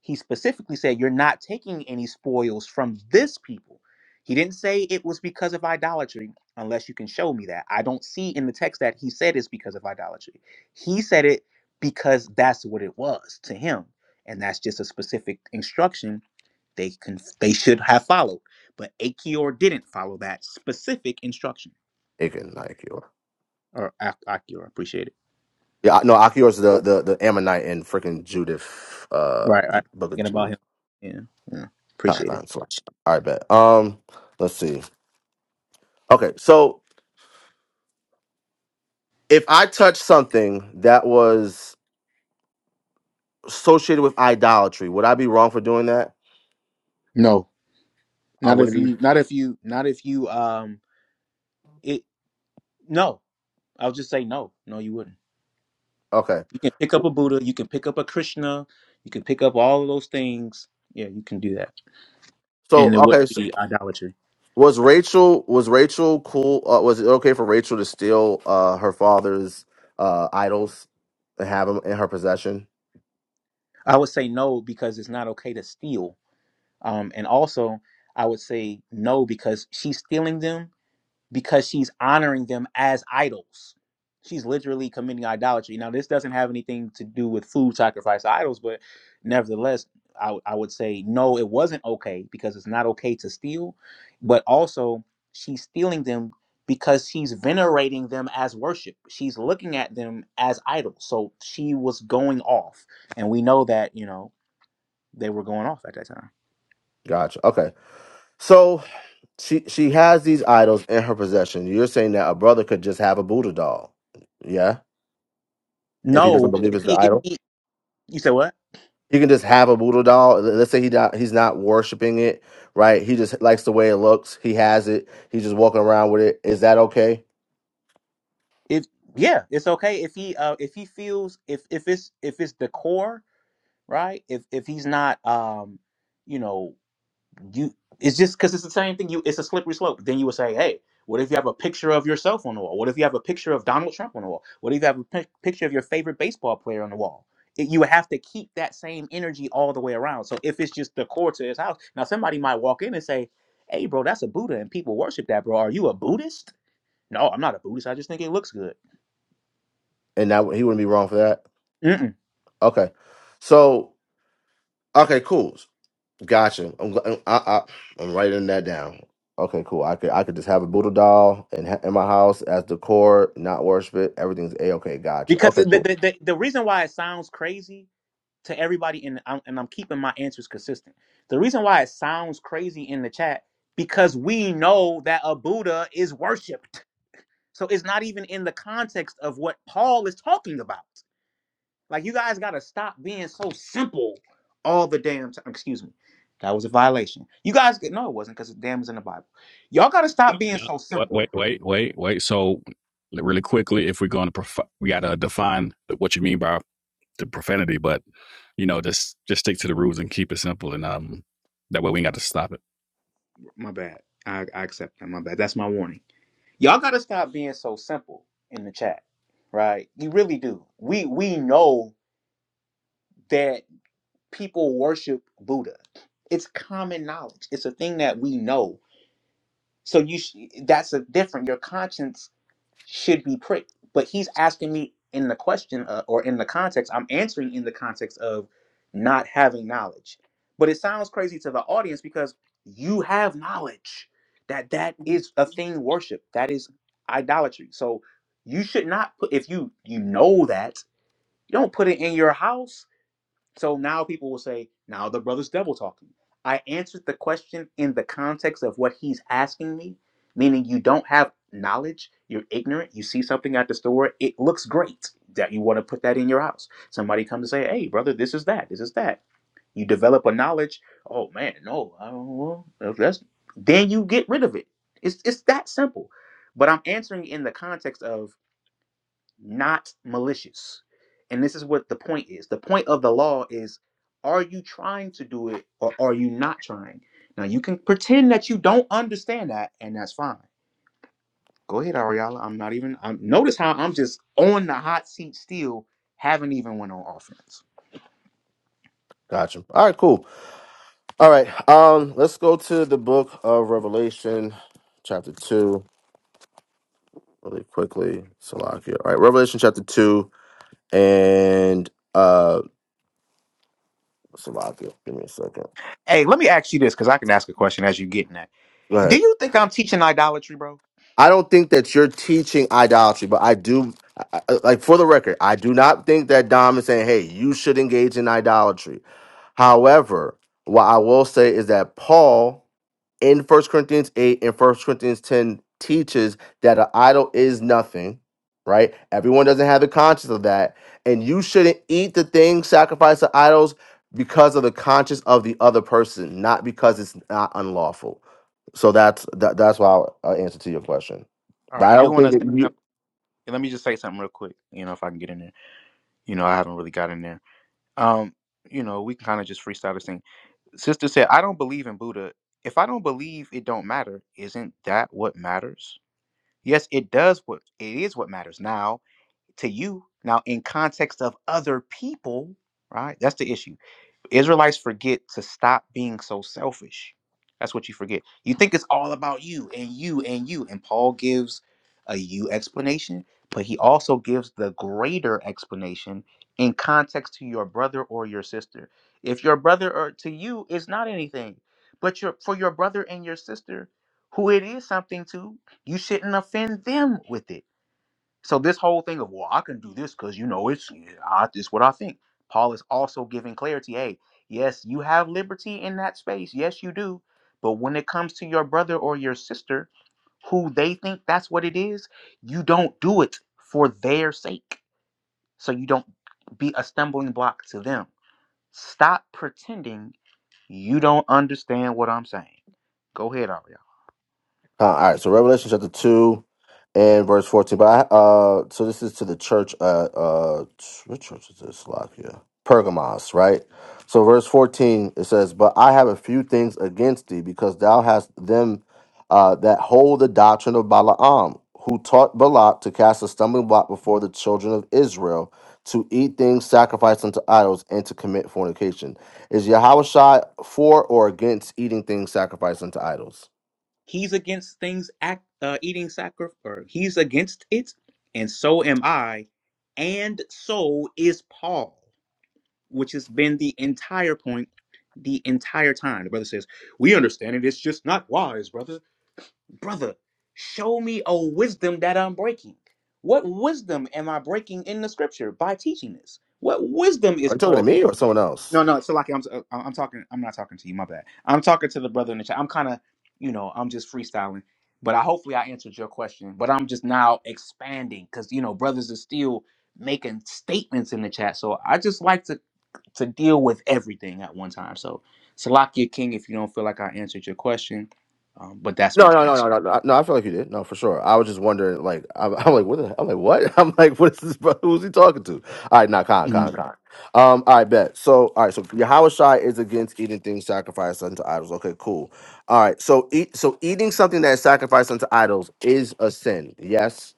He specifically said you're not taking any spoils from this people. He didn't say it was because of idolatry unless you can show me that. I don't see in the text that he said it's because of idolatry. He said it because that's what it was to him. And that's just a specific instruction they can they should have followed, but Achior didn't follow that specific instruction.
Achan, not Achior.
Or Ak- Achior, appreciate it.
Yeah, I- no, Achior is the, the the Ammonite in freaking Judith, uh,
Right,
the
right.
book of
Thinking about
Judith.
him. Yeah, yeah.
Top
Appreciate it.
five slash. All right, bet. Um, let's see. Okay, so if I touch something that was associated with idolatry. Would I be wrong for doing that?
No,
I
not if
wouldn't. be-
you, not if you, not if you. Um, it. No, I'll just say no. No, you wouldn't.
Okay.
You can pick up
W-
a Buddha. You can pick up a Krishna. You can pick up all of those things. Yeah, you can do that,
So
and it
okay,
wouldn't
so
be idolatry.
was Rachel was Rachel cool? Uh, was it okay for Rachel to steal uh, her father's uh, idols and have them in her possession?
I would say no because it's not okay to steal Um, and also, I would say no because she's stealing them because she's honoring them as idols. She's literally committing idolatry. Now, this doesn't have anything to do with food sacrifice to idols, but nevertheless, I, w- I would say no, it wasn't okay because it's not okay to steal. But also, she's stealing them because she's venerating them as worship. She's looking at them as idols. So she was going off. And we know that, you know, they were going off at that time.
Gotcha. Okay. So she she has these idols in her possession. You're saying that a brother could just have a Buddha doll, yeah? If he doesn't
No,
believe
if
it's the
he if
idol.
he you say what?
You can just have a Buddha doll. Let's say he not, he's not worshiping it, right? He just likes the way it looks. He has it. He's just walking around with it. Is that okay?
If yeah, it's okay if he uh if he feels if if it's if it's decor, right? If if he's not um you know, you it's just cuz it's the same thing you it's a slippery slope. Then you would say, "Hey, what if you have a picture of yourself on the wall? What if you have a picture of Donald Trump on the wall? What if you have a pic- picture of your favorite baseball player on the wall?" It, you would have to keep that same energy all the way around. So if it's just the core to his house, now somebody might walk in and say, "Hey, bro, that's a Buddha and people worship that, bro. Are you a Buddhist?" No, I'm not a Buddhist. I just think it looks good.
And that he wouldn't be wrong for that.
Mm-mm.
Okay, so okay, cool. Gotcha. I'm gl- I, I, I'm writing that down. Okay, cool. I could I could just have a Buddha doll in ha- in my house as decor, not worship it. Everything's a okay. Gotcha.
Because
Okay,
the, the,
cool.
the, the reason why it sounds crazy to everybody, and I'm, and I'm keeping my answers consistent. The reason why it sounds crazy in the chat, because we know that a Buddha is worshipped. So it's not even in the context of what Paul is talking about. Like, you guys got to stop being so simple all the damn time. Excuse me. That was a violation. You guys, no, it wasn't because damn is in the Bible. Y'all got to stop being so
Wait,
simple.
wait, wait, wait, wait. So really quickly, if we're gonna prof- we gotta define what you mean by the profanity, but you know, just just stick to the rules and keep it simple, and um, that way we ain't got to stop it.
My bad. I, I accept that. My bad. That's my warning. y'all gotta stop being so simple in the chat right you really do we we know that people worship buddha it's common knowledge it's a thing that we know so you sh- that's a different your conscience should be pricked. But he's asking me in the question uh, or in the context, I'm answering in the context of not having knowledge. But it sounds crazy to the audience because you have knowledge that that is a thing worship, that is idolatry. So you should not put if you you know that, you don't put it in your house so now people will say, now the brother's devil talking. I answered the question in the context of what he's asking me, meaning you don't have knowledge, you're ignorant, you see something at the store, it looks great that you want to put that in your house. Somebody comes to say, hey, brother, this is that, this is that. You develop a knowledge, oh man, no, I don't know. If that's, then you get rid of it. It's, it's that simple. But I'm answering in the context of not malicious. And this is what the point is. The point of the law is are you trying to do it or are you not trying? Now you can pretend that you don't understand that and that's fine. Go ahead, Ariella. I'm not even I'm notice how I'm just on the hot seat still, haven't even went on offense.
Gotcha. All right, cool. All right. Um, let's go to the book of Revelation, chapter two. really quickly. Salakia. All right, Revelation chapter two and uh Salakia. Give me a second.
Hey, let me ask you this because I can ask a question as you're getting that.
Go
Do
ahead.
you think I'm teaching idolatry, bro?
I don't think that you're teaching idolatry, but I do. I, I- like for the record, I do not think that Dom is saying, "Hey, you should engage in idolatry." However, what I will say is that Paul. in First Corinthians 8 and First Corinthians 10 teaches that an idol is nothing, right? Everyone doesn't have the conscience of that. And you shouldn't eat the things sacrificed to idols because of the conscience of the other person, not because it's not unlawful. So that's that, that's why I'll, I'll answer to your question.
All
But
right,
I
I do
don't
want
think
to
that
say
you
something. Let me just say something real quick, you know, if I can get in there. You know, I haven't really gotten there. Um, you know, we can kind of just freestyle this thing. Sister said, I don't believe in Buddha. If I don't believe it don't matter, isn't that what matters? Yes, it does what it is what matters now to you. Now in context of other people, right? That's the issue Israelites forget to stop being so selfish. That's what you forget. You think it's all about you and you and you. And Paul gives a you explanation, but he also gives the greater explanation in context to your brother or your sister. If your brother or to you is not anything, but your for your brother and your sister, who it is something to, you shouldn't offend them with it so this whole thing of well, I can do this because you know it's yeah, I, it's what I think. Paul is also giving clarity. Hey, yes, you have liberty in that space. Yes, you do. But when it comes to your brother or your sister, who they think that's what it is, you don't do it for their sake. So you don't be a stumbling block to them. Stop pretending you don't understand what I'm saying. Go ahead, Ariana.
Uh, all right, so Revelation chapter 2 and verse 14. But I, uh, so this is to the church at, uh, what church is this? Slovakia. Pergamos, right? So verse 14, it says, But I have a few things against thee, because thou hast them uh, that hold the doctrine of Balaam, who taught Balak to cast a stumbling block before the children of Israel, to eat things sacrificed unto idols, and to commit fornication. Is Yahweh Shai for or against eating things sacrificed unto idols?
He's against things act, uh, eating sacrifice. He's against it, and so am I, and so is Paul, which has been the entire point the entire time. The brother says, "We understand it. It's just not wise, brother. brother, show me a wisdom that I'm breaking. What wisdom am I breaking in the scripture by teaching this? What wisdom
Are
is
you talking to
Paul? gi-
me or someone else?
No, no, so like I'm, I'm talking. I'm not talking to you. My bad. I'm talking to the brother in the chat. I'm kind of, you know, I'm just freestyling. But I hopefully I answered your question. But I'm just now expanding because you know brothers are still making statements in the chat. So I just like to to deal with everything at one time. So Salakia King, if you don't feel like I answered your question, um, but that's
No,
my
no, no, no,
answer.
no, no. no, I feel like you did. No, for sure. I was just wondering. Like, I'm, I'm like, what? The, I'm like, what? I'm like, what is this? Bro? Who's he talking to? All right, not nah, Khan, Khan, Khan. Um, all right, bet. So, all right, so Yahweh Shai is against eating things sacrificed unto idols. Okay, cool. All right, so eat. So eating something that is sacrificed unto idols is a sin. Yes.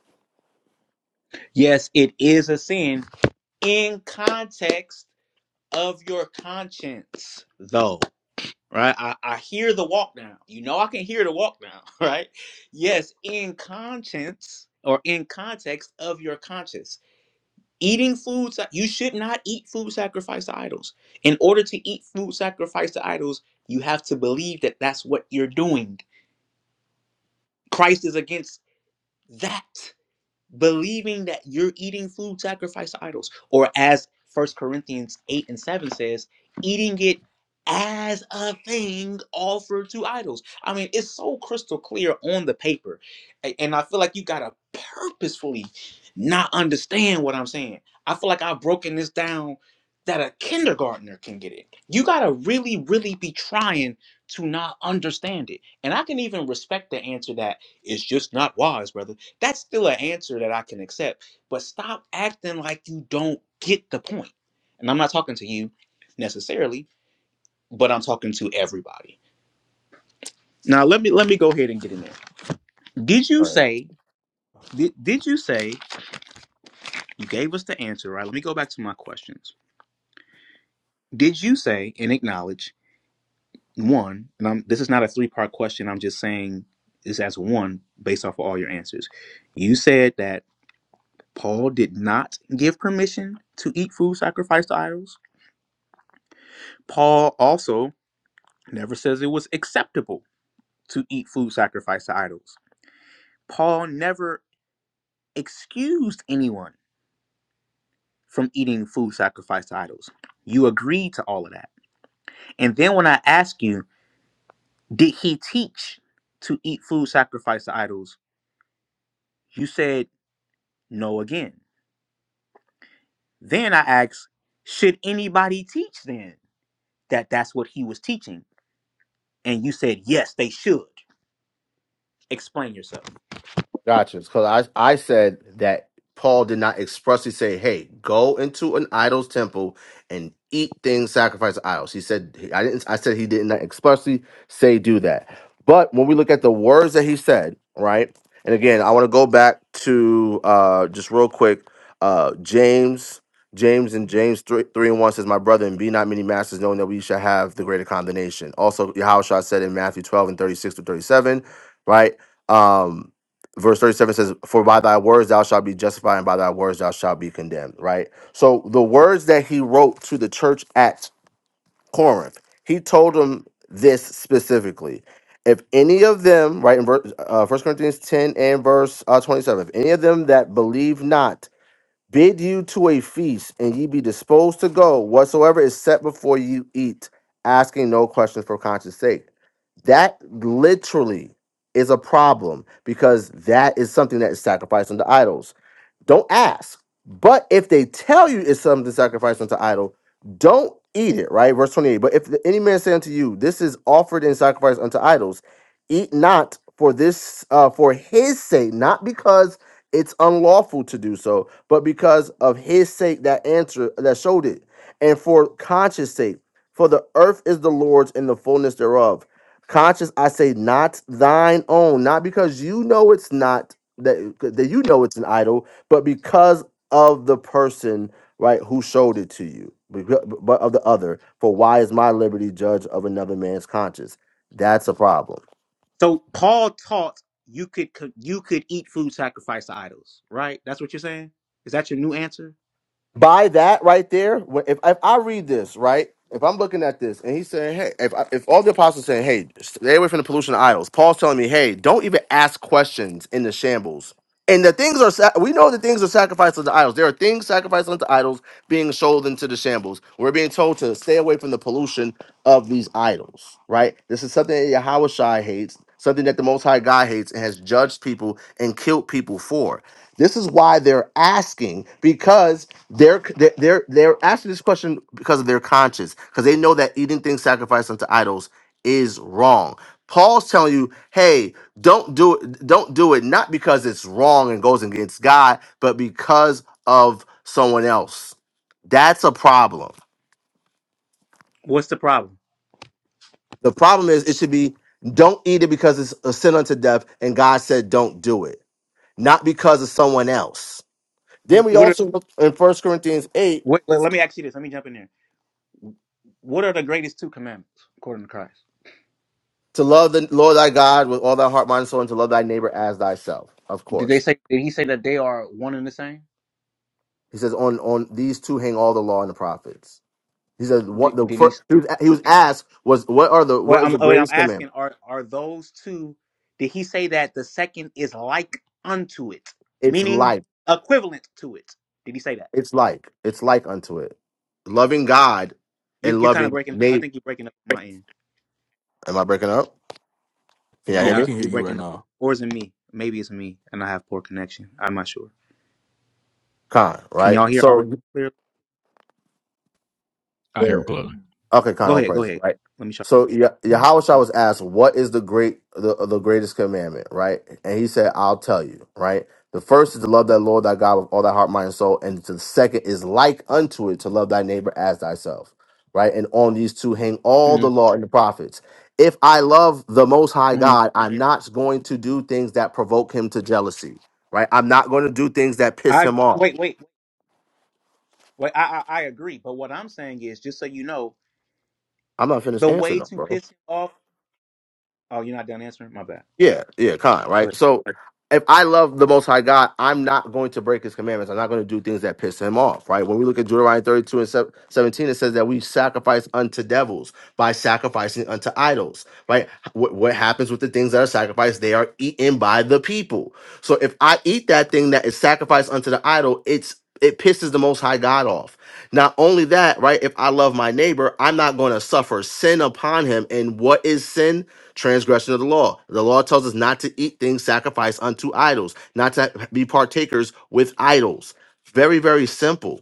Yes, it is a sin in context of your conscience, though. Right? I, I hear the walk now. You know I can hear the walk now, right? Yes, in conscience or in context of your conscience. Eating foods you should not eat food sacrificed to idols. In order to eat food sacrificed to idols, you have to believe that that's what you're doing. Christ is against that. believing that you're eating food sacrificed to idols or as First corinthians 8 and 7 says eating it as a thing offered to idols i mean it's so crystal clear on the paper A- and i feel like you gotta purposefully not understand what i'm saying i feel like i've broken this down that a kindergartner can get it you gotta really really be trying to not understand it and i can even respect the answer that it's just not wise brother that's still an answer that I can accept, but stop acting like you don't get the point. And I'm not talking to you necessarily, but I'm talking to everybody. Now let me let me go ahead and get in there. Did you say did, did you say you gave us the answer, right? Let me go back to my questions. Did you say and acknowledge one, and I'm this is not a three-part question, I'm just saying this as one based off of all your answers. You said that Paul did not give permission to eat food sacrificed to idols Paul also never says it was acceptable to eat food sacrificed to idols. Paul never excused anyone from eating food sacrificed to idols. You agreed to all of that. And then when I ask you, did he teach to eat food sacrificed to idols? You said no again. Then I asked, should anybody teach then that that's what he was teaching? And you said, yes, they should. Explain yourself.
Gotcha. Because I, I said that Paul did not expressly say, hey, go into an idol's temple and eat things sacrificed to idols. He said, I didn't, I said he did not expressly say do that. But when we look at the words that he said, right? And again, I want to go back to uh, just real quick uh, James. James and James 3, 3 and 1 says, My brother, and be not many masters, knowing that we shall have the greater condemnation. Also, Yahushua said in Matthew 12 and 36 to 37, right? Um, verse 37 says for by thy words thou shalt be justified and by thy words thou shalt be condemned right so the words that he wrote to the church at corinth he told them this specifically if any of them right in verse uh, 1 corinthians 10 and verse uh, 27 if any of them that believe not Bid you to a feast, and ye be disposed to go whatsoever is set before you eat, asking no questions for conscience sake. That literally is a problem because that is something that is sacrificed unto idols. Don't ask. But if they tell you it's something to sacrifice unto idol, don't eat it, right? Verse 28. But if any man say unto you, This is offered in sacrifice unto idols, eat not for this uh for his sake, not because it's unlawful to do so, but because of his sake that answer that showed it, and for conscience sake. For the earth is the Lord's and the fullness thereof. Conscience, I say, not thine own, not because you know it's not that that you know it's an idol, but because of the person, right, who showed it to you, but of the other. For why is my liberty judge of another man's conscience? That's a problem
So Paul taught you could co- you could eat food sacrificed to idols, right? That's what you're saying. Is that your new answer?
by that right there, wh- if, if I read this right, if I'm looking at this and he's saying, hey, if I, if all the apostles saying, hey, stay away from the pollution of idols, Paul's telling me, hey, don't even ask questions in the shambles. And the things are, sa- we know the things are sacrificed unto idols. There are things sacrificed unto idols being sold into the shambles. We're being told to stay away from the pollution of these idols, right? This is something that Yahweh Shai hates, something that the Most High God hates and has judged people and killed people for. This is why they're asking because they're they're they're they're asking this question because of their conscience because they know that eating things sacrificed unto idols is wrong. Paul's telling you, hey, don't do it. Don't do it not because it's wrong and goes against God, but because of someone else. That's a problem.
What's the problem?
The problem is it should be don't eat it because it's a sin unto death, and God said don't do it, not because of someone else. Then we
What are
also look in First Corinthians 8
what, let let me ask you this. Let me jump in there. What are the greatest two commandments according to Christ?
to love the Lord thy God with all thy heart, mind, and soul, and to love thy neighbor as thyself. Of
Did they
course,
say? Did he say that they are one and the same?
he says on on these two hang all the law and the prophets. He says what
Did,
the
did he?
first
s-
he was, he was asked was what are the what
Well,
is
I'm
the
oh, I'm
greatest commandment?
asking. Are are those two? Did he say that the second is like unto it,
It's
meaning
like
equivalent to it? Did he say that?
it's like it's like unto it, loving God
You
and
you kind of
loving
breaking. I
neighbor.
think you're breaking up my end.
Am I breaking up? Can you
No,
hear
we
Yeah,
me?
can hear
you're
you right
breaking up.
now.
Or is it me? Maybe it's me, and I have poor connection. I'm not sure.
Con
Can
right.
y'all hear Ari
So
clearly?
I hear him
Clear.
clearly.
Okay, kind of
Go
all
ahead. Go
praises,
ahead.
right?
Let me try.
So Ye- Mm. was asked, "What is the great, the, the greatest commandment?" Right, and he said, "I'll tell you." Right, the first is to love thy Lord thy God with all thy heart, mind, and soul, and the second is like unto it to love thy neighbor as thyself. Right, and on these two hang all
Mm-hmm.
the law and the prophets. If I love the Most High
hmm
God, I'm not going to do things that provoke Him to jealousy. Right, I'm not going to do things that piss
I I-
Him off.
wait, wait, wait. I, I I agree, but what I'm saying is, just so you know,
I'm not finished
the
answering
way
them,
to
bro.
piss him off. Oh, you're not done answering. My bad.
Yeah, yeah, kind, right?
Good.
So if I love the Most High God, I'm not going to break his commandments. I'm not going to do things that piss him off, right? When we look at Deuteronomy 32 and sev- 17, it says that we sacrifice unto devils by sacrificing unto idols, right? What, what happens with the things that are sacrificed? They are eaten by the people. So if I eat that thing that is sacrificed unto the idol, it's it pisses the Most High God off. Not only that, right? If I love my neighbor, I'm not going to suffer sin upon him. And what is sin? transgression of the law. The law tells us not to eat things sacrificed unto idols, not to be partakers with idols. Very, very simple.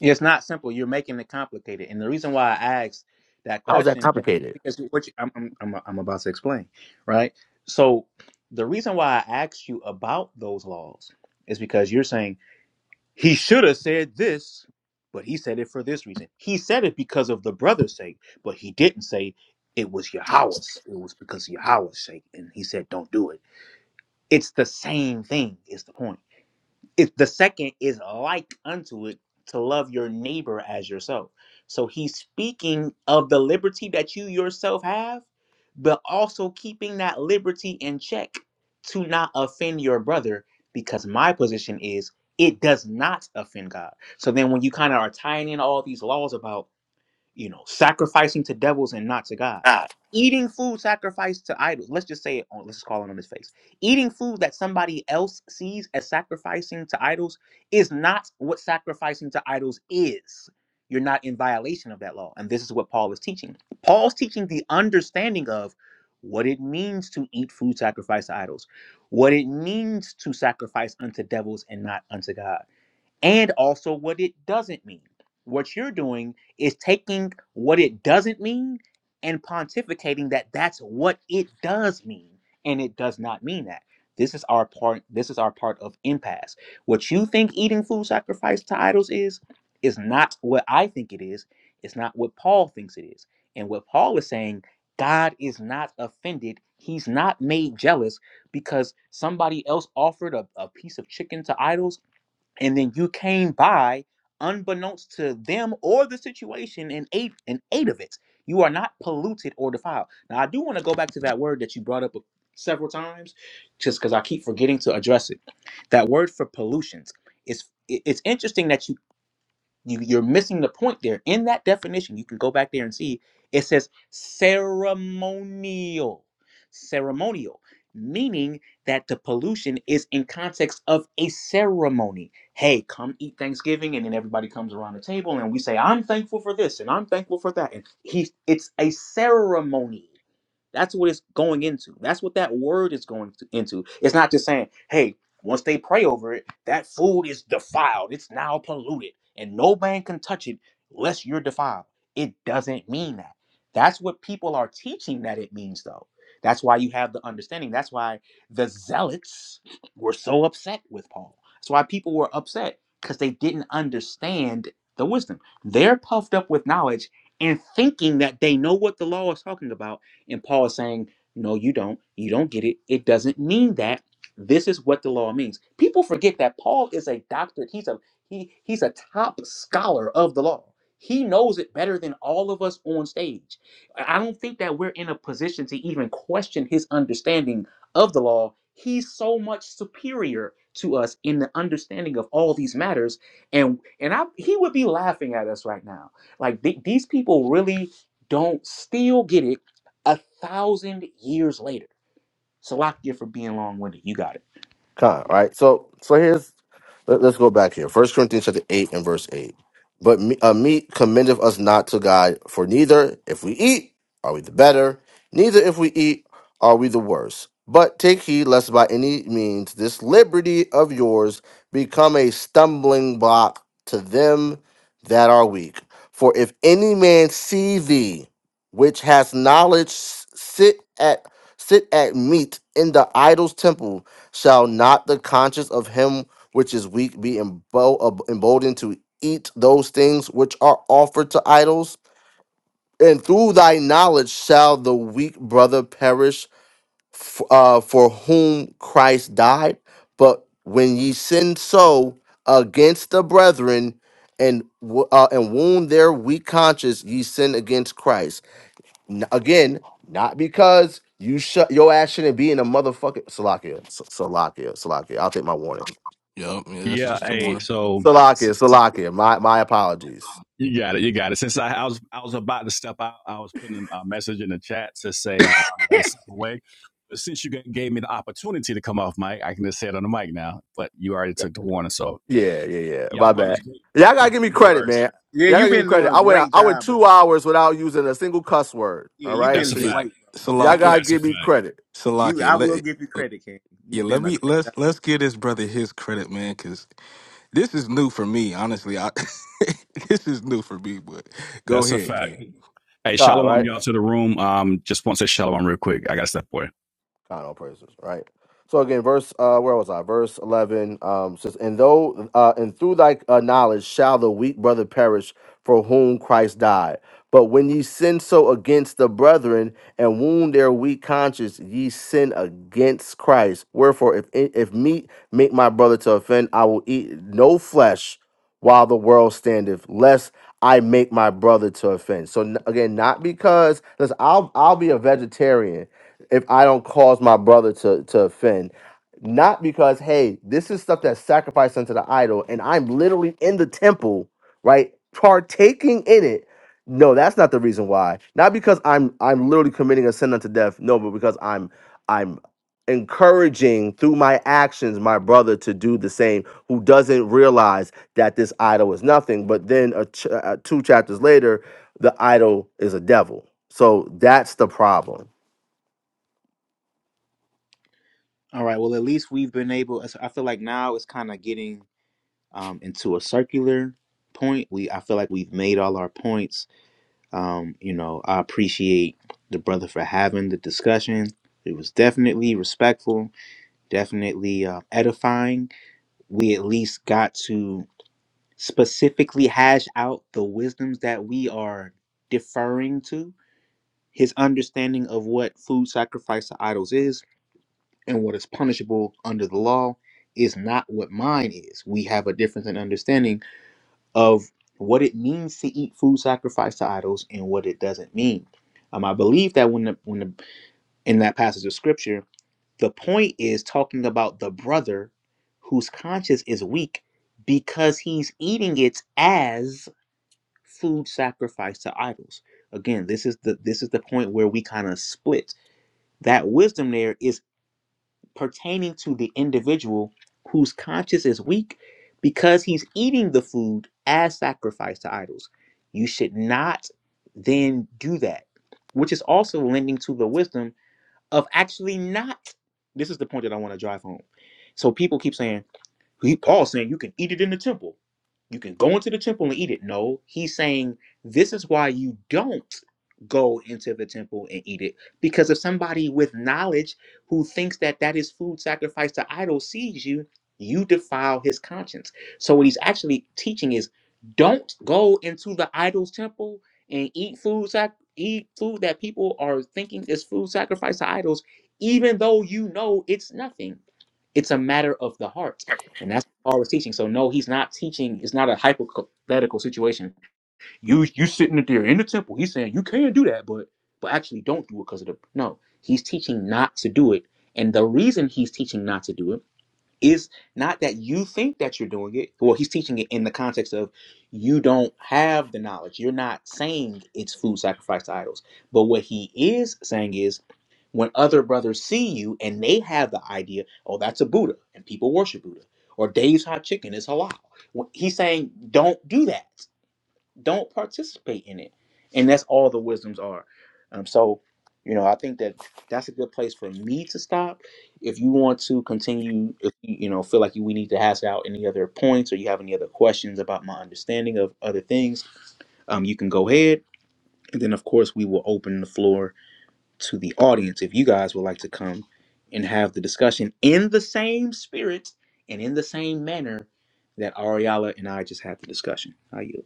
It's not simple. You're making it complicated, and the reason why I asked that
How's that
question is
complicated?
because what you, I'm, I'm I'm I'm about to explain, right? So the reason why I asked you about those laws is because you're saying He should have said this, but he said it for this reason. He said it because of the brother's sake, but he didn't say it was Yahweh's. It was because of Yahweh's sake. And he said, don't do it. It's the same thing, is the point it, the second is like unto it to love your neighbor as yourself. So he's speaking of the liberty that you yourself have, but also keeping that liberty in check to not offend your brother, because my position is it does not offend God. So then when you kind of are tying in all these laws about you know, sacrificing to devils and not to God, eating food sacrificed to idols. Let's just say it. On, let's call it on his face. Eating food that somebody else sees as sacrificing to idols is not what sacrificing to idols is. You're not in violation of that law, and this is what Paul is teaching. Paul's teaching the understanding of what it means to eat food sacrificed to idols, what it means to sacrifice unto devils and not unto God and also what it doesn't mean. What you're doing is taking what it doesn't mean and pontificating that that's what it does mean, and it does not mean that. This is our part. This is our part of impasse. What you think eating food sacrificed to idols is, is not what I think it is. It's not what Paul thinks it is. And what Paul is saying, God is not offended. He's not made jealous because somebody else offered a, a piece of chicken to idols and then you came by unbeknownst to them or the situation and ate and ate of it you are not polluted or defiled now i do want to go back to that word that you brought up several times just because i keep forgetting to address it that word for pollutions is it's interesting that you you, you're missing the point there. In that definition, you can go back there and see it says ceremonial. Ceremonial, meaning that the pollution is in context of a ceremony. Hey, come eat Thanksgiving, and then everybody comes around the table and we say, I'm thankful for this and I'm thankful for that. And he it's a ceremony. That's what it's going into. That's what that word is going to, into. It's not just saying, hey, once they pray over it, that food is defiled. It's now polluted, and no man can touch it unless you're defiled. It doesn't mean that. That's what people are teaching that it means, though. That's why you have the understanding. That's why the zealots were so upset with Paul. That's why people were upset because they didn't understand the wisdom. They're puffed up with knowledge and thinking that they know what the law is talking about and Paul is saying, No, you don't. You don't get it. It doesn't mean that. This is what the law means. People forget that Paul is a doctor. He's a he he's a top scholar of the law. He knows it better than all of us on stage. I don't think that we're in a position to even question his understanding of the law. He's so much superior to us in the understanding of all these matters. And and I he would be laughing at us right now. Like th- these people really don't still get it a thousand years later. Salakia for being long winded. You got it.
Con, right So so here's let, us go back here. First Corinthians chapter eight and verse eight. But me, uh, meat commendeth us not to God, for neither if we eat are we the better, neither if we eat are we the worse. But take heed lest by any means this liberty of yours become a stumbling block to them that are weak. For if any man see thee, which has knowledge, s- sit at sit at meat in the idol's temple Shall not the conscience of him which is weak be embo- ab- emboldened to eat those things which are offered to idols? And through thy knowledge shall the weak brother perish f- uh, for whom Christ died? But when ye sin so against the brethren and, wo- uh, and wound their weak conscience, ye sin against Christ. N- again, not because you shut your ass shouldn't be in a motherfucking Salakia, S- Salakia, Salakia. I'll take my warning.
Yep, yeah, that's
Yeah.
just a
Hey.
warning.
So
Salakia, Salakia. My my apologies.
you got it. You got it. Since I, I was I was about to step out, I was putting a message in the chat to say uh, I got to step away since you gave me the opportunity to come off mic, I can just say it on the mic now. But you already took the warning, so
Yeah, yeah, yeah.
y'all
My
brothers,
bad. Y'all gotta give me
no
credit,
worries.
man.
Yeah,
Y'all gotta
you've
give me
been
credit.
doing a
I went
great
I went
job,
two
bro.
hours without using a single cuss word.
Yeah,
All
you've
right,
That's
been
a
so
It
fact.
great, bro.
y'all
You've been
Salakia,
gotta
That's a
give me
fact.
credit.
you.
Salakia,
I
let
will give you
it.
credit, King.
Yeah,
You've
let
been a
me
great
let's
job.
let's give this brother his credit, man, because this is new for me. Honestly, I this is new for me. But go
That's a
ahead,
fact.
kid.
Hey,
All right. right?
shalom, y'all to the room. Um, just want to say shalom real quick. I got to step away.
God, all praises, right? So again, verse uh, where was I? Verse eleven um, says, "And though uh, and through thy uh, knowledge shall the weak brother perish for whom Christ died. But when ye sin so against the brethren and wound their weak conscience, ye sin against Christ. Wherefore, if if meat make my brother to offend, I will eat no flesh while the world standeth, lest I make my brother to offend. So n- again, not because listen, I'll I'll be a vegetarian if I don't cause my brother to to offend. Not because, hey, this is stuff that's sacrificed unto the idol, and I'm literally in the temple, right? Partaking in it. No, that's not the reason why. Not because I'm I'm literally committing a sin unto death. No, but because I'm I'm encouraging through my actions my brother to do the same who doesn't realize that this idol is nothing but then a ch- uh, two chapters later the idol is a devil so that's the problem
All right. Well, at least we've been able. I feel like now it's kind of getting um, into a circular point. We I feel like we've made all our points. Um, you know, I appreciate the brother for having the discussion. It was definitely respectful, definitely uh, edifying. We at least got to. specifically hash out the wisdoms that we are deferring to, his understanding of what food sacrifice to idols is and what is punishable under the law is not what mine is. We have a difference in understanding of what it means to eat food sacrificed to idols and what it doesn't mean. Um, I believe that when the, when the, in that passage of scripture, the point is talking about the brother whose conscience is weak because he's eating it as food sacrificed to idols. Again, this is the this is the point where we kind of split. That wisdom there is pertaining to the individual whose conscience is weak because he's eating the food as sacrificed to idols. You should not then do that, which is also lending to the wisdom of actually not. This is the point that I want to drive home. So people keep saying, he Paul saying you can eat it in the temple. You can go into the temple and eat it. No, he's saying this is why you don't go into the temple and eat it because if somebody with knowledge who thinks that that is food sacrificed to idols sees you, you defile his conscience. So what he's actually teaching is don't go into the idol's temple and eat food sac- eat food that people are thinking is food sacrificed to idols even though you know it's nothing. It's a matter of the heart and that's what Paul is teaching. So no, he's not teaching. It's not a hypothetical situation. You you sitting there in the temple. He's saying you can do that, but but actually don't do it because of the no. He's teaching not to do it, and the reason he's teaching not to do it is not that you think that you're doing it. Well, he's teaching it in the context of you don't have the knowledge. You're not saying it's food sacrificed to idols. But what he is saying is when other brothers see you and they have the idea, oh, that's a Buddha and people worship Buddha, or Dave's hot chicken is halal. Wh- He's saying, don't do that don't participate in it and that's all the wisdoms are um, so you know i think that that's a good place for me to stop if you want to continue if you you know feel like you, we need to hash out any other points or you have any other questions about my understanding of other things um, you can go ahead and then of course we will open the floor to the audience if you guys would like to come and have the discussion in the same spirit and in the same manner that ariala and i just had the discussion How you?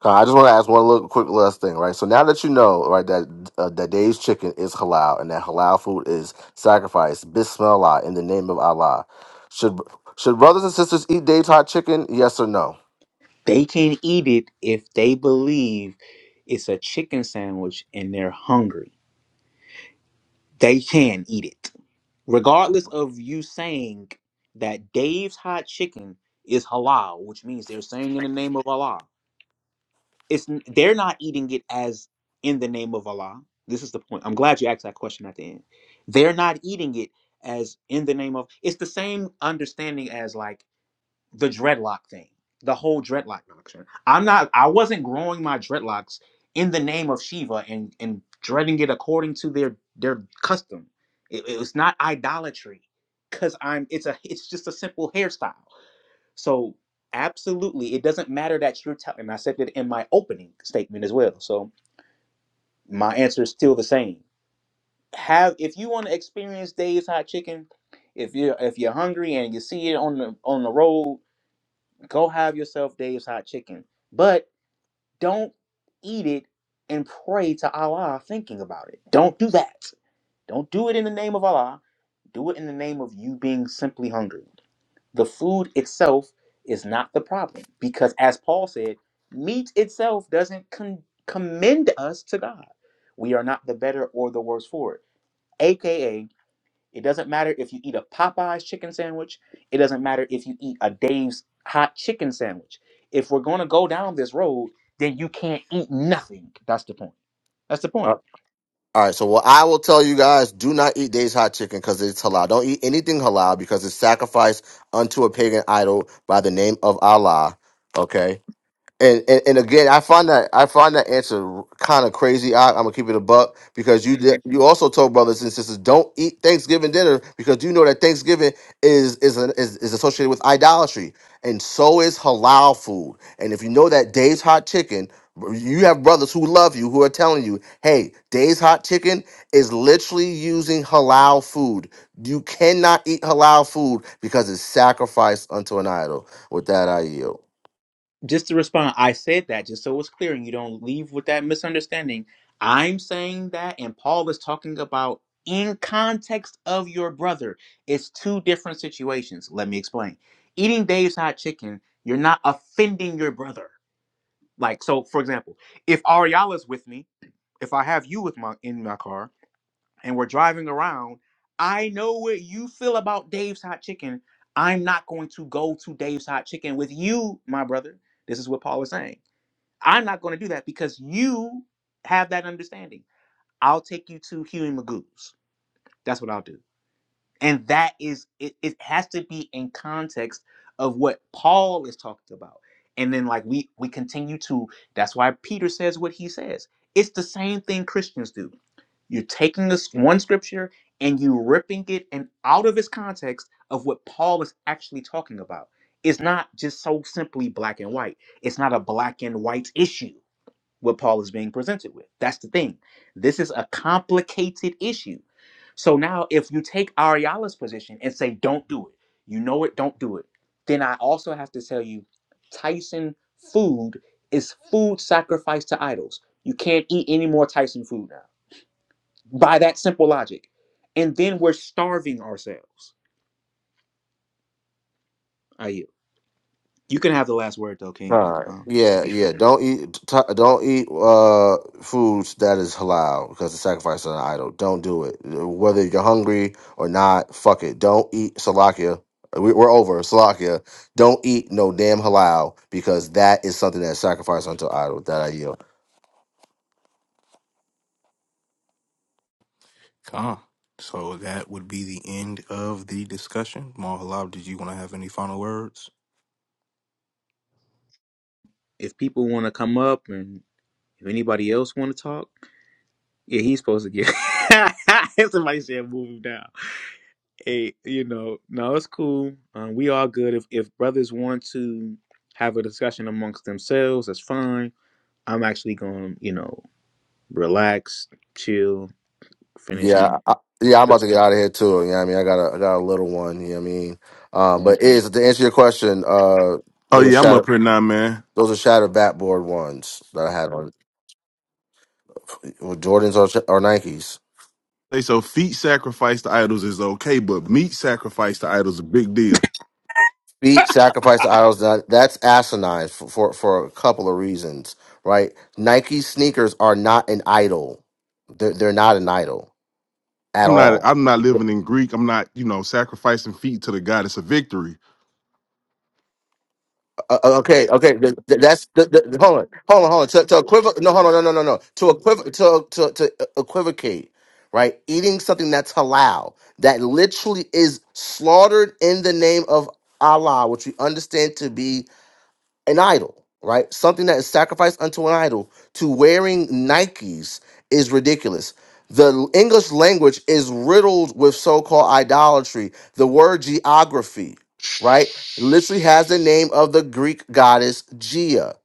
Kai, I just want to ask one little quick last thing, right? So now that you know, right, that uh, that Dave's chicken is halal and that halal food is sacrificed, Bismillah, in the name of Allah, should should brothers and sisters eat Dave's hot chicken? Yes or no?
They can eat it if they believe it's a chicken sandwich and they're hungry. They can eat it. Regardless of you saying that Dave's hot chicken is halal, which means they're saying in the name of Allah. It's n- they're not eating it as in the name of Allah. This is the point. I'm glad you asked that question at the end. They're not eating it as in the name of it's the same understanding as like the dreadlock thing, the whole dreadlock doctrine. I'm not. I wasn't growing my dreadlocks in the name of Shiva and and dreading it according to their their custom. It, it was not idolatry, cause I'm. It's a. It's just a simple hairstyle. So absolutely, it doesn't matter that you're telling. And I said it in my opening statement as well. So my answer is still the same. Have if you want to experience Dave's hot chicken, if you are if you're hungry and you see it on the on the road Go have yourself Dave's hot chicken, but don't eat it and pray to Allah thinking about it. Don't do that. Don't do it in the name of Allah. Do it in the name of you being simply hungry. The food itself is not the problem because, as Paul said, meat itself doesn't con- commend us to God. We are not the better or the worse for it. AKA, it doesn't matter if you eat a Popeye's chicken sandwich. It doesn't matter if you eat a Dave's hot chicken sandwich. If we're going to go down this road, then you can't eat nothing. That's the point. That's the
Uh,
point.
All right, so what I will tell you guys: do not eat Dave's hot chicken because it's halal. Don't eat anything halal because it's sacrificed unto a pagan idol by the name of Allah. Okay, And, and and again, I find that I find that answer kind of crazy. I, I'm gonna keep it a buck because you did,
Mhm.
you also told brothers and sisters don't eat Thanksgiving dinner because you know that Thanksgiving is is, an, is is associated with idolatry, and so is halal food. And if you know that Dave's Hot Chicken, you have brothers who love you who are telling you, hey, Dave's Hot Chicken is literally using halal food. You cannot eat halal food because it's sacrificed unto an idol. With that, I yield.
Just to respond, I said that just so it's clear and you don't leave with that misunderstanding. I'm saying that, and Paul is talking about in context of your brother. It's two different situations. Let me explain. Eating Dave's hot chicken, you're not offending your brother Like so, for example, if Ariala's with me, if I have you with my in my car and we're driving around, I know what you feel about Dave's hot chicken. I'm not going to go to Dave's hot chicken with you, my brother. This is what Paul was saying. I'm not going to do that because you have that understanding. I'll take you to Huey Magoo's. That's what I'll do and that is it, it has to be in context of what paul is talking about and then like we we continue to that's why peter says what he says it's the same thing christians do you're taking this one scripture and you ripping it and out of its context of what paul is actually talking about it's not just so simply black and white it's not a black and white issue what Paul is being presented with. That's the thing. This is a complicated issue. So now, if you take Ariala's position and say, don't do it, you know it, don't do it, then I also have to tell you Tyson food is food sacrificed to idols. You can't eat any more Tyson food now by that simple logic. And then we're starving ourselves. I yield. You can have the last word though, King,
All right.
um, just to
Yeah,
be
yeah.
fair.
Don't eat. T- don't eat uh, foods that is halal because the sacrifice of an idol. Don't do it. Whether you're hungry or not, fuck it. Don't eat salakia. We- We're over salakia. Don't eat no damn halal because that is something that's sacrificed unto idol. That I yield.
Con. So that would be the end of the discussion. Mahalab, did you want to have any final words?
If people want to come up and if anybody else want to talk, Yeah, he's supposed to get. Somebody said move him down. Hey, you know, no, it's cool. Um, we all good. If if brothers want to have a discussion amongst themselves, that's fine. I'm actually going, to you know, relax, chill, finish
Yeah,
eating.
I, yeah. I'm about to get out of here too. You know what I mean? I got a I got a little one. You know what I mean? Um,
All
but is to answer your question, uh,
Oh
there was
yeah, I'm up
shadow.
here now, man.
Those are shadow backboard ones that I had on. Or Jordans or, or Nikes.
They so feet sacrificed to idols is okay, but meat sacrificed to idols is a big deal.
Feet sacrifice to idols. That, that's asinine for, for, for a couple of reasons, right? Nike sneakers are not an idol. They're, they're not an idol at
I'm not
all.
I'm not
Uh,
living in Greek. I'm not, you know, sacrificing feet to the goddess of victory.
uh, okay, okay. th- th- That's th- th- hold on, hold on, hold on. To, to equiv- no, hold on, no, no, no, no. To equiv- to, to to uh, equivocate, right? Eating something that's halal that literally is slaughtered in the name of Allah, which we understand to be an idol, right? Something that is sacrificed unto an idol to wearing Nikes is ridiculous. The English language is riddled with so called idolatry. The word geography, right, literally has the name of the Greek goddess Gia,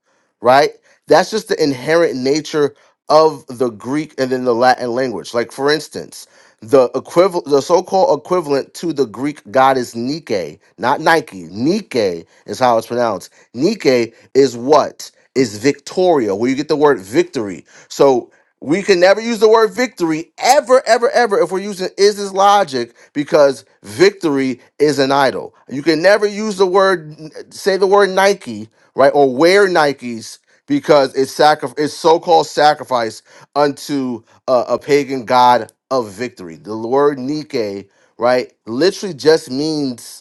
right? That's just the inherent nature of the Greek and then the Latin language. Like, for instance, the equivalent, the so-called equivalent to the Greek goddess Nike, not Nike, Nike is how it's pronounced Nike is what? Is victoria, where you get the word victory. So we can never use the word victory ever, ever, ever if we're using is this logic because victory is an idol. You can never use the word, say the word Nike, right, or wear Nikes because it's sacri- it's so-called sacrifice unto a, a pagan god of victory. The word Nike, right, literally just means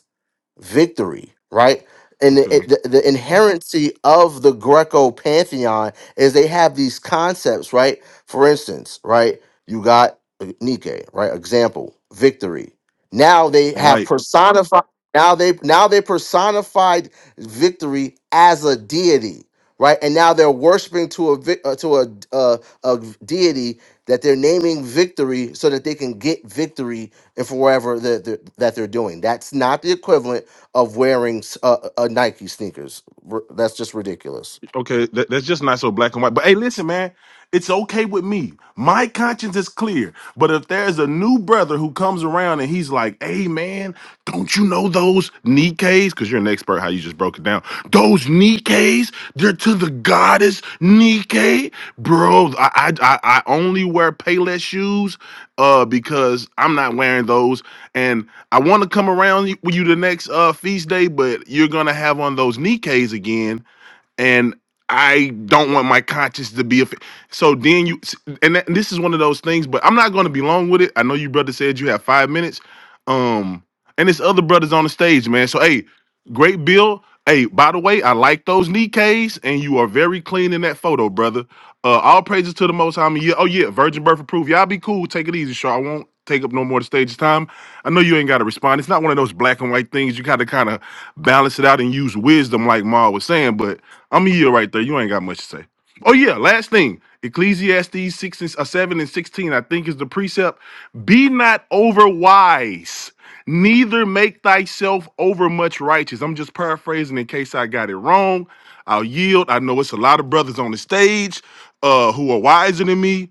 victory, right? And the, it-
Okay.
the, the inherency of the Greco pantheon is they have these concepts, right? For instance, right? You got uh, Nike, right? Example, victory. Now they have
White.
personified. Now they now they personified victory as a deity, right? And now they're worshiping to a vic- uh, to a, uh, a deity that they're naming victory so that they can get victory and for wherever that they're, that they're doing. That's not the equivalent of wearing s- uh, uh, uh, Nike sneakers. R- That's just ridiculous.
Okay, that, that's just not so black and white. But hey, listen, man, it's okay with me. My conscience is clear. But if there's a new brother who comes around and he's like, "Hey, man, don't you know those Nikes? Because you're an expert, how you just broke it down. Those Nikes, they're to the goddess Nike, bro. I I I I only wear Payless shoes, uh, because I'm not wearing those, and I want to come around you- with you the next uh feast day, but you're gonna have on those Nikes again." and I don't want my conscience to be affected. So then you, and that, this is one of those things, but I'm not going to be long with it. I know you brother said you have five minutes, um, and it's other brothers on the stage, man. So hey, great bill. Hey, by the way, I like those knee K's, and you are very clean in that photo, brother. Uh, all praises to the Most High. I mean, yeah, oh yeah, virgin birth approved. Y'all be cool. Take it easy, sure. I won't take up no more of the stage's time. I know you ain't got to respond. It's not one of those black and white things. You got to kind of balance it out and use wisdom, like Ma was saying, but. I'm a year right there. You ain't got much to say. Oh yeah, last thing. Ecclesiastes six and uh, seven and sixteen, I think, is the precept. Be not over wise, neither make thyself over much righteous. I'm just paraphrasing in case I got it wrong. I'll yield. I know it's a lot of brothers on the stage uh, who are wiser than me.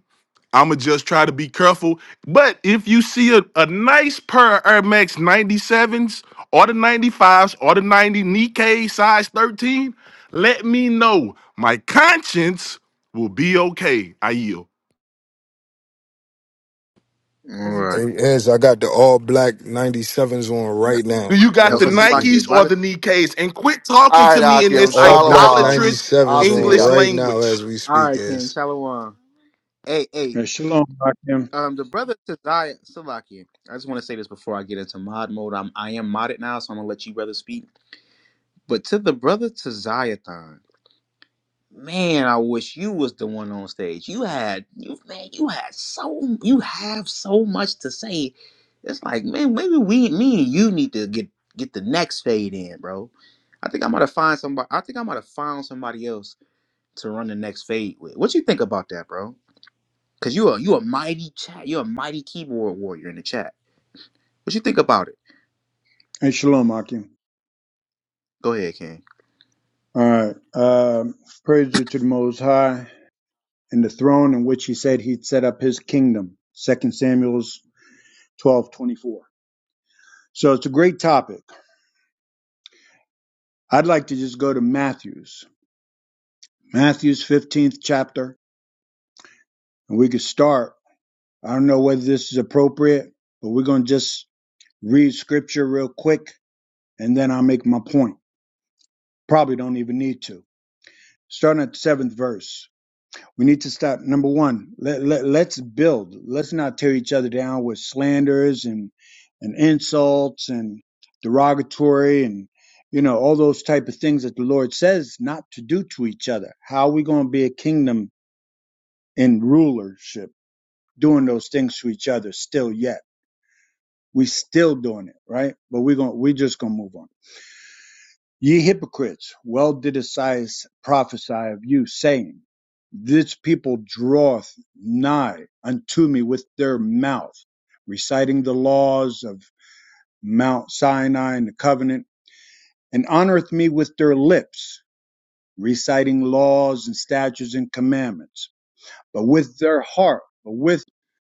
I'ma just try to be careful. But if you see a, a nice pair of Air Max 97s or the 95s or the 90 Nikkei size 13, let me know. My conscience will be okay. I yield.
right.
Hey, Ez, I got the all black 97s on right
Do
now
you got
El
the
as we speak.
Salakia,
Nikes or
brother.
the Nikkeis? And quit talking
All
to
right,
me in
The
Akim.
this
all black
Shalom.
idolatrous
I'll
97s on
see y'all.
English
right now
language.
as we
All
speak,
right, King
Ez.
Shalom. Hey, hey.
Hey, shalom, Akim.
Um, the brother Tazaya Salakia. I just want to say this before I get into mod mode. I'm I am modded now, so I'm gonna let you brother speak. But to the brother Taziathon. Man, I wish you was the one on stage. You had you man, you had so you have so much to say. It's like, man, maybe we me and you need to get get the next fade in, bro. I think I'm gonna find somebody I think I'm gonna find somebody else to run the next fade with. What you think about that, bro? Cause you a you a mighty chat you're a mighty keyboard warrior in the chat. What you think about it?
and shalom, Akim.
Go ahead, King.
All right. Um, praise you to the Most High and the throne in which he said he'd set up his kingdom. Second Samuel's twelve twenty four. So it's a great topic. I'd like to just go to Matthew's, Matthew's 15th chapter, and we could start. I don't know whether this is appropriate, but we're going to just read scripture real quick, and then I'll make my point. Probably don't even need to. Starting at the seventh verse. We need to stop. Number one, let, let, let's build. Let's not tear each other down with slanders and, and insults and derogatory and, you know, all those type of things that the Lord says not to do to each other. How are we going to be a kingdom in rulership doing those things to each other still yet? We still doing it, right? But we're going, to we're just going to move on. Ye hypocrites, well did Esaias prophesy of you, saying, This people draweth nigh unto me with their mouth, reciting the laws of Mount Sinai and the covenant, and honoreth me with their lips, reciting laws and statutes and commandments, but with their heart, but with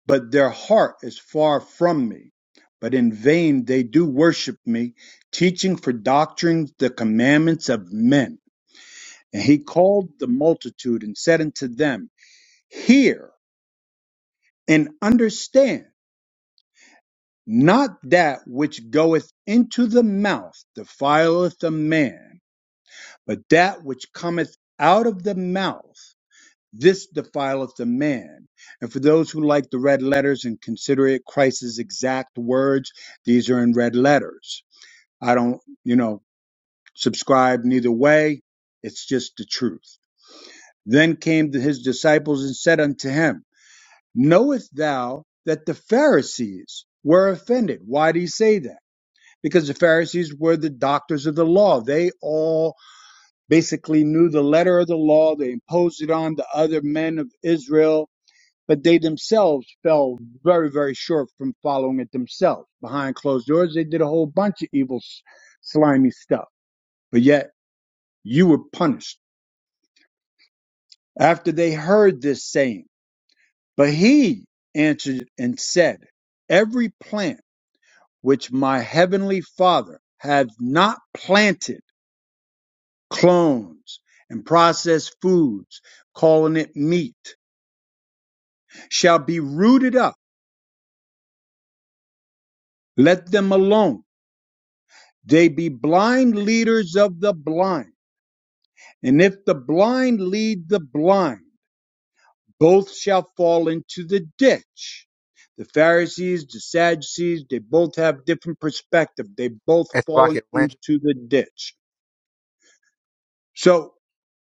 but their heart is far from me. But in vain they do worship me, teaching for doctrines the commandments of men. And he called the multitude and said unto them, Hear and understand, not that which goeth into the mouth defileth a man, but that which cometh out of the mouth, this defileth a man. And for those who like the red letters and consider it Christ's exact words, these are in red letters. I don't, you know, subscribe neither way. It's just the truth. Then came his disciples and said unto him, knowest thou that the Pharisees were offended? Why do you say that? Because the Pharisees were the doctors of the law. They all basically knew the letter of the law. They imposed it on the other men of Israel, but they themselves fell very, very short from following it themselves. Behind closed doors, they did a whole bunch of evil, slimy stuff. But yet you were punished after they heard this saying. But he answered and said, Every plant which my heavenly Father hath not planted clones and processed foods, calling it meat, shall be rooted up. Let them alone. They be blind leaders of the blind. And if the blind lead the blind, both shall fall into the ditch. The Pharisees, the Sadducees, they both have different perspective. They both
And so I
fall
can rant.
into the ditch. So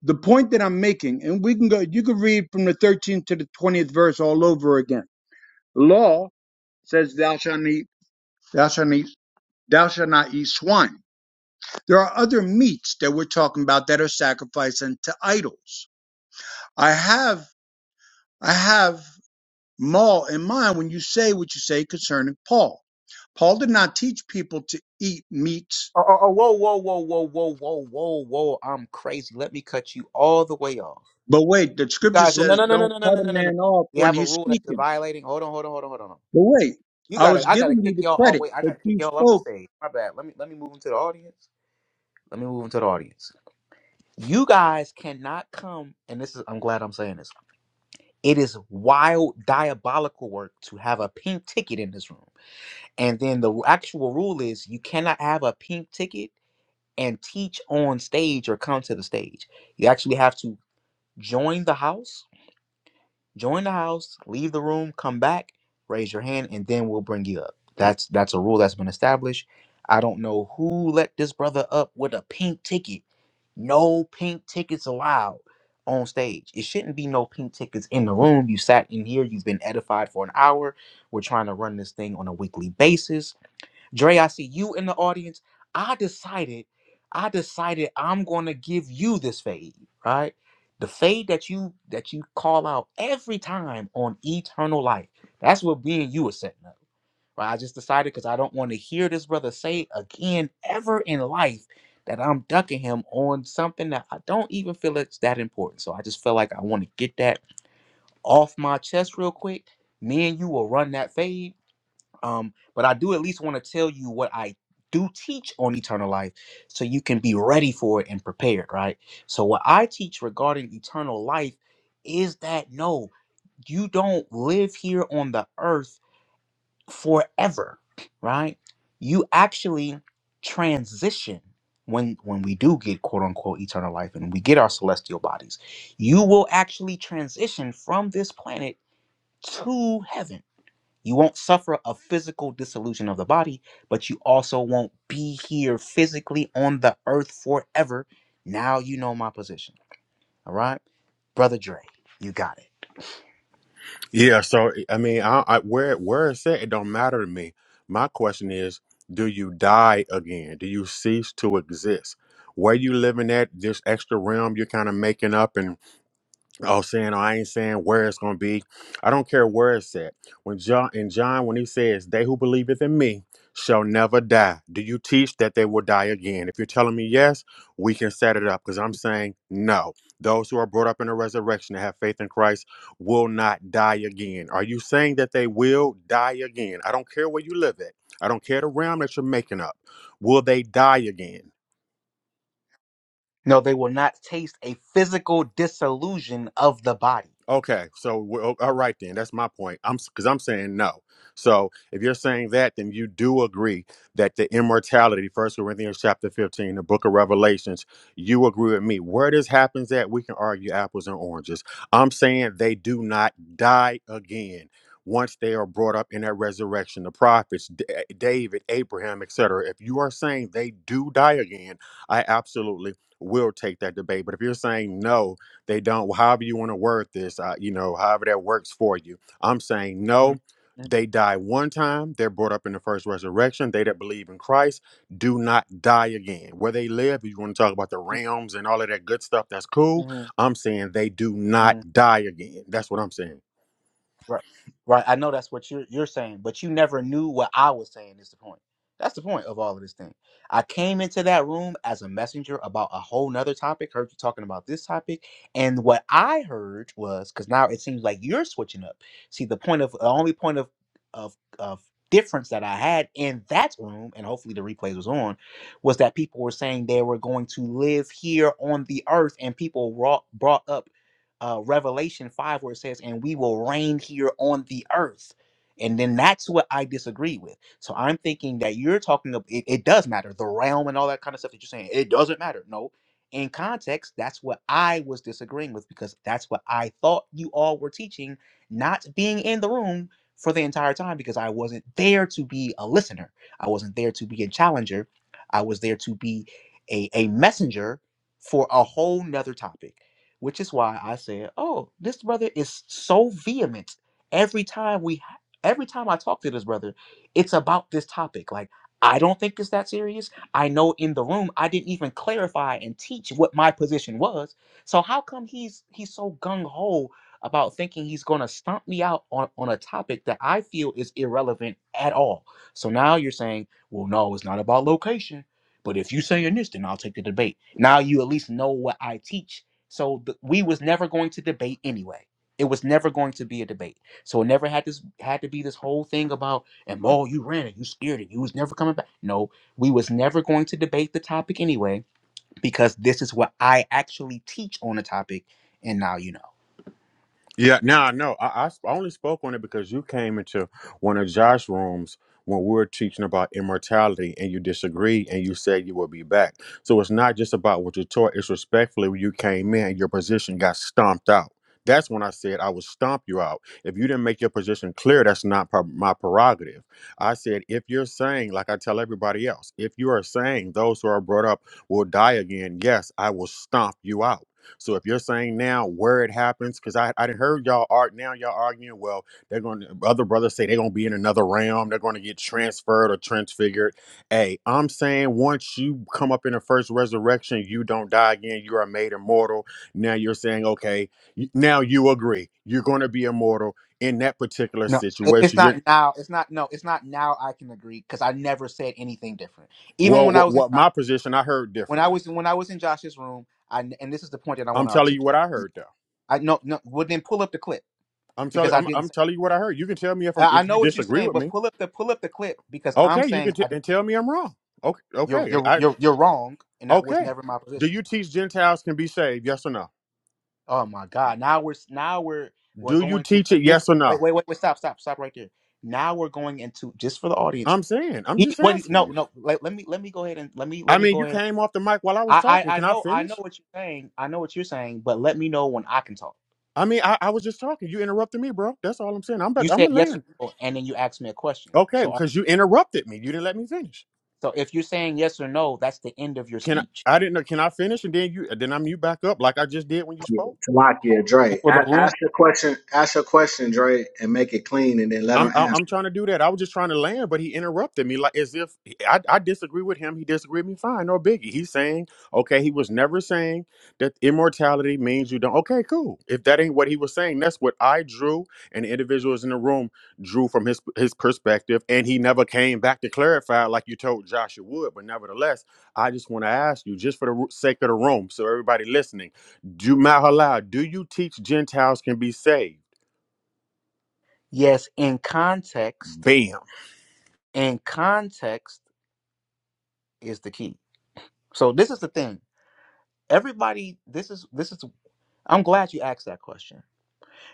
The point that I'm making, and we can go, you can read from the 13th to the 20th verse all over again. Law says, thou shalt eat, thou shalt eat, thou shalt not eat swine. There are other meats that we're talking about that are sacrificed unto idols. I have, I have Maul in mind when you say what you say concerning Paul. Paul did not teach people to eat meats.
Oh, oh, oh, whoa, whoa, whoa, whoa, whoa, whoa, whoa, whoa, whoa. I'm crazy. Let me cut you all the way off.
But wait, the
You
scripture
guys, well, no,
says,
no, no, no,
don't
no, no,
cut
no,
a
no, no. no.
man off
You
when
have a
he's
rule that you're
speaking.
violating. Hold on, hold on, hold on, hold on.
But wait,
You
I was
gotta, I gotta
giving you
kick
the
y'all. Oh
credit,
wait, I
but
gotta kick
you
y'all off
spoke
the stage. My bad. Let me, let me move into the audience. Let me move into the audience. You guys cannot come, and this is. I'm glad I'm saying this. It is wild, diabolical work to have a pink ticket in this room, and then the actual rule is you cannot have a pink ticket and teach on stage or come to the stage. You actually have to join the house join the house, leave the room, come back, raise your hand, and then we'll bring you up. That's that's a rule that's been established. I don't know who let this brother up with a pink ticket. No pink tickets allowed on stage. It shouldn't be no pink tickets in the room. You sat in here, you've been edified for an hour. We're trying to run this thing on a weekly basis Dre, I see you in the audience. I decided, I decided I'm gonna give you this fade, right? The fade that you that you call out every time on eternal life. That's what me and you are setting up. Right? I just decided because I don't want to hear this brother say again ever in life that I'm ducking him on something that I don't even feel it's that important. So I just feel like I want to get that off my chest real quick. Me and you will run that fade um, but I do at least want to tell you what I do teach on eternal life so you can be ready for it and prepared, right? So, what I teach regarding eternal life is that no, you don't live here on the earth forever, right? You actually transition when when we do get quote unquote eternal life and we get our celestial bodies you will actually transition from this planet to heaven you won't suffer a physical dissolution of the body, but you also won't be here physically on the earth forever. Now you know my position. All right? Brother Dre, you got it.
Yeah, so I mean, I, I where where it's at, it don't matter to me. My question is, do you die again? Do you cease to exist? Where you living at this extra realm you're kind of making up Oh, saying, "Oh, I ain't saying where it's gonna be. I don't care where it's at. When John and John, when he says, "They who believeth in me shall never die," do you teach that they will die again? If you're telling me yes, we can set it up because I'm saying no. Those who are brought up in the resurrection and have faith in Christ will not die again. Are you saying that they will die again? I don't care where you live at. I don't care the realm that you're making up. Will they die again?
No, they will not taste a physical dissolution of the body.
Okay, so we're, o- all right then. That's my point. I'm because I'm saying no. So if you're saying that, then you do agree that the immortality, First Corinthians chapter 15, the book of Revelations, you agree with me. Where this happens at, we can argue apples and oranges. I'm saying they do not die again once they are brought up in that resurrection. The prophets, D- eh, David, Abraham, etc. If you are saying they do die again, I absolutely will take that debate. But if you're saying no, they don't, however you want to word this, uh, you know, however that works for you. I'm saying
Mm,
no. They die one time. They're brought up in the first resurrection. They that believe in Christ do not die again. Where they live, if you want to talk about the realms and all of that good stuff, that's cool. I'm saying they do
mm.
not die again. That's what I'm saying.
Right. Right. I know that's what you're you're saying, but you never knew what I was saying is the point. That's the point of all of this thing. I came into that room as a messenger about a whole nother topic, heard you talking about this topic, and what I heard was because now it seems like you're switching up. See, the point of the only point of of of difference that I had in that room, and hopefully the replays was on, was that people were saying they were going to live here on the earth, and people brought brought up uh, Revelation 5, where it says, and we will reign here on the earth. And then that's what I disagree with. So I'm thinking that you're talking about it, it does matter, the realm and all that kind of stuff that you're saying. It doesn't matter. No. In context, that's what I was disagreeing with because that's what I thought you all were teaching, not being in the room for the entire time because I wasn't there to be a listener. I wasn't there to be a challenger. I was there to be a, a messenger for a whole nother topic which is why I said, "Oh, this brother is so vehement every time we every time I talk to this brother, it's about this topic. Like, I don't think it's that serious. I know in the room I didn't even clarify and teach what my position was. So how come he's he's so gung ho about thinking he's going to stomp me out on on a topic that I feel is irrelevant at all? So now you're saying, "Well, no, it's not about location." But if you saying this, then I'll take the debate. Now you at least know what I teach so th- we was never going to debate anyway. It was never going to be a debate. So it never had this had to be this whole thing about and oh you ran it, you scared it, you was never coming back. No, we was never going to debate the topic anyway because this is what I actually teach on the topic. And now you know.
Yeah, now I know. I, I sp- I only spoke on it because you came into one of Josh's rooms when we were teaching about immortality and you disagreed and you said you will be back. So it's not just about what you taught, it's respectfully when you came in, your position got stomped out. That's when I said I would stomp you out. If you didn't make your position clear, that's not pro- my prerogative. I said, if you're saying, like I tell everybody else, if you are saying those who are brought up will die again, yes, I will stomp you out. So if you're saying now where it happens, because I I done heard y'all are now y'all arguing, well, they're going to other brothers say they're gonna be in another realm, they're gonna get transferred or transfigured. Hey, I'm saying once you come up in the first resurrection, you don't die again, you are made immortal. Now you're saying, okay, y- now you agree you're gonna be immortal in that particular
No, it- it's
situation.
not
You're
now. It's not no. It's not now. I can agree because I never said anything different. Even
well,
when I
what,
was in
what
Josh,
my position I heard
when I
differently.
was when I was in Josh's room, I and this is the point that I
I'm
want to
telling you
articulate.
what I heard though.
I no no. Well, then pull up the clip
I'm
because
telling
I
I'm,
didn't. say.
I'm telling you what I heard. You can tell me if I'm,
I I
if you
know what you're
disagree
saying,
with
but
me.
pull up the pull up the clip because I'm
Okay, you
saying
can t-
I do.
and tell me I'm wrong. Okay,
You're
okay,
you're
I
you're you're wrong, and that was
okay.
never my
Do
position.
you teach Gentiles can be saved? Yes or no?
Oh my God! Now we're now we're we're
Do you
going to
teach
a
it? Yes
different.
or
Wait
no?
wait wait wait stop stop stop right there. Now we're going into just for the audience.
I'm saying. I'm
He
just
wait
asking
no
you.
no let, let me let me go ahead and let me
I
let me
mean,
go
you
ahead.
came off the mic while I was
I,
talking.
I I
Can I
know I know
finish?
what you're saying. I know what you're saying, but let me know when I can talk.
I mean, I, I was just talking. You interrupted me, bro. That's all I'm saying. I'm
You
but I'm a
said yes or
land.
no, and then you asked me a question.
Okay,
So uh,
because you interrupted me. You didn't let me finish.
so if you're saying yes or no, that's the end of your
Can I?
speech.
I didn't know. Can I finish? And then you. Then I mute back up like I just did when you
Yeah.
spoke.
Salakia, Dre.
For the
A-
room.
ask your question. Ask your question, Dre, and make it clean, and then let them
I'm I'm
answer.
I'm trying to do that. I was just trying to land, but he interrupted me like as if I, I disagree with him. He disagreed with me. Fine, no biggie. He's saying okay. He was never saying that immortality means you don't. Okay, cool. If that ain't what he was saying, that's what I drew and the individuals in the room drew from his his perspective, and he never came back to clarify like you told Joshua would. But nevertheless, I just want to ask you, just for the ro- sake of the room, so everybody listening, do Mahalal, do you teach Gentiles can be saved?
Yes, in context,
Bam.
and context is the key. So this is the thing. Everybody, this is this is I'm glad you asked that question.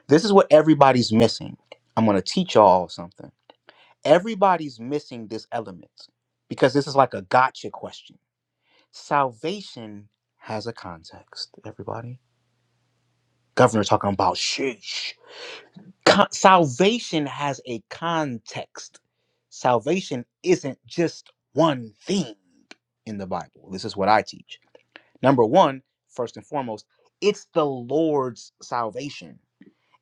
This is what everybody's missing. I'm gonna teach y'all something. Everybody's missing this element because this is like a gotcha question. Salvation has a context, everybody. Governor talking about sheesh. Con- salvation has a context. Salvation isn't just one thing in the Bible. This is what I teach. Number one, first and foremost, it's the Lord's salvation.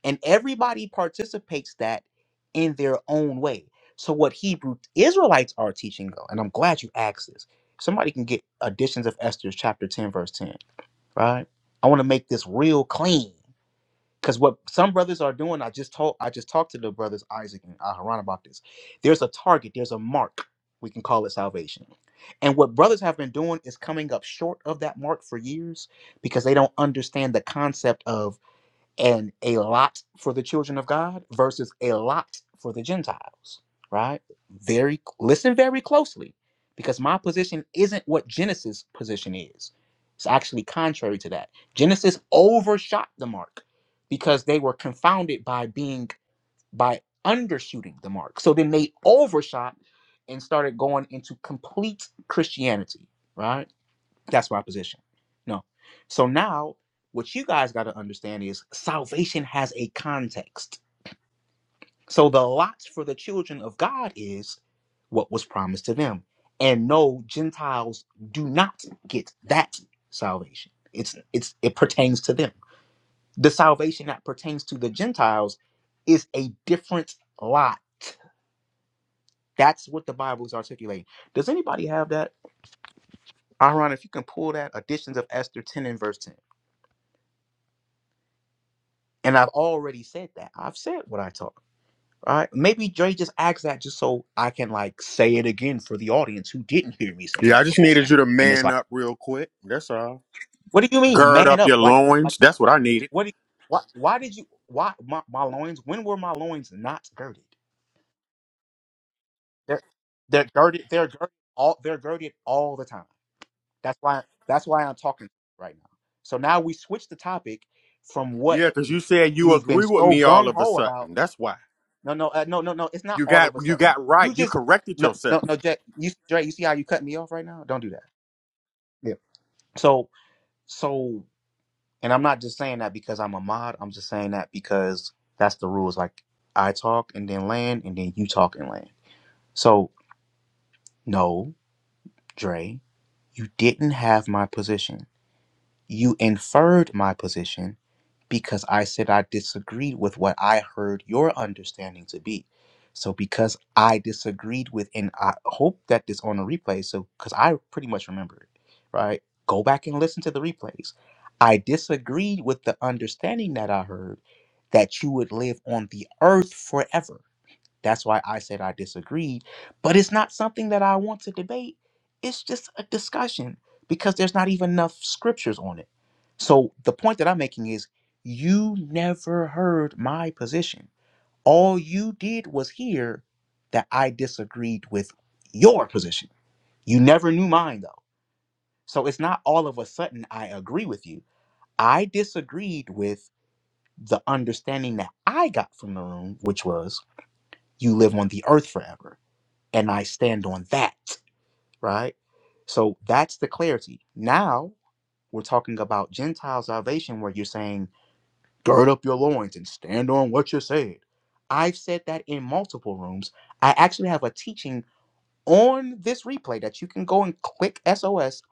And everybody participates that in their own way. So what Hebrew Israelites are teaching, though, and I'm glad you asked this. Somebody can get editions of Esther's chapter 10, verse 10, right? I want to make this real clean because what some brothers are doing, I just told I just talked to the brothers Isaac and Aharon about this. There's a target, there's a mark. We can call it salvation. And what brothers have been doing is coming up short of that mark for years because they don't understand the concept of and a lot for the children of God versus a lot for the Gentiles, right? Very listen very closely because my position isn't what Genesis position is. It's actually contrary to that. Genesis overshot the mark because they were confounded by being by undershooting the mark. So then they overshot and started going into complete Christianity, right? That's my position. No. So now, what you guys got to understand is salvation has a context. So the lots for the children of God is what was promised to them. And no, Gentiles do not get that salvation. It's it's it pertains to them. The salvation that pertains to the Gentiles is a different lot. That's what the Bible is articulating. Does anybody have that? Aaron, if you can pull that, Additions of Esther 10 and verse 10. And I've already said that. I've said what I talk. All right. Maybe Dre just asked that just so I can like say it again for the audience who didn't hear me say
Yeah, I
that
just
before.
needed you to
And it's
man
like,
up real quick. That's all.
what do you mean,
Gird up
man
your
up? Like, like
loins. That's what I needed.
what? Do you, why, why did you? Why my, my loins? When were my loins not girded? They're they're girded. They're girded all. They're girded all the time. That's why. That's why I'm talking right now. So now we switch the topic from what
Yeah, because you said you
you've been
agree with
so
me all
gung
of a
ho about
sudden. That's why.
No, no, uh, no, no, no. It's not
You
all
got
of a
you
sudden.
got right.
You
You
just
corrected
no,
yourself.
no, no, Jack. You, Dre, you see how you cut me off right now? Don't do that. Yeah. So, so, and I'm not just saying that because I'm a mod. I'm just saying that because that's the rules. Like I talk and then land, and then you talk and land. So, no, Dre, you didn't have my position. You inferred my position because I said I disagreed with what I heard your understanding to be. So because I disagreed with, and I hope that this on a replay, so because I pretty much remember it, right? Go back and listen to the replays. I disagreed with the understanding that I heard that you would live on the earth forever. That's why I said I disagreed. But it's not something that I want to debate. It's just a discussion because there's not even enough scriptures on it. So the point that I'm making is you never heard my position. All you did was hear that I disagreed with your position. You never knew mine though. So it's not all of a sudden I agree with you. I disagreed with the understanding that I got from the room, which was you live on the earth forever and I stand on that, right? So that's the clarity. Now we're talking about Gentile salvation where you're saying, gird up your loins and stand on what you said. I've said that in multiple rooms. I actually have a teaching on this replay that you can go and click SOS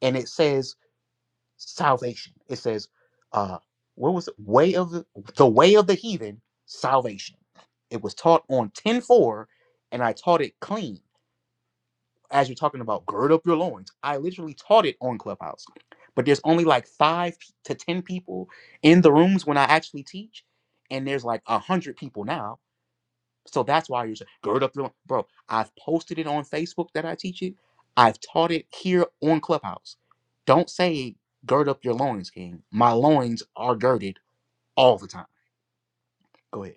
and it says salvation. It says, uh, what was it? Way of the, the way of the heathen, salvation. It was taught on 10 4, and I taught it clean as you're talking about gird up your loins. I literally taught it on Clubhouse. But there's only like five to ten people in the rooms when I actually teach, and there's like a hundred people now. So that's why you're saying gird up your loins. bro. I've posted it on Facebook that I teach it. I've taught it here on Clubhouse. Don't say gird up your loins, King. My loins are girded all the time. Go ahead.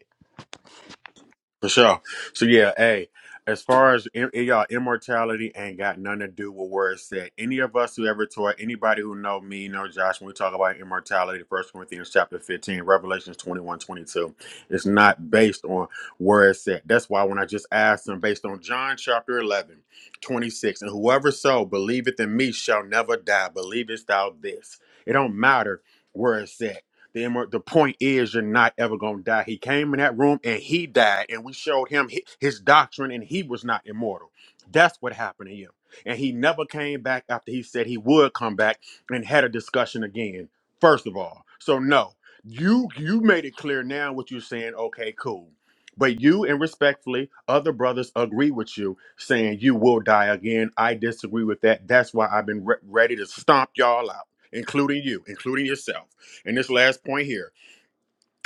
For sure. So yeah, hey, as far as im- y'all immortality ain't got nothing to do with where it's at. Any of us who ever taught anybody who know me, know Josh, when we talk about immortality, First Corinthians chapter 15, Revelations 21, 22. it's not based on where it's at. That's why when I just asked them based on John chapter 11, 26, and whoever so believeth in me shall never die, believest thou this. It don't matter where it's at the, emer- the point is, you're not ever going to die. He came in that room and he died, and we showed him hi- his doctrine, and he was not immortal. That's what happened to him. And he never came back after he said he would come back and had a discussion again, first of all. So, no, you you made it clear now what you're saying. Okay, cool. But you and respectfully, other brothers agree with you, saying you will die again. I disagree with that. That's why I've been re- ready to stomp y'all out, including you, including yourself. And this last point here,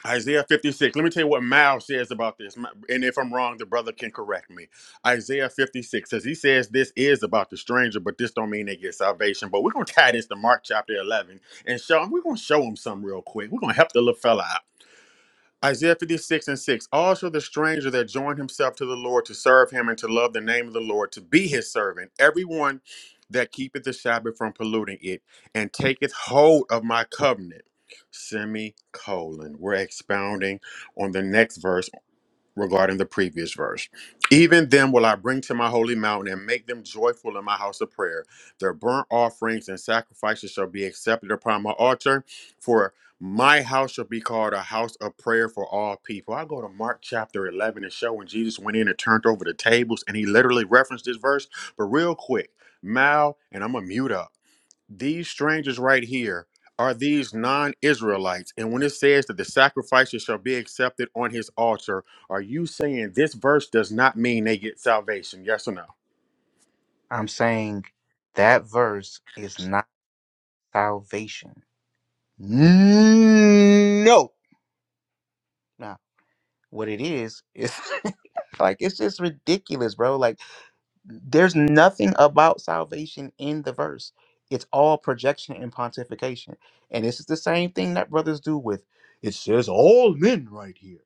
Isaiah 56. Let me tell you what Miles says about this. And if I'm wrong, the brother can correct me. Isaiah 56 says he says this is about the stranger, but this don't mean they get salvation. But we're gonna tie this to Mark chapter 11 and show him. We're gonna show him something real quick. We're gonna help the little fella Isaiah 56 and 6. Also, the stranger that joined himself to the Lord to serve him and to love the name of the Lord, to be his servant, everyone that keepeth the Sabbath from polluting it and taketh hold of my covenant. Semicolon. We're expounding on the next verse regarding the previous verse. Even them will I bring to my holy mountain and make them joyful in my house of prayer. Their burnt offerings and sacrifices shall be accepted upon my altar, for my house shall be called a house of prayer for all people. I go to Mark chapter 11 and show when Jesus went in and turned over the tables, and he literally referenced this verse. But real quick, Mal, and I'm going to mute up these strangers right here are these non-israelites and when it says that the sacrifices shall be accepted on his altar are you saying this verse does not mean they get salvation yes or no
I'm saying that verse is not salvation. No. What it is is like it's just ridiculous, bro. Like there's nothing about salvation in the verse. It's all projection and pontification. And this is the same thing that brothers do with it says all men right here.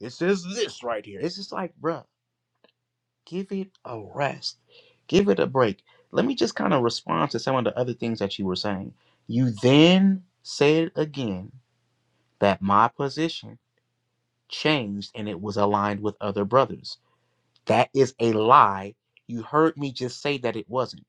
It says this right here. It's just like, bro, give it a rest. Give it a break. Let me just kind of respond to some of the other things that you were saying. You then said again that my position changed and it was aligned with other brothers. That is a lie. You heard me just say that it wasn't.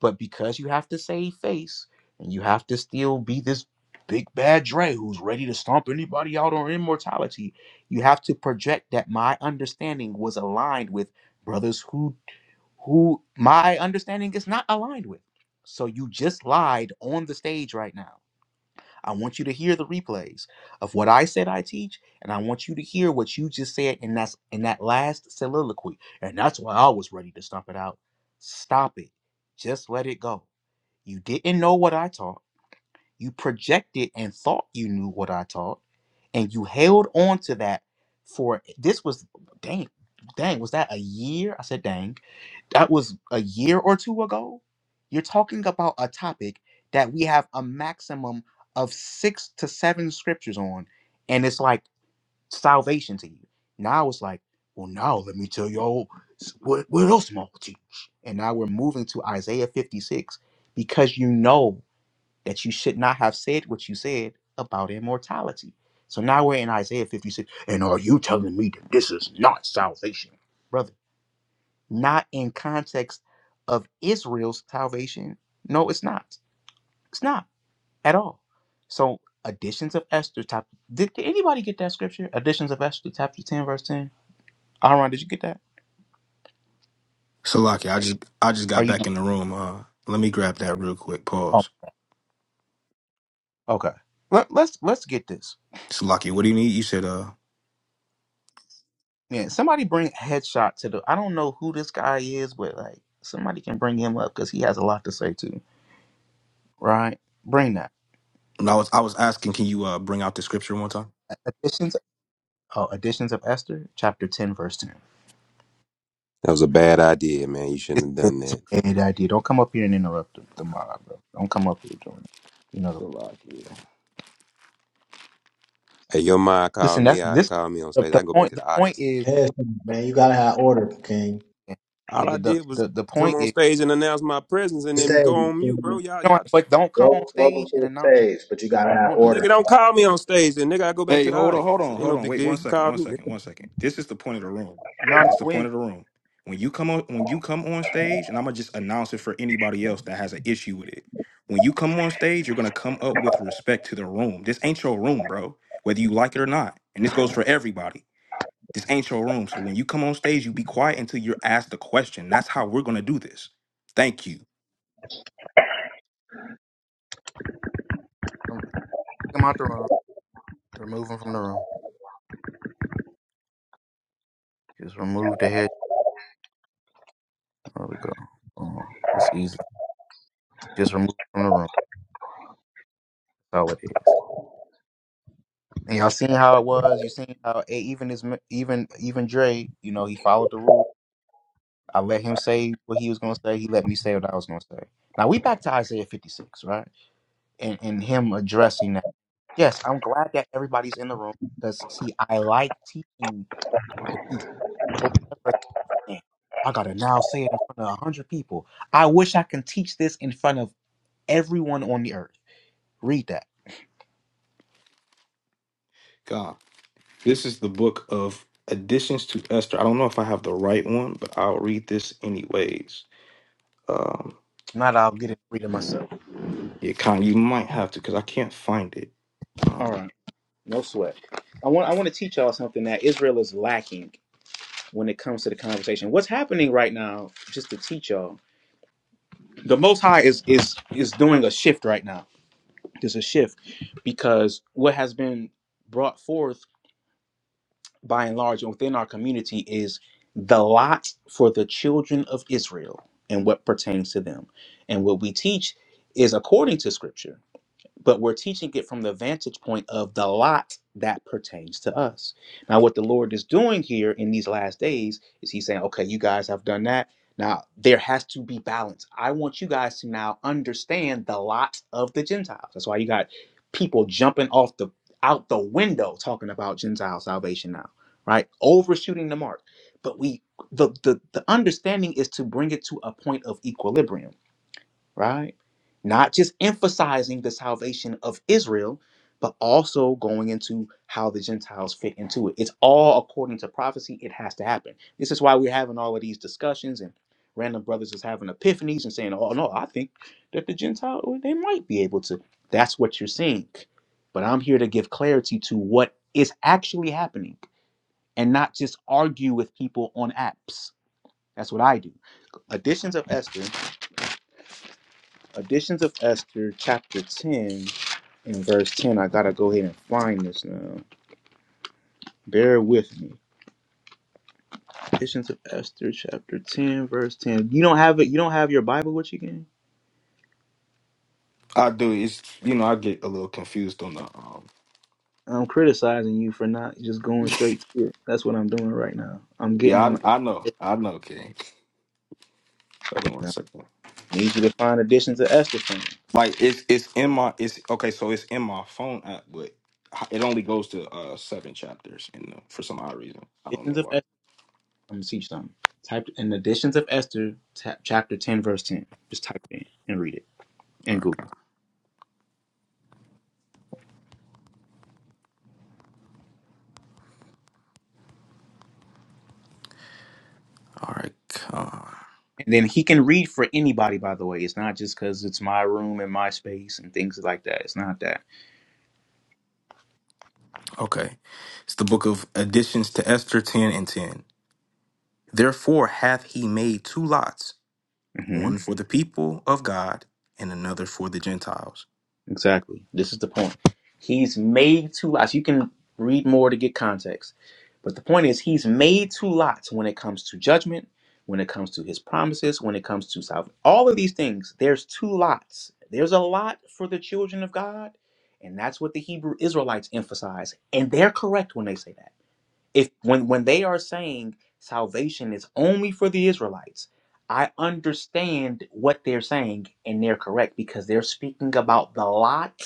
But because you have to save face and you have to still be this big bad Dre who's ready to stomp anybody out on immortality, you have to project that my understanding was aligned with brothers who who my understanding is not aligned with. So you just lied on the stage right now I want you to hear the replays of what I said I teach, and I want you to hear what you just said in that in that last soliloquy. And that's why I was ready to stomp it out. Stop it. Just let it go. You didn't know what I taught. You projected and thought you knew what I taught, and you held on to that for this was dang, dang, was that a year? I said dang that was a year or two ago. You're talking about a topic that we have a maximum of six to seven scriptures on, and it's like salvation to you. Now it's like, well, now let me tell y'all s- what, what else am I gonna teach? And now we're moving to Isaiah 56 because you know that you should not have said what you said about immortality. So now we're in Isaiah 56, and are you telling me that this is not salvation, brother? not in context of Israel's salvation. No, it's not. It's not at all. So, additions of Esther chapter. Did, did anybody get that scripture? Additions of Esther chapter ten, verse ten. Aaron, did you get that?
Salaki, I just I just
Are
got
you?
back in the room. Uh, let me grab that real quick.
Oh,
Pause.
okay. Let, let's let's get this.
Salaki, what do you need? You said uh,
Yeah, somebody bring headshot to the. I don't know who this guy is, but like somebody can bring him up because he has a lot to say too. Right? Bring that.
no, I was I was asking, can you uh bring out the scripture one time?
Additions. Oh, additions of Esther chapter ten, verse ten.
That was a bad idea, man. You
It's
shouldn't have done
that's
that.
a bad idea. Don't come up here and interrupt the, the mob, bro. Don't come up here doing it. You know,
Salaki.
Hey, your mom called
listen.
me
That's
out and
this.
called me on
The,
stage.
the
I go back
point.
to
The
the
point
audience.
is.
Yes, man, you gotta have order, King.
yeah,
All I
The, the
did was
the the
come
point
on
is.
stage and announce my presence and then
Stage,
go on mute, bro.
King.
Y'all,
You know,
y'all. tri-
but don't come on
Wel- welcome
stage
to
and
the
announce your.
stage, but you gotta have
Don't do.
Well,
order.
nigga, don't call me on stage. Then nigga, I go back
Hey,
to the
hold on, hold
audience.
on,
Ain't
hold
no
on.
big
Wait
deal.
one
You
second,
called
one
me.
second, one second. This is the point of the room.
No, no,
This is the
we
point
ain't.
of the room. When you come on, when you come on stage, and I'm gonna just announce it for anybody else that has an issue with it. When you come on stage, you're gonna come up with respect to the room. This ain't your room, bro. Whether you like it or not, and this goes for everybody. This ain't your room. So when you come on stage, you be quiet until you're asked the question. That's how we're gonna do this. Thank you.
Um, Kick him out the room. Remove him from the room. Just remove the head. There we go. Um, that's easy. Just remove him from the room. That's all it is. And y'all seen how it was. You seen how eh, even his even even Dre. You know, he followed the rules. I let him say what he was going to say. He let me say what I was going to say. Now we back to Isaiah 56, right? And and him addressing that. Yes, I'm glad that everybody's in the room because see, I like teaching the people. So it's never, "Man, I gotta now say it in front of a hundred people. I wish I can teach this in front of everyone on the earth. Read that.
God, this is the book of additions to Esther. I don't know if I have the right one, but I'll read this anyways. Um,
If Not I'll get it read it myself.
yeah, kind. You might have to because I can't find it.
All
Um,
right, no sweat. I want I want to teach y'all something that Israel is lacking when it comes to the conversation. What's happening right now, just to teach y'all, the most high is is is doing a shift right now there's a shift because what has been brought forth by and large within our community is the lot for the children of israel and what pertains to them and what we teach is according to scripture but we're teaching it from the vantage point of the lot that pertains to us. Now, what the Lord is doing here in these last days is He's saying, okay, you guys have done that. Now, there has to be balance. I want you guys to now understand the lot of the Gentiles. That's why you got people jumping off the out the window talking about Gentile salvation now, right? Overshooting the mark. But we the the, the understanding is to bring it to a point of equilibrium right? Not just emphasizing the salvation of Israel, but also going into how the Gentiles fit into it. It's all according to prophecy. It has to happen. This is why we're having all of these discussions and random brothers is having epiphanies and saying, oh, no, I think that the Gentile, well, they might be able to. That's what you're seeing. But I'm here to give clarity to what is actually happening and not just argue with people on apps. That's what I do. Editions of Esther Additions of Esther, chapter 10, in verse 10. I gotta go ahead and find this now. Bear with me. Additions of Esther, chapter 10, verse 10. You don't have it, you don't have your Bible with you, gang?
I do. It's you know I get a little confused on the. Um,
I'm criticizing you for not just going straight to it. That's what I'm doing right now. I'm getting
yeah,
on.
I I know. I know, King. Hold on one
I
second.
need you to find Additions of Esther for me.
Like it's it's in my it's okay. So it's in my phone app, but it only goes to uh seven chapters, and for some odd reason, I don't know
Additions of
why.
Esther. I'm gonna teach something. Type in Additions of Esther, ta- chapter 10, verse 10. Just type it in and read it
All
in Google.
right. All right. Con.
And then he can read for anybody, by the way. It's not just because it's my room and my space and things like that. It's not that.
Okay. It's the book of additions to Esther ten and ten. Therefore hath he made two lots
hmm
one for the people of God and another for the Gentiles.
Exactly. This is the point. He's made two lots. You can read more to get context. But the point is, he's made two lots when it comes to judgment, when it comes to his promises, when it comes to salvation. All of these things, there's two lots. There's a lot for the children of God. And that's what the Hebrew Israelites emphasize. And they're correct when they say that. if when when they are saying salvation is only for the Israelites, I understand what they're saying and they're correct because they're speaking about the lot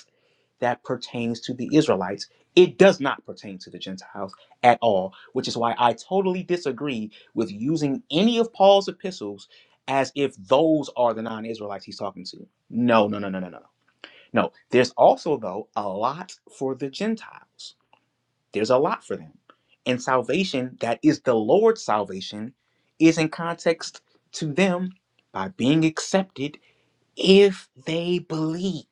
that pertains to the Israelites. It does not pertain to the Gentiles at all, which is why I totally disagree with using any of Paul's epistles as if those are the non-Israelites he's talking to. No, no, no, no, no, no. No, No, there's also though a lot for the Gentiles there's a lot for them. And salvation, that is the Lord's salvation, is in context to them by being accepted if they believe,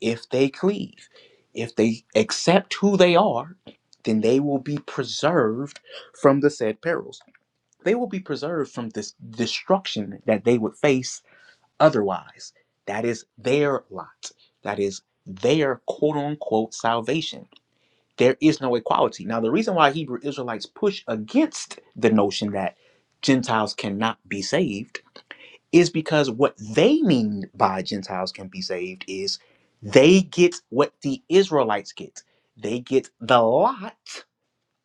if they cleave. If they accept who they are, then they will be preserved from the said perils. They will be preserved from this destruction that they would face otherwise. That is their lot. That is their quote unquote salvation there is no equality. Now, the reason why Hebrew Israelites push against the notion that Gentiles cannot be saved is because what they mean by Gentiles can be saved is they get what the Israelites get. They get the lot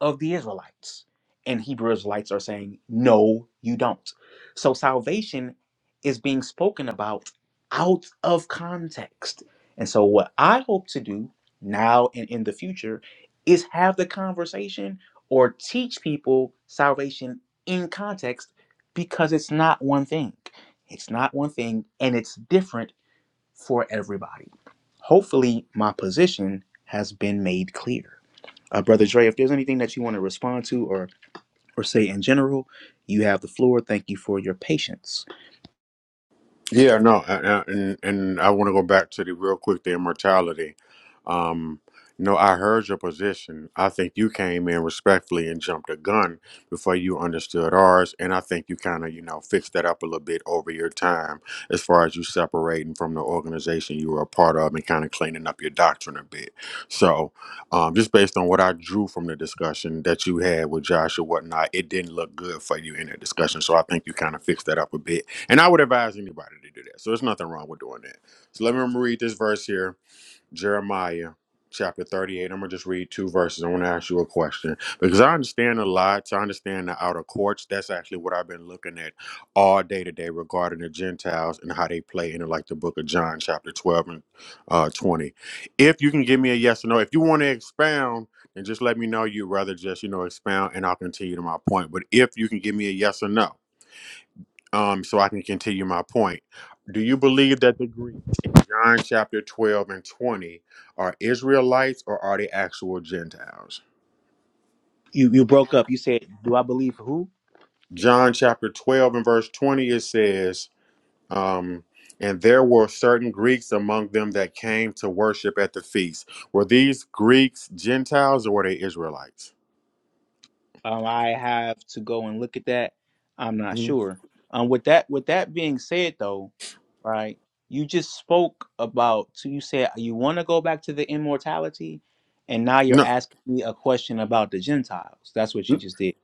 of the Israelites. And Hebrew Israelites are saying, no, you don't. So salvation is being spoken about out of context. And so, what I hope to do now and in the future is have the conversation or teach people salvation in context because it's not one thing. It's not one thing and it's different for everybody. Hopefully, my position has been made clear. Uh, Brother Dre, if there's anything that you want to respond to or or say in general, you have the floor. Thank you for your patience.
Yeah, no, uh, uh, and and I want to go back to the real quick the immortality. Um, you I heard your position. I think you came in respectfully and jumped a gun before you understood ours, and I think you kind of you know fixed that up a little bit over your time as far as you separating from the organization you were a part of and kind of cleaning up your doctrine a bit. So, um, just based on what I drew from the discussion that you had with Josh or whatnot, it didn't look good for you in that discussion. So I think you kind of fixed that up a bit and I would advise anybody to do that. So there's nothing wrong with doing that. So let me read this verse here, Jeremiah chapter 38. I'm gonna just read two verses. I want to ask you a question. Because I understand the lots, I understand the outer courts. That's actually what I've been looking at all day today regarding the Gentiles and how they play into like the book of John, chapter 12 and uh 20. If you can give me a yes or no, if you want to expound, then just let me know you'd rather just, you know, expound and I'll continue to my point. But if you can give me a yes or no, um, so I can continue my point. Do you believe that the Greeks in John chapter 12 and 20 are Israelites or are they actual Gentiles?
You you broke up. You said, "Do I believe who?"
John chapter 12 and verse 20, it says, um, And there were certain Greeks among them that came to worship at the feast. Were these Greeks Gentiles or were they Israelites?
Um, I have to go and look at that. I'm not
Mhm.
sure. Um, with that with that being said, though, right? You just spoke about. So you said you want to go back to the immortality, and now you're
No,
asking me a question about the Gentiles. That's what you
N-
just did.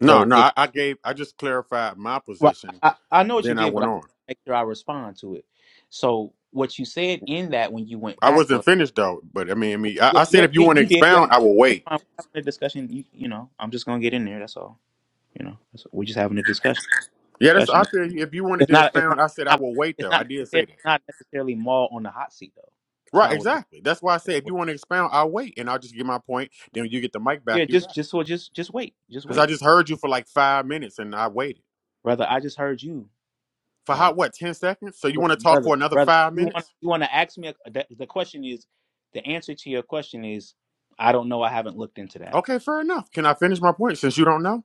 no,
So
no.
it's
I, I gave, I just clarified my
Well,
position.
I, I I know what you
Then I
did, but
went
I
on.
make sure I respond to it. So what you said in that when you went
I
back
wasn't
was,
finished though, but I mean, I mean, I,
yeah,
I said
yeah,
if you want
you
to
you did. You asked,
expound, I will
it's
wait.
fine. We're having a discussion. You, you know, I'm just gonna get in there. That's all. You know, that's, we're just having a discussion.
Yeah, that's. I
Discussion.
said if you wanted
It's
to
not. It's not.
expound, I said I will wait
It's not. It's
though. I
not
did
necessarily.
say that.
It's not necessarily Maul on the hot seat though. It's
Right,
not what it is.
exactly. That's why I said if you want to expound, I'll wait and I'll just get my point. Then when you get the mic back,
Yeah,
you got
just,
it.
just, so, just, just wait. Just
Because I
wait,
just heard you for like five minutes and I waited.
brother. I just heard you.
For
like,
how, what, 10 seconds? So you
Br-
want to talk
brother,
for another
brother,
five
you want
minutes?
you want to ask me? A, the, the question is, the answer to your question is, I don't know. I haven't looked into that.
Okay, fair enough. Can I finish my point since you don't know?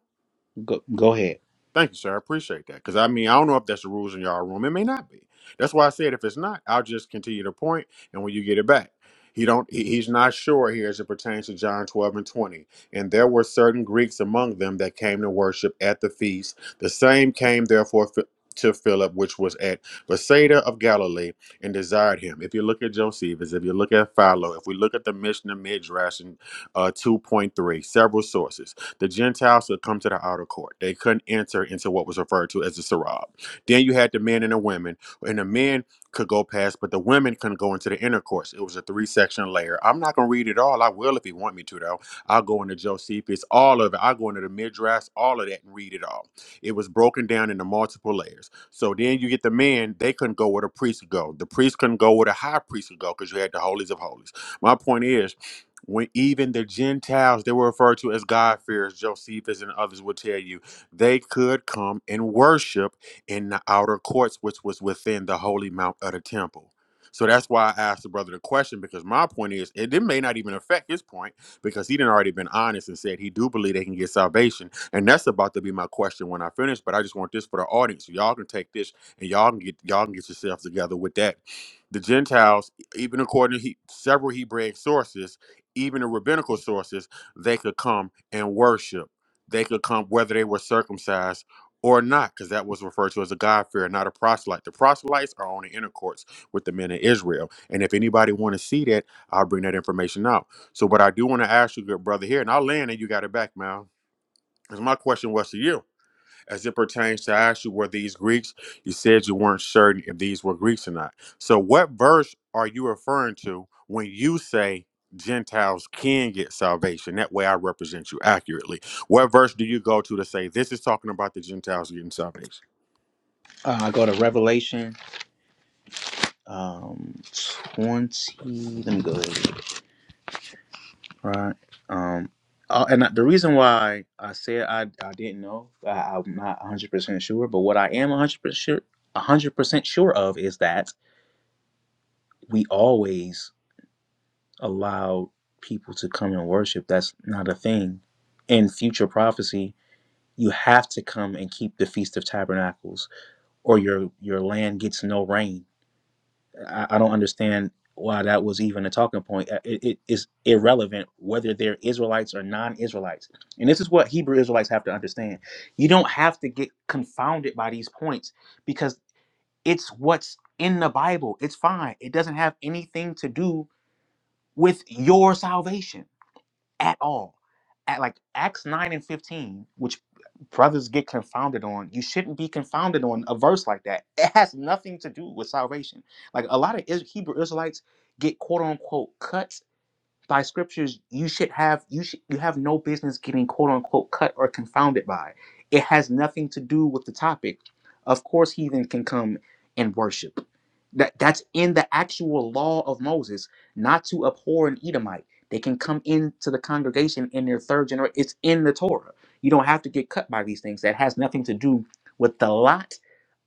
Go go ahead.
Thank you, sir. I appreciate that. Because I mean, I don't know if that's the rules in y'all room. It may not be. That's why I said if it's not, I'll just continue to point, and when you get it back, he don't. he- he's not sure here as it pertains to John twelve and twenty. And there were certain Greeks among them that came to worship at the feast. The same came therefore. Phi- To Philip, which was at Bethsaida of Galilee, and desired him. If you look at Josephus, if you look at Philo, if we look at the Mishnah Midrash in uh, 2.3, several sources, the Gentiles should come to the outer court. They couldn't enter into what was referred to as the Sarab. Then you had the men and the women, and the men could go past, but the women couldn't go into the inner courts. It was a three section layer. I'm not going to read it all. I will if you want me to, though. I'll go into Josephus, all of it. I'll go into the Midrash, all of that, and read it all. It was broken down into multiple layers. So then you get the men, they couldn't go where the priest could go. The priest couldn't go where the high priest could go because you had the holies of holies. My point is, when even the Gentiles they were referred to as God-fearers, Josephus and others would tell you, they could come and worship in the outer courts, which was within the holy mount of the temple. So that's why I asked the brother the question because my point is it, it may not even affect his point because he didn't already been honest and said he do believe they can get salvation and that's about to be my question when I finish. But I just want this for the audience so y'all can take this and y'all can get y'all can get yourselves together with that. The Gentiles, e, even according to he, several Hebraic sources, even the rabbinical sources, they could come and worship. They could come whether they were circumcised or not, because that was referred to as a God fear, not a proselyte. The proselytes are on the inner courts with the men of Israel. And if anybody want to see that, I'll bring that information out. So what I do want to ask you, good brother here, and I'll land and you got it back, man. Because my question was to you as it pertains to ask you, were these Greeks? You said you weren't certain if these were Greeks or not. So, what verse are you referring to when you say Gentiles can get salvation? That way I represent you accurately. What verse do you go to to say this is talking about the Gentiles getting salvation?
Uh, I go to Revelation um, twenty. Let me go ahead. Right. Um, uh, and the reason why I said I I didn't know, I, I'm not one hundred percent sure. But what I am one hundred percent sure, one hundred percent sure of is that we always allow people to come and worship. That's not a thing. In future prophecy, you have to come and keep the Feast of Tabernacles, or your your land gets no rain. I, I don't understand why that was even a talking point. Uh, It, it is irrelevant whether they're Israelites or non-Israelites. And this is what Hebrew Israelites have to understand. You don't have to get confounded by these points because it's what's in the Bible. It's fine. It doesn't have anything to do with your salvation at all. At like Acts 9 and 15, which brothers get confounded on, you shouldn't be confounded on a verse like that. It has nothing to do with salvation. Like a lot of Is- Hebrew Israelites get quote unquote cut by scriptures you should have you should you have no business getting quote unquote cut or confounded by. It has nothing to do with the topic. Of course, heathen can come and worship. That that's in the actual law of Moses, not to abhor an Edomite. They can come into the congregation in their third generation. It's in the Torah. You don't have to get cut by these things. That has nothing to do with the lot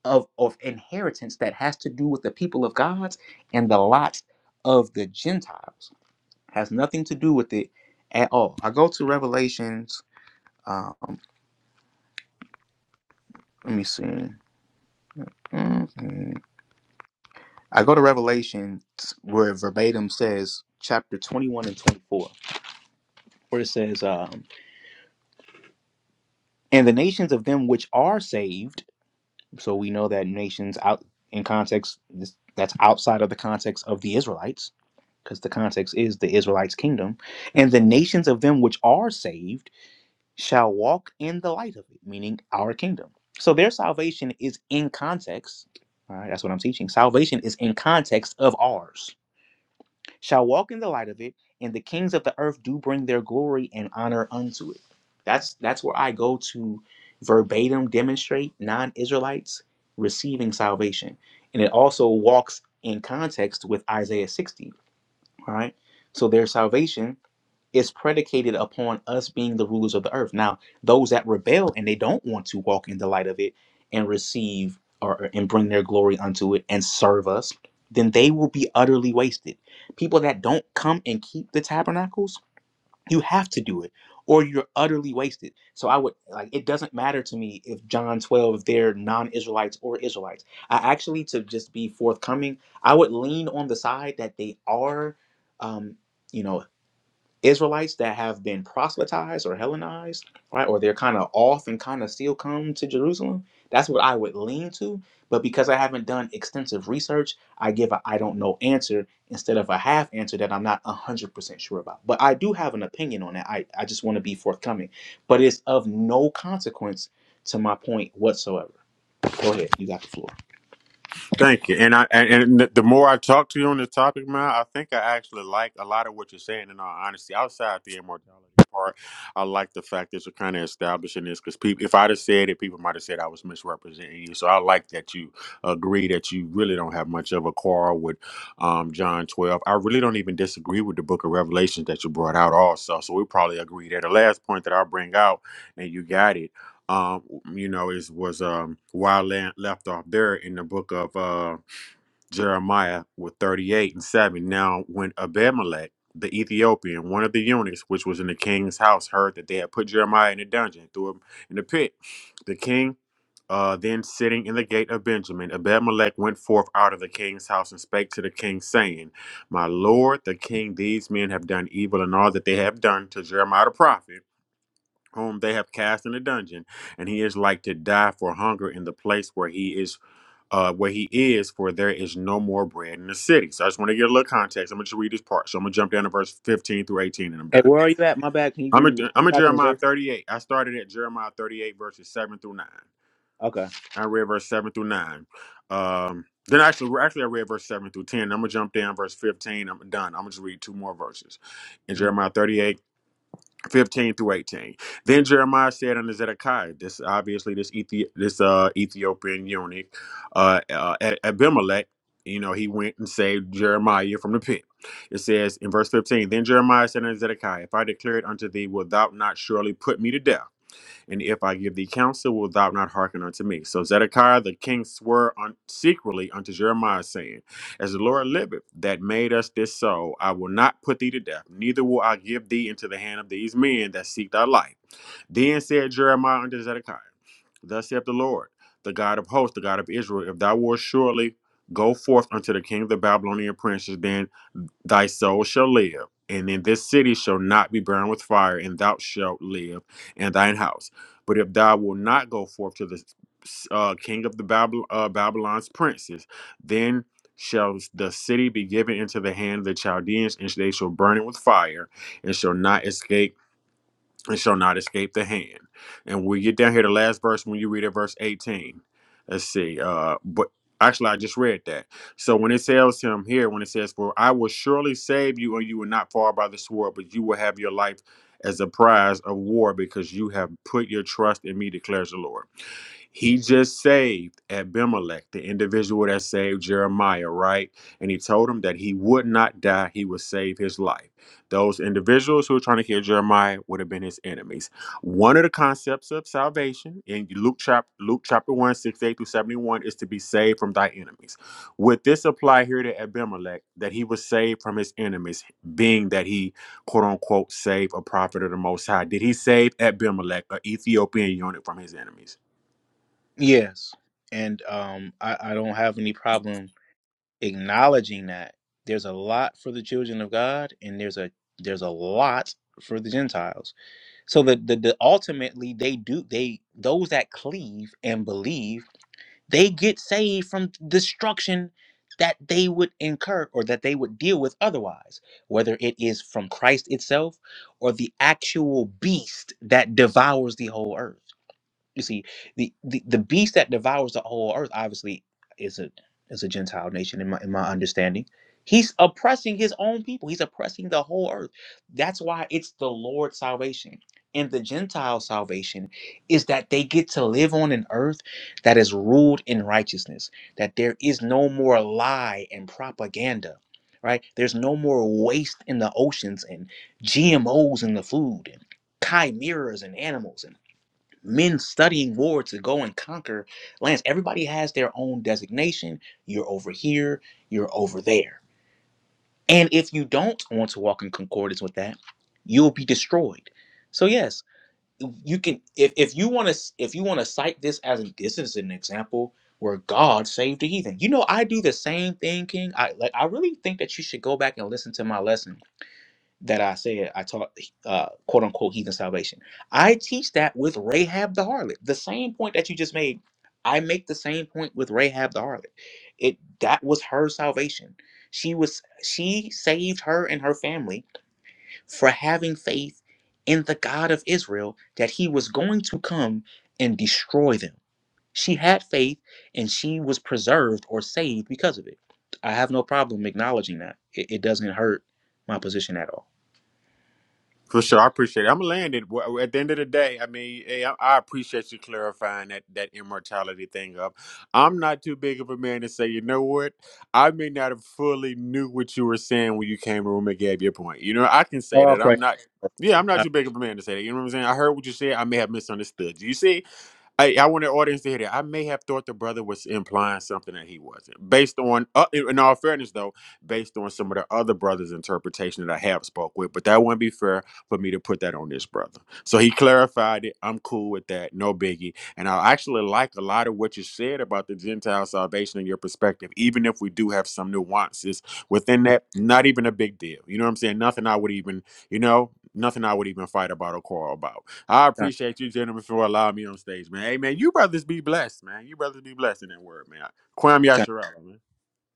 of, of inheritance that has to do with the people of God and the lot of the Gentiles. Has nothing to do with it at all. I go to Revelations. Um, let me see. Mhm. I go to Revelations where it verbatim says chapter 21 and 24, where it says, um, And the nations of them which are saved, so we know that nations out in context, this- that's outside of the context of the Israelites, because the context is the Israelites' kingdom, and the nations of them which are saved. shall walk in the light of it, meaning our kingdom. So their salvation is in context. All right, that's what I'm teaching. Salvation is in context of ours. Shall walk in the light of it, and the kings of the earth do bring their glory and honor unto it. That's that's where I go to verbatim demonstrate non-Israelites receiving salvation. And it also walks in context with Isaiah 60. All right. So their salvation is predicated upon us being the rulers of the earth. Now, those that rebel and they don't want to walk in the light of it and receive or and bring their glory unto it and serve us, then they will be utterly wasted. People that don't come and keep the tabernacles, you have to do it or you're utterly wasted. So I would like it doesn't matter to me if John 12 if they're non-Israelites or Israelites. I actually to just be forthcoming, I would lean on the side that they are um you know Israelites that have been proselytized or Hellenized, right, or they're kind of off and kind of still come to Jerusalem. That's what I would lean to. But because I haven't done extensive research, I give a I don't know answer instead of a half answer that I'm not 100% sure about. But I do have an opinion on that. I, I just want to be forthcoming. But it's of no consequence to my point whatsoever. Go ahead. You got the floor.
Thank you. And I and, and the more I talk to you on this topic, man, I think I actually like a lot of what you're saying. In all honesty, outside the immortality part, I like the fact that you're kind of establishing this because people, if I'd have said it, people might have said I was misrepresenting you. So I like that you agree that you really don't have much of a quarrel with um, John 12. I really don't even disagree with the Book of Revelations that you brought out also. So we probably agree there. The last point that I bring out, and you got it um you know it was um wild left off there in the book of uh jeremiah with 38 and 7 now when abimelech the ethiopian one of the eunuchs which was in the king's house heard that they had put jeremiah in the dungeon threw him in the pit the king uh, then sitting in the gate of Benjamin, Abimelech went forth out of the king's house and spake to the king, saying, My lord, the king, these men have done evil in all that they have done to Jeremiah the prophet whom they have cast in a dungeon, and he is like to die for hunger in the place where he is, uh, where he is, for there is no more bread in the city. So I just want to get a little context. I'm gonna just read this part. So I'm gonna jump down to verse 15 through 18, and I'm
Hey,
done.
where are you at? My bad. Can you give
I'm at,
me
I'm at
chapter and
Jeremiah
verse?
38. I started at Jeremiah 38 verses 7 through 9.
Okay.
I read verse 7 through 9. Um, then actually, actually, I read verse 7 through 10. I'm gonna jump down verse 15. I'm done. I'm gonna just read two more verses in
Mhm.
Jeremiah 38 15 through 18. Then Jeremiah said unto Zedekiah, this obviously this Ethi- this uh, Ethiopian eunuch, uh, uh, Abimelech, you know, he went and saved Jeremiah from the pit. It says in verse 15, Then Jeremiah said unto Zedekiah, If I declare it unto thee, wilt thou not surely put me to death? And if I give thee counsel, wilt thou not hearken unto me? So Zedekiah the king swore un- secretly unto Jeremiah, saying, As the Lord liveth, that made us this so, I will not put thee to death, neither will I give thee into the hand of these men that seek thy life. Then said Jeremiah unto Zedekiah, Thus saith the Lord, the God of hosts, the God of Israel, if thou wilt surely go forth unto the king of the Babylonian princes, then thy soul shall live, and in this city shall not be burned with fire, and thou shalt live and thine house. But if thou wilt not go forth to the uh, king of the Babylon, uh, Babylon's princes, then shall the city be given into the hand of the Chaldeans, and they shall burn it with fire, and shall not escape and shall not escape the hand. And when we get down here, the last verse, when you read it, verse 18. Let's see. Uh, but actually, I just read that. So when it tells him here, when it says, For I will surely save you, and you will not fall by the sword, but you will have your life as a prize of war because you have put your trust in me, declares the Lord. He just saved Abimelech, the individual that saved Jeremiah, right? And he told him that he would not die, he would save his life. Those individuals who were trying to kill Jeremiah would have been his enemies. One of the concepts of salvation in Luke chapter Luke chapter one six eight through 71 is to be saved from thy enemies. Would this apply here to Abimelech that he was saved from his enemies, being that he quote unquote saved a prophet of the most high? Did he save Abimelech, an Ethiopian eunuch, from his enemies?
Yes, and um, I, I don't have any problem acknowledging that there's a lot for the children of God and there's a there's a lot for the Gentiles. So that the, the ultimately they do they those that cleave and believe they get saved from destruction that they would incur or that they would deal with otherwise, whether it is from Christ itself or the actual beast that devours the whole earth. You see, the, the the beast that devours the whole earth obviously is a is a Gentile nation in my in my understanding. He's oppressing his own people. He's oppressing the whole earth. That's why it's the Lord's salvation. And the Gentile salvation is that they get to live on an earth that is ruled in righteousness, that there is no more lie and propaganda, right? There's no more waste in the oceans and GMOs in the food and chimeras and animals men studying war to go and conquer lands. Everybody has their own designation. You're over here, you're over there. And if you don't want to walk in concordance with that, you'll be destroyed. So yes, you can if, if you want to if you want to cite this as an this is an example where God saved the heathen. You know, I do the same thing, King. I like I really think that you should go back and listen to my lesson that I said I taught uh, quote unquote heathen salvation. I teach that with Rahab the harlot. The same point that you just made, I make the same point with Rahab the harlot. It that was her salvation. She was she saved her and her family for having faith in the God of Israel that he was going to come and destroy them. She had faith and she was preserved or saved because of it. I have no problem acknowledging that. It, it doesn't hurt my position at
For sure, I appreciate it. I'm landed. Well, At the end of the day, I mean, hey, I, I appreciate you clarifying that that immortality thing up. I'm not too big of a man to say, you know what? I may not have fully knew what you were saying when you came in the room and gave your point. You know, I can say
all.
that. I'm not. Yeah, I'm
All
not
right,
too big of a man to say that. You know what I'm saying? I heard what you said. I may have misunderstood you. You see? I, I want the audience to hear that. I may have thought the brother was implying something that he wasn't. Based on, uh, in in all fairness, though, based on some of the other brothers' interpretation that I have spoke with, but that wouldn't be fair for me to put that on this brother. So he clarified it. I'm cool with that. No biggie. And I actually like a lot of what you said about the Gentile salvation in your perspective, even if we do have some nuances within that. Not even a big deal. You know what I'm saying? Nothing I would even, you know, nothing I would even fight about or quarrel about. I
Con-
appreciate you, gentlemen, for allowing me on stage, man. Hey, man, you brothers be blessed, man. You brothers be blessed in that word, man. Kwame
Con-
Yashara, man.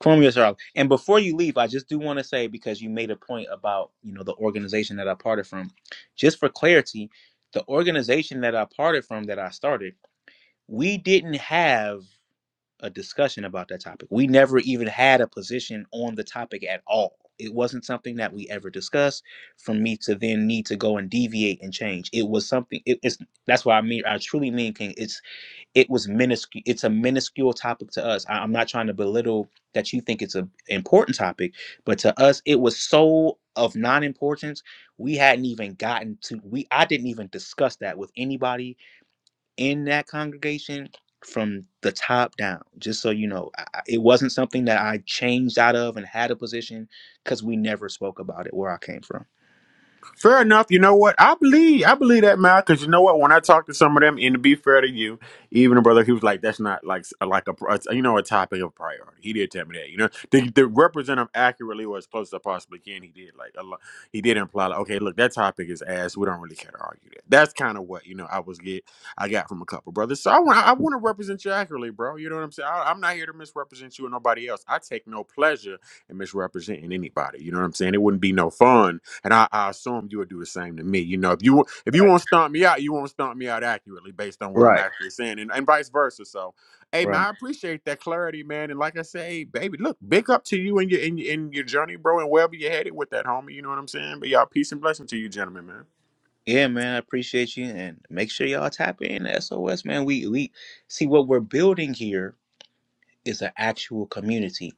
Chrome yourself. And before you leave, I just do want to say because you made a point about you know the organization that I parted from. Just for clarity, the organization that I parted from that I started, we didn't have a discussion about that topic. We never even had a position on the topic at all. It wasn't something that we ever discussed. For me to then need to go and deviate and change, it was something. It, it's that's why I mean I truly mean King. it was minuscule it's a minuscule topic to us I, i'm not trying to belittle that you think it's an important topic but to us it was so of non-importance we hadn't even gotten to we i didn't even discuss that with anybody in that congregation from the top down just so you know I, I- it wasn't something that i changed out of and had a position because we never spoke about it where i came from
Fair enough. You know what? I believe I believe that man. Because you know what? When I talked to some of them, and to be fair to you, even a brother, he was like, "That's not like s- like a pri- you know a topic of priority." He did tell me that. You know, to, to represent him accurately or as close as I possibly can, he did like a lot. He did imply like, "Okay, look, that topic is ass. We don't really care to argue that." That's kind of what you know. I was get I got from a couple brothers. So I want I want to represent you accurately, bro. You know what I'm saying? I, I'm not here to misrepresent you or nobody else. I take no pleasure in misrepresenting anybody. You know what I'm saying? It wouldn't be no fun and I, I assume you would do the same to me. You know, if you if you
right
want to stomp me out, you want to stomp me out accurately based on what I'm
right
actually saying, and, and vice versa. So, hey man,
right
I appreciate that clarity, man. And like I say, hey, baby, look, big up to you and your in, your in your journey, bro, and wherever you're headed with that, homie. You know what I'm saying? But y'all, peace and blessing to you, gentlemen, man.
Yeah, man, I appreciate you, and make sure y'all tap in to SOS, man. We we see what we're building here is an actual community,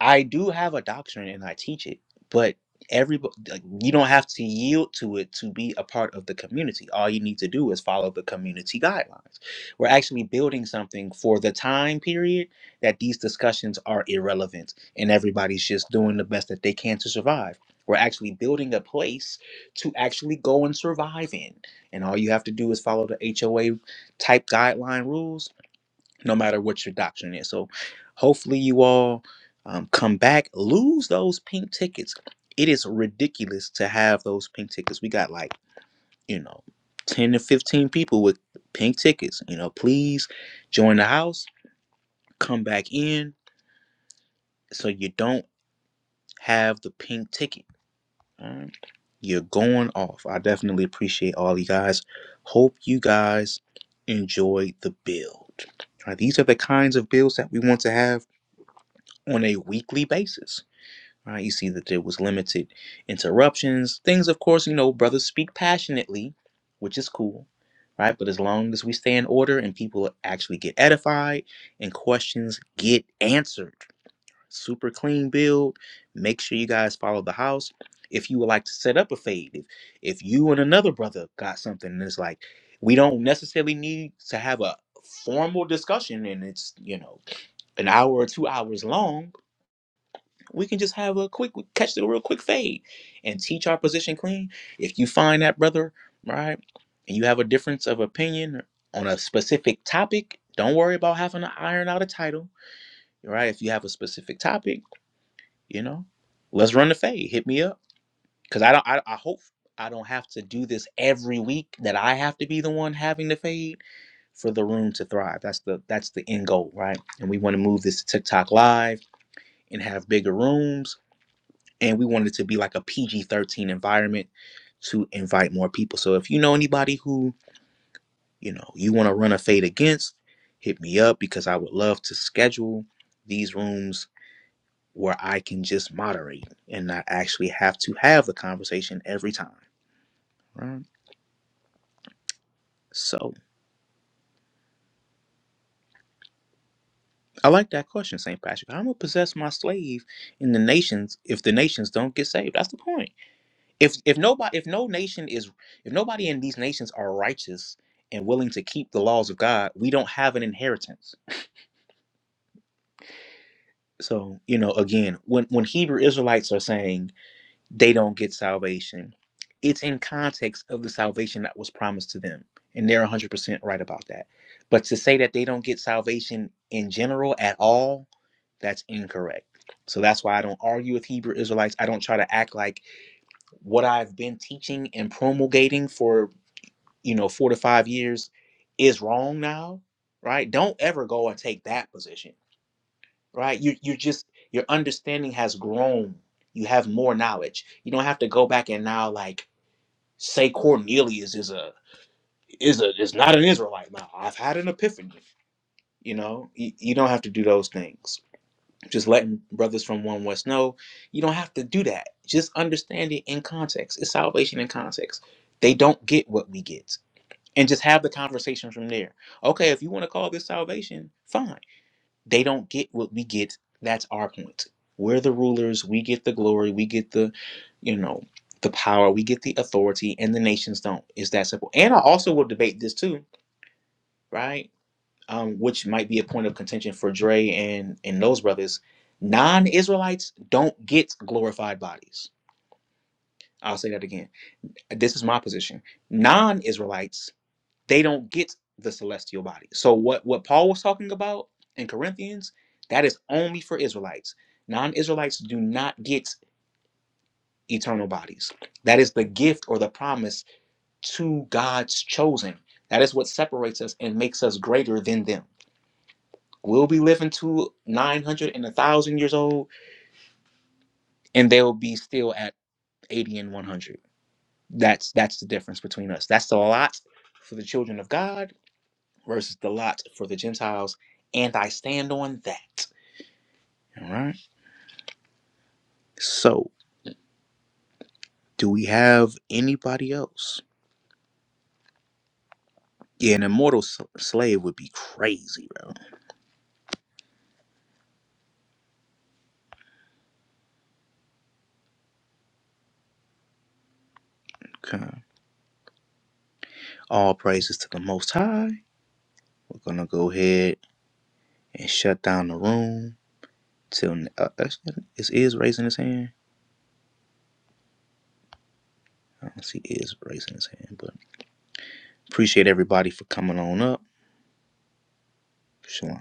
I do have a doctrine and I teach it, but everybody like, you don't have to yield to it to be a part of the community. All you need to do is follow the community guidelines. We're actually building something for the time period that these discussions are irrelevant and everybody's just doing the best that they can to survive. We're actually building a place to actually go and survive in. And all you have to do is follow the HOA type guideline rules no matter what your doctrine is. So hopefully you all um, come back, lose those pink tickets. It is ridiculous to have those pink tickets. We got like, you know, 10 to 15 people with pink tickets. You know, please join the house, come back in so you don't have the pink ticket. All right. You're going off. I definitely appreciate all you guys. Hope you guys enjoy the build. All right, these are the kinds of builds that we want to have on a weekly basis. Right? You see that there was limited interruptions. Things, of course, you know, brothers speak passionately, which is cool, right? But as long as we stay in order and people actually get edified and questions get answered. Super clean build. Make sure you guys follow the house. If you would like to set up a fade, if, if you and another brother got something and it's like, we don't necessarily need to have a formal discussion and it's, you know, an hour or two hours long we can just have a quick catch the real quick fade and teach our position clean. If you find that brother, right, and you have a difference of opinion on a specific topic, don't worry about having to iron out a title, right? If you have a specific topic, you know, let's run the fade. Hit me up because I don't. I, I hope I don't have to do this every week. That I have to be the one having the fade for the room to thrive. That's the that's the end goal, right? And we want to move this to TikTok live and have bigger rooms and we wanted it to be like a PG 13 environment to invite more people. So if you know anybody who, you know, you want to run a fade against, hit me up because I would love to schedule these rooms where I can just moderate and not actually have to have the conversation every time. Right. So I like that question, St. Patrick. I'm gonna possess my slave in the nations if the nations don't get saved. That's the point. if if nobody if no nation is if nobody in these nations are righteous and willing to keep the laws of God, we don't have an inheritance. So, you know, again, when when Hebrew Israelites are saying they don't get salvation, it's in context of the salvation that was promised to them, and they're 100% right about that. But to say that they don't get salvation in general at all, that's incorrect. So that's why I don't argue with Hebrew Israelites. I don't try to act like what I've been teaching and promulgating for you know, four to five years is wrong now, right? Don't ever go and take that position, right? You you just your understanding has grown. You have more knowledge. You don't have to go back and now like say Cornelius is a is a is not an Israelite now. I've had an epiphany. You know, you, you don't have to do those things. Just letting brothers from one West know you don't have to do that. Just understand it in context. It's salvation in context. They don't get what we get and just have the conversation from there. Okay, if you want to call this salvation, fine. They don't get what we get. That's our point. We're the rulers. We get the glory. We get the, you know, the power. We get the authority, and the nations don't. It's that simple. And I also will debate this too, right? Um, which might be a point of contention for Dre and and those brothers. Non-Israelites don't get glorified bodies. I'll say that again. This is my position. Non-Israelites they don't get the celestial body. So what what Paul was talking about in Corinthians, that is only for Israelites. Non-Israelites do not get eternal bodies. That is the gift or the promise to God's chosen. That is what separates us and makes us greater than them. We'll be living to 900 and 1000 years old and they'll be still at 80 and 100. That's that's the difference between us. That's a lot for the children of God versus the lot for the Gentiles, and I stand on that. All right. So, do we have anybody else? Yeah, an immortal s- slave would be crazy, bro. Okay. All praises to the Most High. We're gonna go ahead and shut down the room till uh, actually, is is raising his hand. I don't see is raising his hand, but appreciate everybody for coming on up. Shalom.